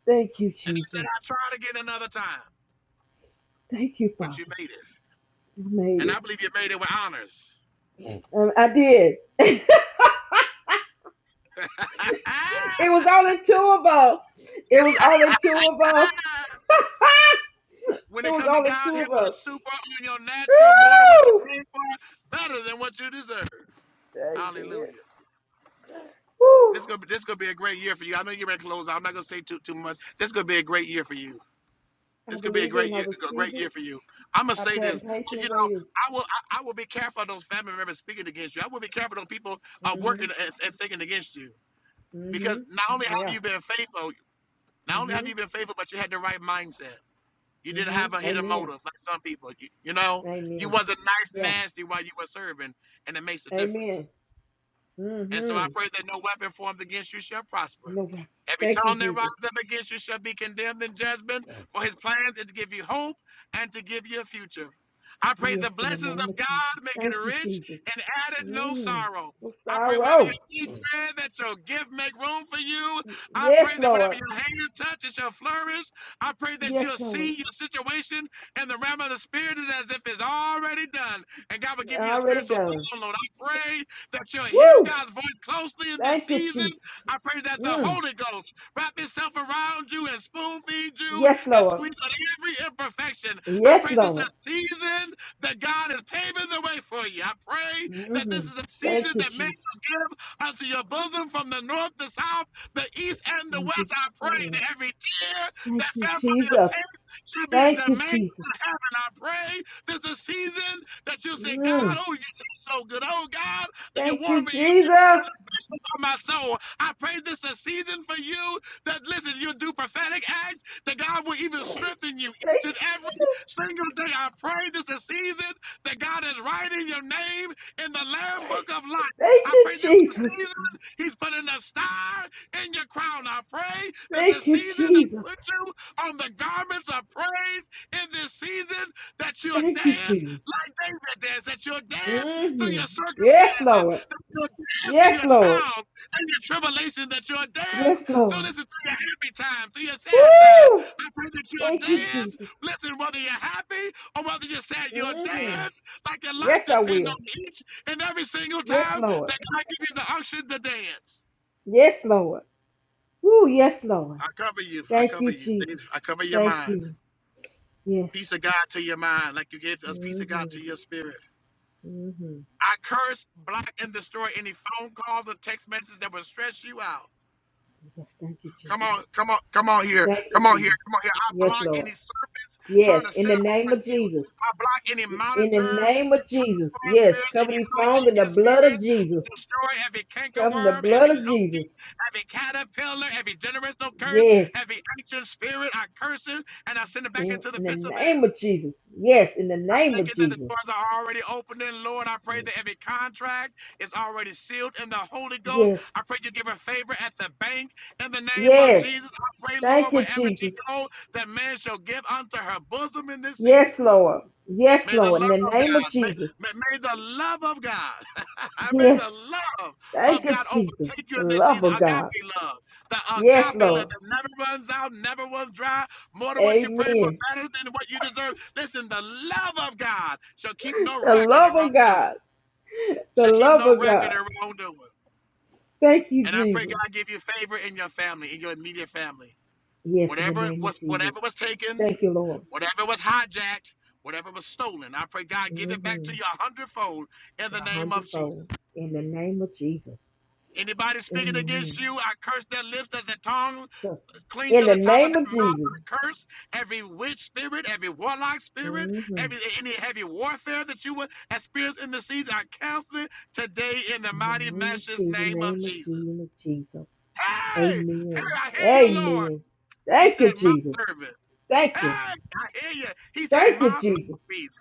Thank you, And they said, I'll Jesus. try again another time. Thank you, But Father. you made it. I made And it. I believe you made it with honors. Um, I did. it was only two of us. It was only two of us. when it it was come to only God, he'll two of put us. super on your natural, more than what you Woo! prayed for, better than what you deserve. baby. Hallelujah. Woo! This gonna be gonna be a great year for you. I know you're ready to close. out. I'm not gonna say too too much. This gonna be a great year for you. I This could be a believe it and great I year, a receive great it. year for you. I'm gonna I say this. pat You patiently know, waited. I will. I, I will be careful of those family members speaking against you. I will be careful of people uh, Mm-hmm. working and, and thinking against you, Mm-hmm. because not only have Yeah. you been faithful, not only have Mm-hmm. you been faithful, but you had the right mindset. You didn't have a Mm-hmm. hidden Amen. motive like some people. You, you know, you Amen. wasn't nice, Yeah. nasty while you were serving, and it makes a Amen. difference. And so I Mm-hmm. pray that no weapon formed against you shall prosper. No. way. Every Thank you, tongue that Jesus. rises up against you shall be condemned in judgment, for his plans is to give you hope and to give you a future. I pray the Yes, in the blessings name of of Jesus. God make it Thank you, rich Jesus. and added no Mm-hmm. sorrow. No I pray wherever sorrow. your feet tread, that your gift make room for you. I pray Yes, that whatever Lord. your hands touch, it shall flourish. I pray that Yes, you'll Lord. see your situation in the realm of the spirit is as if it's already done. And God will give you the Already spiritual done. download. I pray that you'll hear Woo! God's voice closely in this Thank you, season. Jesus. I pray that the Mm. Holy Ghost wrap itself around you and spoon feed you Yes, and Lord. squeeze out every imperfection. I Yes, pray this is Lord. a season that God is paving the way for you. I pray that hmm this is a Thank season you, that makes you Jesus. give unto your bosom from the north, the south, the east, and the Thank you, west. I pray Lord. that every tear Thank that you, fell from your Jesus. face should be a Thank you, domain in Jesus. heaven. I pray this is a season that you say, God, Mm. oh, you taste so good. Oh, God, and you Thank warm you, me up to Jesus. the best of my soul. I pray this is a season for you that listen, you do prophetic acts, that God will even Thank strengthen you each and you, every Jesus. single day. I pray this is a season that God is writing your name in the Lamb Book of Life. Thank I you, pray this is a Jesus. season He's putting a star in your crown. I pray this is a Thank you, season that Jesus. puts you on the garments of praise in this season that you'll Thank you, dance Jesus. like David danced, that you'll dance through hmm your Yes, circumstances, Lord. that you'll dance through Yes, your Lord. trials and your tribulations, that you'll dance Yes, through Lord. this is through your happy times, through your sad times. Woo! I pray that you'll Thank you, dance. Jesus. Listen, whether you're happy or whether you're sad, you'll hmm dance like your life Yes, I depends will. on each and every single Yes, time Lord. that God gives you the unction to dance. Yes, Lord. Ooh, yes, Lord. I cover you. I Thank cover you, you. Jesus. I cover your Thank mind. you. Yes. Peace of God to your mind, like you gave us peace of Mm-hmm. God to your spirit. Mm-hmm. I curse, block, and destroy any phone calls or text messages that will stress you out. Yes, thank you, Come on, Jesus. come on, come on here. Thank you, Come on here. Jesus. Come on here. I Yes, block Lord. any serpents trying Yes, to in sit the name around of you. Jesus. I block any In the monitoring, name of Jesus. transferring Yes, spirits, cover any these phones in the hijacking blood of spirits. I Jesus. destroy every Cover in the cankerworm, blood every of locust, Jesus. every caterpillar, every generational curse, Yes, every ancient spirit. I curse it and I send it back in, into in the the pits of hell. name of Jesus. Yes, in the I name thank you of that the Jesus. doors are already opening, Lord. I pray that every contract is already sealed in the Holy Ghost. I Yes, pray you give her favor at the bank in the name of yes. Jesus. I pray, Thank Lord, you, wherever she Jesus. goes, that man shall give unto her bosom in this Yes, season. Lord. Yes, May the Lord. In the love of name of God, may, Jesus. may, may the love of God, may the Yes. love Thank of you, God Jesus. overtake you The in this love season. of God. Agape love, the Yes, agape love Lord. that never runs out, never runs dry, more than what you pray for, Amen. better than what you deserve. Listen, the love of God shall keep no The record of love of wrongdoing, God. The shall keep love no of record God. of wrongdoing. Thank you, And I pray Jesus. God give you favor in your family, in your immediate family. Yes, in the Whatever name of was Jesus. whatever was taken, Thank you, Lord. Whatever was hijacked, whatever was stolen, I pray God give it back Mm-hmm. to you a hundredfold in the A name of Jesus. hundredfold. In the name of Jesus. Anybody speaking Amen. against you, I curse their lips, that their tongue Trust cling me. In to the the top of name of their mouth Jesus. and curse every witch spirit, every warlock hmm spirit, In every any heavy warfare that you would experience in the season. I cancel it today in the the mighty name of matchless Jesus. name of Name of Jesus. Jesus. Jesus. Hey, hey, Amen. I hear you, Lord. Amen. He Thank said, you, my Jesus. servant. Hey, Thank you. I hear you. He said, Thank you, My Jesus. mouthpiece.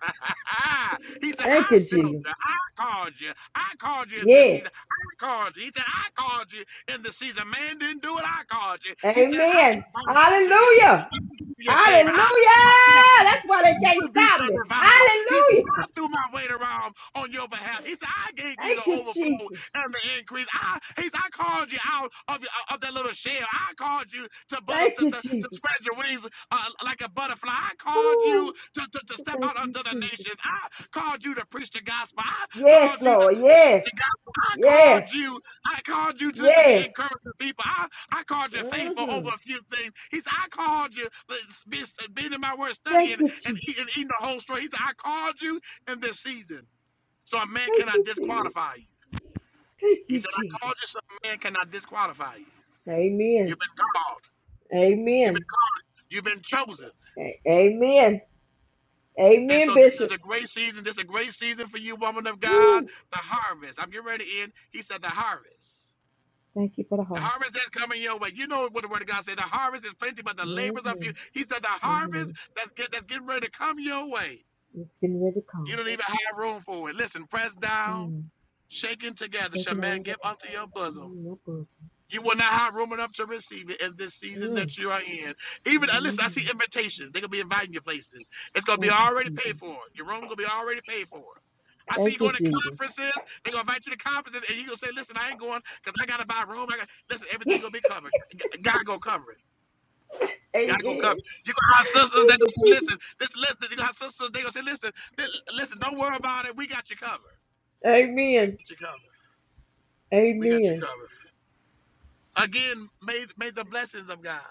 he said, Thank I you, sealed Jesus. you. I called you. I called you in this Yes. season. I called you. He said, I called you in the season. Man didn't do it. I called you. He said, I Amen. am bound to you. I Hallelujah. do you a favor. I Hallelujah. trust you. That's why they I can't rebuked stop the me. devourer. He said, "Well, I Hallelujah. threw my weight around on your behalf. He said, I gave you the Thank you, overflow Jesus. and the increase. I, he said, I called you out of, your- of that little shell. I called you to butter Thank to, you, to, to Jesus. spread your wings uh, like a butterfly. I called you Whew. to, to, to step Thank out you, unto the Jesus. nations. I called you to preach the gospel. I Yes, called you to, Lord. to teach the Yes. gospel. I called Yes. you I called you to listen to Yes. encourage the people. I, I called you faithful hmm over a few things. He said, I called you, uh, being in my word, studying Thank you, and eating, Jesus. eating the whole story. He said, I called you in this season. So a man Thank cannot you, Jesus. disqualify you. Thank He you, said, I Jesus. called you so a man cannot disqualify you. Amen. You've been called. You've been Amen. called. You've been chosen. A- Amen. And Amen, so this is Bishop. a great season. This is a great season for you, woman of God. Woo. The harvest. I'm getting ready in. He said, the harvest. Thank you for the The harvest. harvest that's coming your way. You know what the word of God says. The harvest is plenty, but the labors are Mm-hmm. few. He said the Mm-hmm. harvest that's get, that's getting ready to come your way. It's getting ready to You come. don't even have room for it. Listen, press down, Mm. shaking It's together, shall taking man over. give unto your bosom. Mm, that bosom. You will not have room enough to receive it in this season Mm. that you are in. Even uh, listen, I Mm-hmm. see invitations. They're gonna be inviting you places. It's gonna be Thank you, already paid Jesus. for. Your room gonna be already paid for. I see Thank you you, going to Jesus. conferences. They're gonna invite you to conferences, and you gonna say, "Listen, I ain't going because I gotta buy a room. I got listen. Everything gonna be covered. God gonna cover it. God gonna cover. Amen. it. You gonna have sisters Thank that you, gonna say, Jesus. "Listen, listen, listen." You gonna have sisters. that gonna say, "Listen, listen. Don't worry about it. We got you covered. We Amen. got you covered. We got you Amen. covered." Again, may may the blessings of God.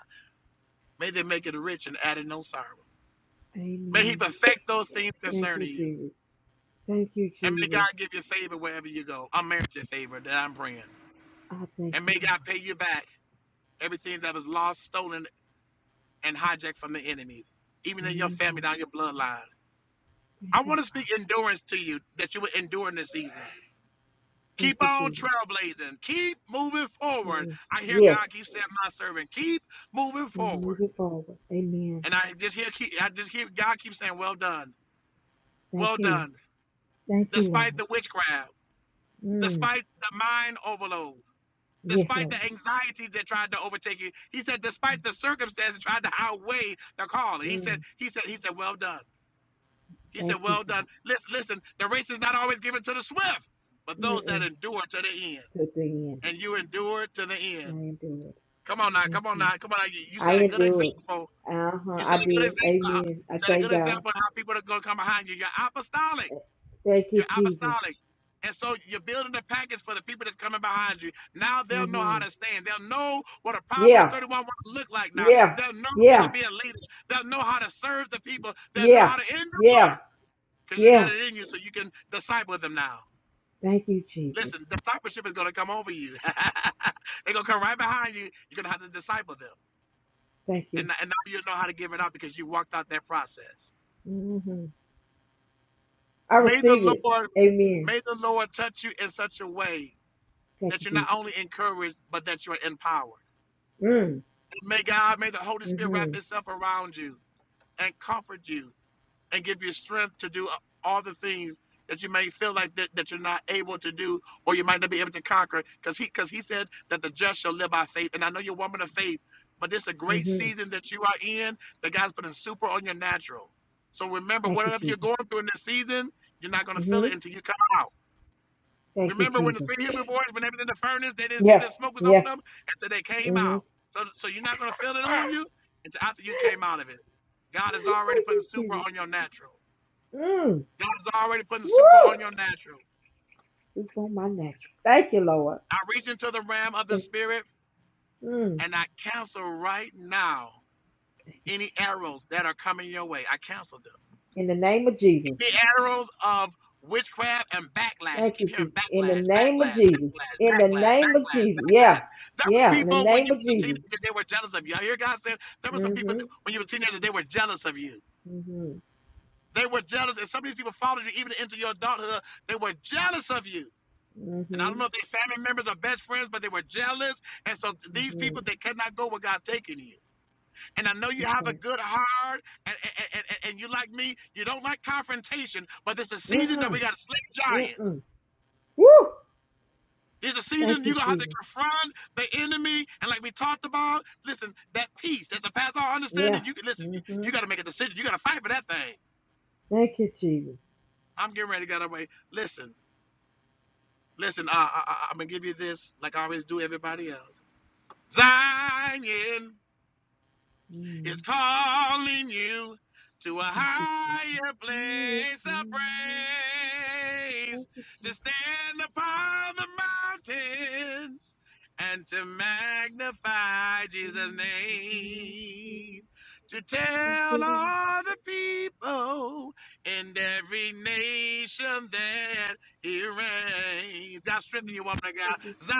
May they make it rich and add no sorrow. May he Amen. perfect those things Thank concerning you, you. Jesus. Thank you, And may God Jesus. give you favor wherever you go. I'm married to favor that I'm praying. I thank And may you, Lord. God pay you back everything that was lost, stolen, and hijacked from the enemy, even in your hmm family, down your bloodline. Thank I you, want to speak Father. endurance to you that you will endure in this season. Thank Keep you, on Jesus. trailblazing. Keep moving forward. Mhm. I hear God Yes. keep saying, "My servant, keep moving We move forward." it forward. Amen. And I just hear, I just hear God keep saying, "Well done, Thank well you. done." Thank you, despite Lord. the witchcraft, Mm. despite the mind overload, Yes, despite Lord. the anxiety that tried to overtake you. He said, despite the circumstances tried to outweigh the call. He said, Mm. he said, he said, well done. He said, Thank you, well done. Father. Listen, listen, the race is not always given to the swift, but those that Mm-mm. endure to the end. To the end. And you endure to the I end. endure it. Come on now, Thank come on you. now, come on now. You, you I set a good endure it. example. Uh huh. You I set a good did. example. uh, Amen. I Set a good thank God. example of how people are gonna come behind you. You're apostolic. Thank you, You're Jesus. apostolic. And so you're building a package for the people that's coming behind you. Now they'll know how Mm-hmm. to stand. They'll know what a Proverbs Yeah. 31 want look like now. Yeah. They'll know how to Yeah. be a leader. They'll know how to serve the people. They'll know Yeah. how to endure Yeah. because you got Yeah. it in you so you can disciple them now. Thank you, Jesus. Listen, discipleship is going to come over you. They're going to come right behind you. You're going to have to disciple them. Thank you. And, and now you know how to give it up because you walked out that process. Mm-hmm. I May the receive it. Lord, Amen. may the Lord touch you in such a way Thank that you, you're not Jesus. only encouraged, but that you're empowered. Mm. And May God, may the Holy Spirit Mm-hmm. wrap itself around you and comfort you and give you strength to do all the things that you may feel like that, that you're not able to do or you might not be able to conquer. Because he because he said that the just shall live by faith. And I know you're a woman of faith, but this is a great Mm-hmm. season that you are in that God's putting super on your natural. So remember, Thank you, whatever you're Jesus. going through in this season, you're not going to feel hmm it until you come out. Thank you, Remember when the Jesus. three Hebrew boys, when they was in the furnace, they didn't see Yeah, the smoke was on yeah. them until they came hmm out. So, so you're not gonna feel it on you until after you came out of it. God is already Thank putting you, super Jesus. on your natural. Mm. God is already putting super Woo! on your natural. Sleep on my natural. Thank you, Lord. I reach into the ram of the Thank spirit you. Mm. and I cancel right now Thank you, any Jesus. arrows that are coming your way. I cancel them. In the name of It's Jesus. the arrows of witchcraft and backlash. I Thank keep you, hearing Jesus. In the backlash, name of backlash, backlash, Jesus. In the backlash, name of backlash, Jesus. backlash. Yeah. There were Yeah. In the people when name you of was a Jesus. teenager, they were jealous of you. I hear God said there were some people Mm-hmm. that, when you were a teenager, they were jealous of you. Mm-hmm. They were jealous, and some of these people followed you even into your adulthood. They were jealous of you. And I Mm-hmm. don't know if they're family members or best friends, but they were jealous. And so these Mm-hmm. people, they cannot go where God's taking you. And I know you have a Okay. good heart, and, and, and, and- you like me, you don't like confrontation, but it's a season that we Mm-mm. got to slay giants. Mm-mm. Woo! There's a season Thank you're you, gonna have to Jesus. confront the enemy, and like we talked about, listen, that peace that's a past all understanding. Yeah. You can listen, you, Mm-hmm. you gotta make a decision, you gotta fight for that thing. Thank you, Jesus. I'm getting ready to get away. Listen, listen, uh, I, I, I'm gonna give you this like I always do everybody else. Zion. Mm-hmm. is calling you to a Thank you, Jesus. higher Oh, yes. place of mm, Thank praise, you, to Jesus. stand upon the mountains and to magnify Jesus' Mm, mm, mm. name, to Thank you, tell Lord. all the people in every nation that he reigns. God Thank strengthen you, you, woman of Jesus. God.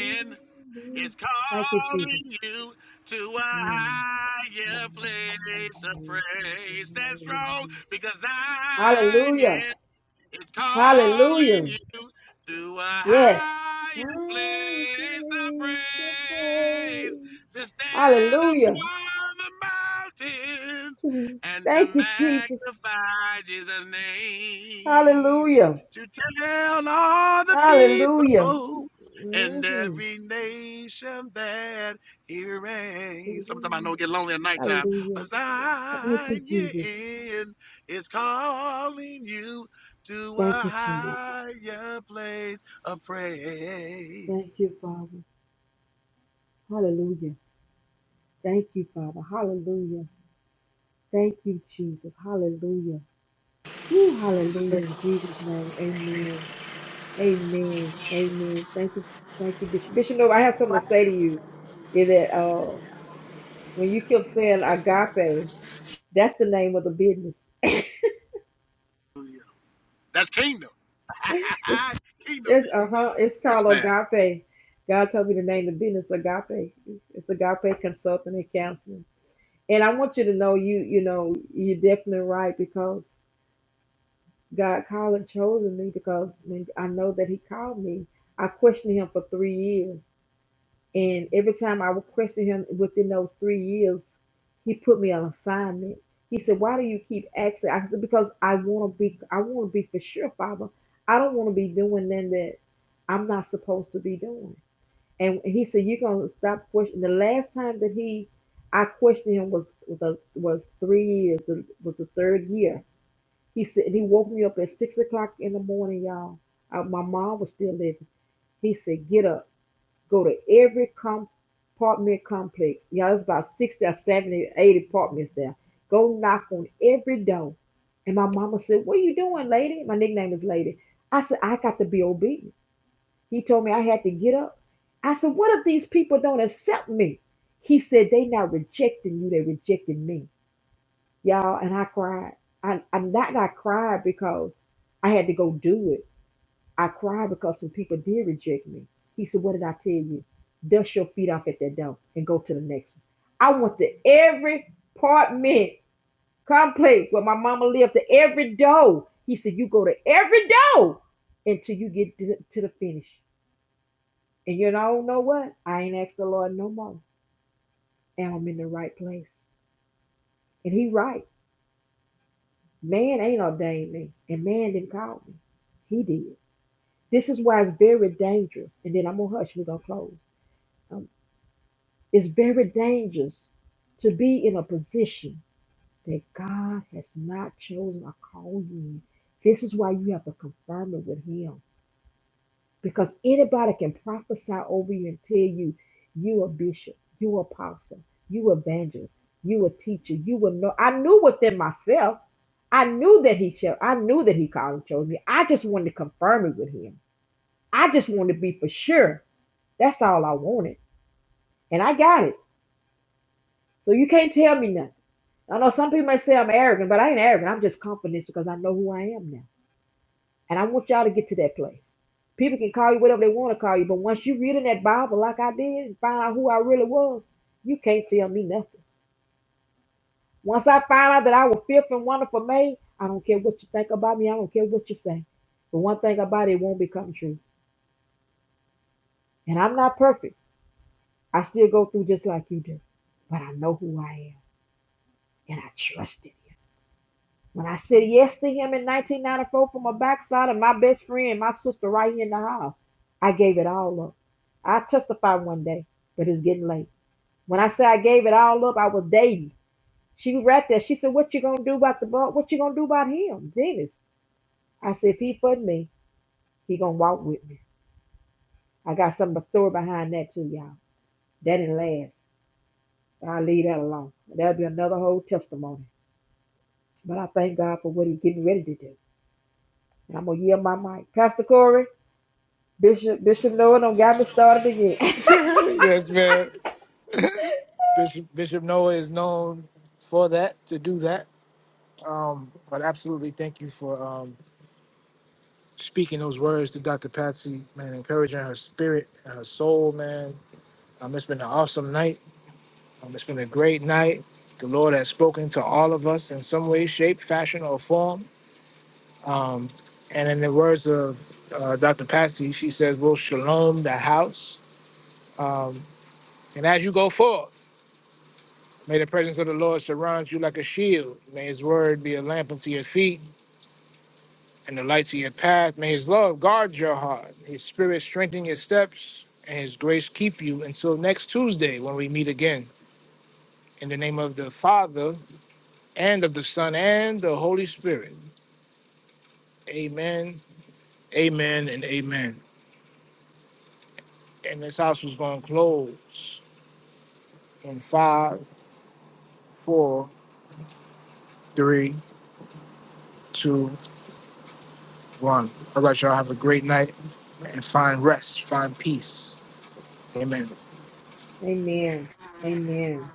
Mm, mm. is Thank you, Jesus. calling you to a Mm, mm, higher place of mm, praise. Stand mm, strong mm. because I am Hallelujah. is calling Hallelujah. you to a Yes. higher My place of praise, your praise, praise. to stand Hallelujah. upon the mountains and to Thank you, Jesus. magnify Jesus' name, Hallelujah. to tell all the Hallelujah. people and hmm every nation that he reigns. Sometimes I hmm know it get lonely at nighttime, Hallelujah. but Thank you, Zion Jesus. is calling you to a Thank you, Jesus. higher place of praise. Thank you, Father. Hallelujah. Thank you, Father. Hallelujah. Thank you, Jesus. Hallelujah. Woo, hallelujah. In Jesus' name. Amen. Amen. Amen. Thank you. Thank you, Bishop. Bishop Nova, I have something to say to you. Is that uh when you kept saying agape, that's the name of the business. That's kingdom. It's kingdom. it's uh huh. It's Yes, called ma'am. Agape. God told me to name the business Agape. It's Agape Consulting and Counseling. And I want you to know you you know you're definitely right because God called and chosen me because when I know that He called me. I questioned Him for three years and every time I would question him within those three years, he put me on assignment. He said, Why do you keep asking? I said, Because I wanna be I wanna be for sure, Father. I don't wanna be doing nothing that I'm not supposed to be doing. And he said, You're gonna stop questioning the last time that he I questioned him was was, was three years, the- was the third year. He said he woke me up at six o'clock in the morning, y'all. Uh, my mom was still living. He said, Get up go to every com- apartment complex. Yeah, there's about 60 or 70, 80 apartments there. Go knock on every door. And my mama said, What are you doing, lady? My nickname is Lady. I said, I got to be obedient. He told me I had to get up. I said, What if these people don't accept me? He said, They not rejecting you, they rejecting me. Y'all, and I cried. I, I'm not I cried because I had to go do it I cried because some people did reject me. He said, What did I tell you? Dust your feet off at that door and go to the next one. I went to every apartment complex where my mama lived, to every door. He said, You go to every door until you get to, the, to the finish. And you know, know what? I ain't asked the Lord no more. And I'm in the right place. And he right. Man ain't ordained me. And man didn't call me. He did. This is why it's very dangerous. And then I'm gonna hush, we're gonna close. Um, It's very dangerous to be in a position that God has not chosen or called you in. This is why you have to confirm it with Him. Because anybody can prophesy over you and tell you, you a bishop, you apostle, you evangelist, you a teacher, you will know. I knew within myself, I knew that He shall, I knew that He called and chose me. I just wanted to confirm it with Him. I just wanted to be for sure. That's all I wanted. And I got it. So you can't tell me nothing. I know some people might say I'm arrogant, but I ain't arrogant. I'm just confident because I know who I am now. And I want y'all to get to that place. People can call you whatever they want to call you, but once you read in that Bible like I did and find out who I really was, you can't tell me nothing. Once I find out that I was fifth and wonderful made, I don't care what you think about me. I don't care what you say. But one thing about it, it won't become true. And I'm not perfect. I still go through just like you do. But I know who I am and I trust it. When I said yes to him in 1994 from a backside and my best friend, my sister right here in the house, I gave it all up. I testify one day, but it's getting late. When I say I gave it all up, I was dating. She was right there. She said, "What you gonna do about the bu- What you gonna do about him, Dennis?" I said, "If he for me, he gonna walk with me." I got some story behind that too, y'all. That didn't last. I'll leave that alone. That'll be another whole testimony. But I thank God for what He's getting ready to do. And I'm gonna yield my mic, Pastor Corey. Bishop Bishop Noah don't got me started again. yes, man. Bishop Bishop Noah is known for that to do that. Um, but absolutely, thank you for um, speaking those words to Dr. Patsy, man, encouraging her spirit and her soul, man. Um, it's been an awesome night. Um, it's been a great night. The Lord has spoken to all of us in some way, shape, fashion, or form. Um, and in the words of uh, Dr. Patsy, she says, We'll shalom the house. Um, and as you go forth, may the presence of the Lord surround you like a shield. May his word be a lamp unto your feet and the light to your path. May his love guard your heart, his spirit strengthen your steps, and his grace keep you until next Tuesday when we meet again. In the name of the Father, and of the Son and the Holy Spirit. Amen, amen, and amen. And this house was going to close in five, four, three, two, one. All right, y'all have a great night and find rest, find peace. Amen. Amen. Amen.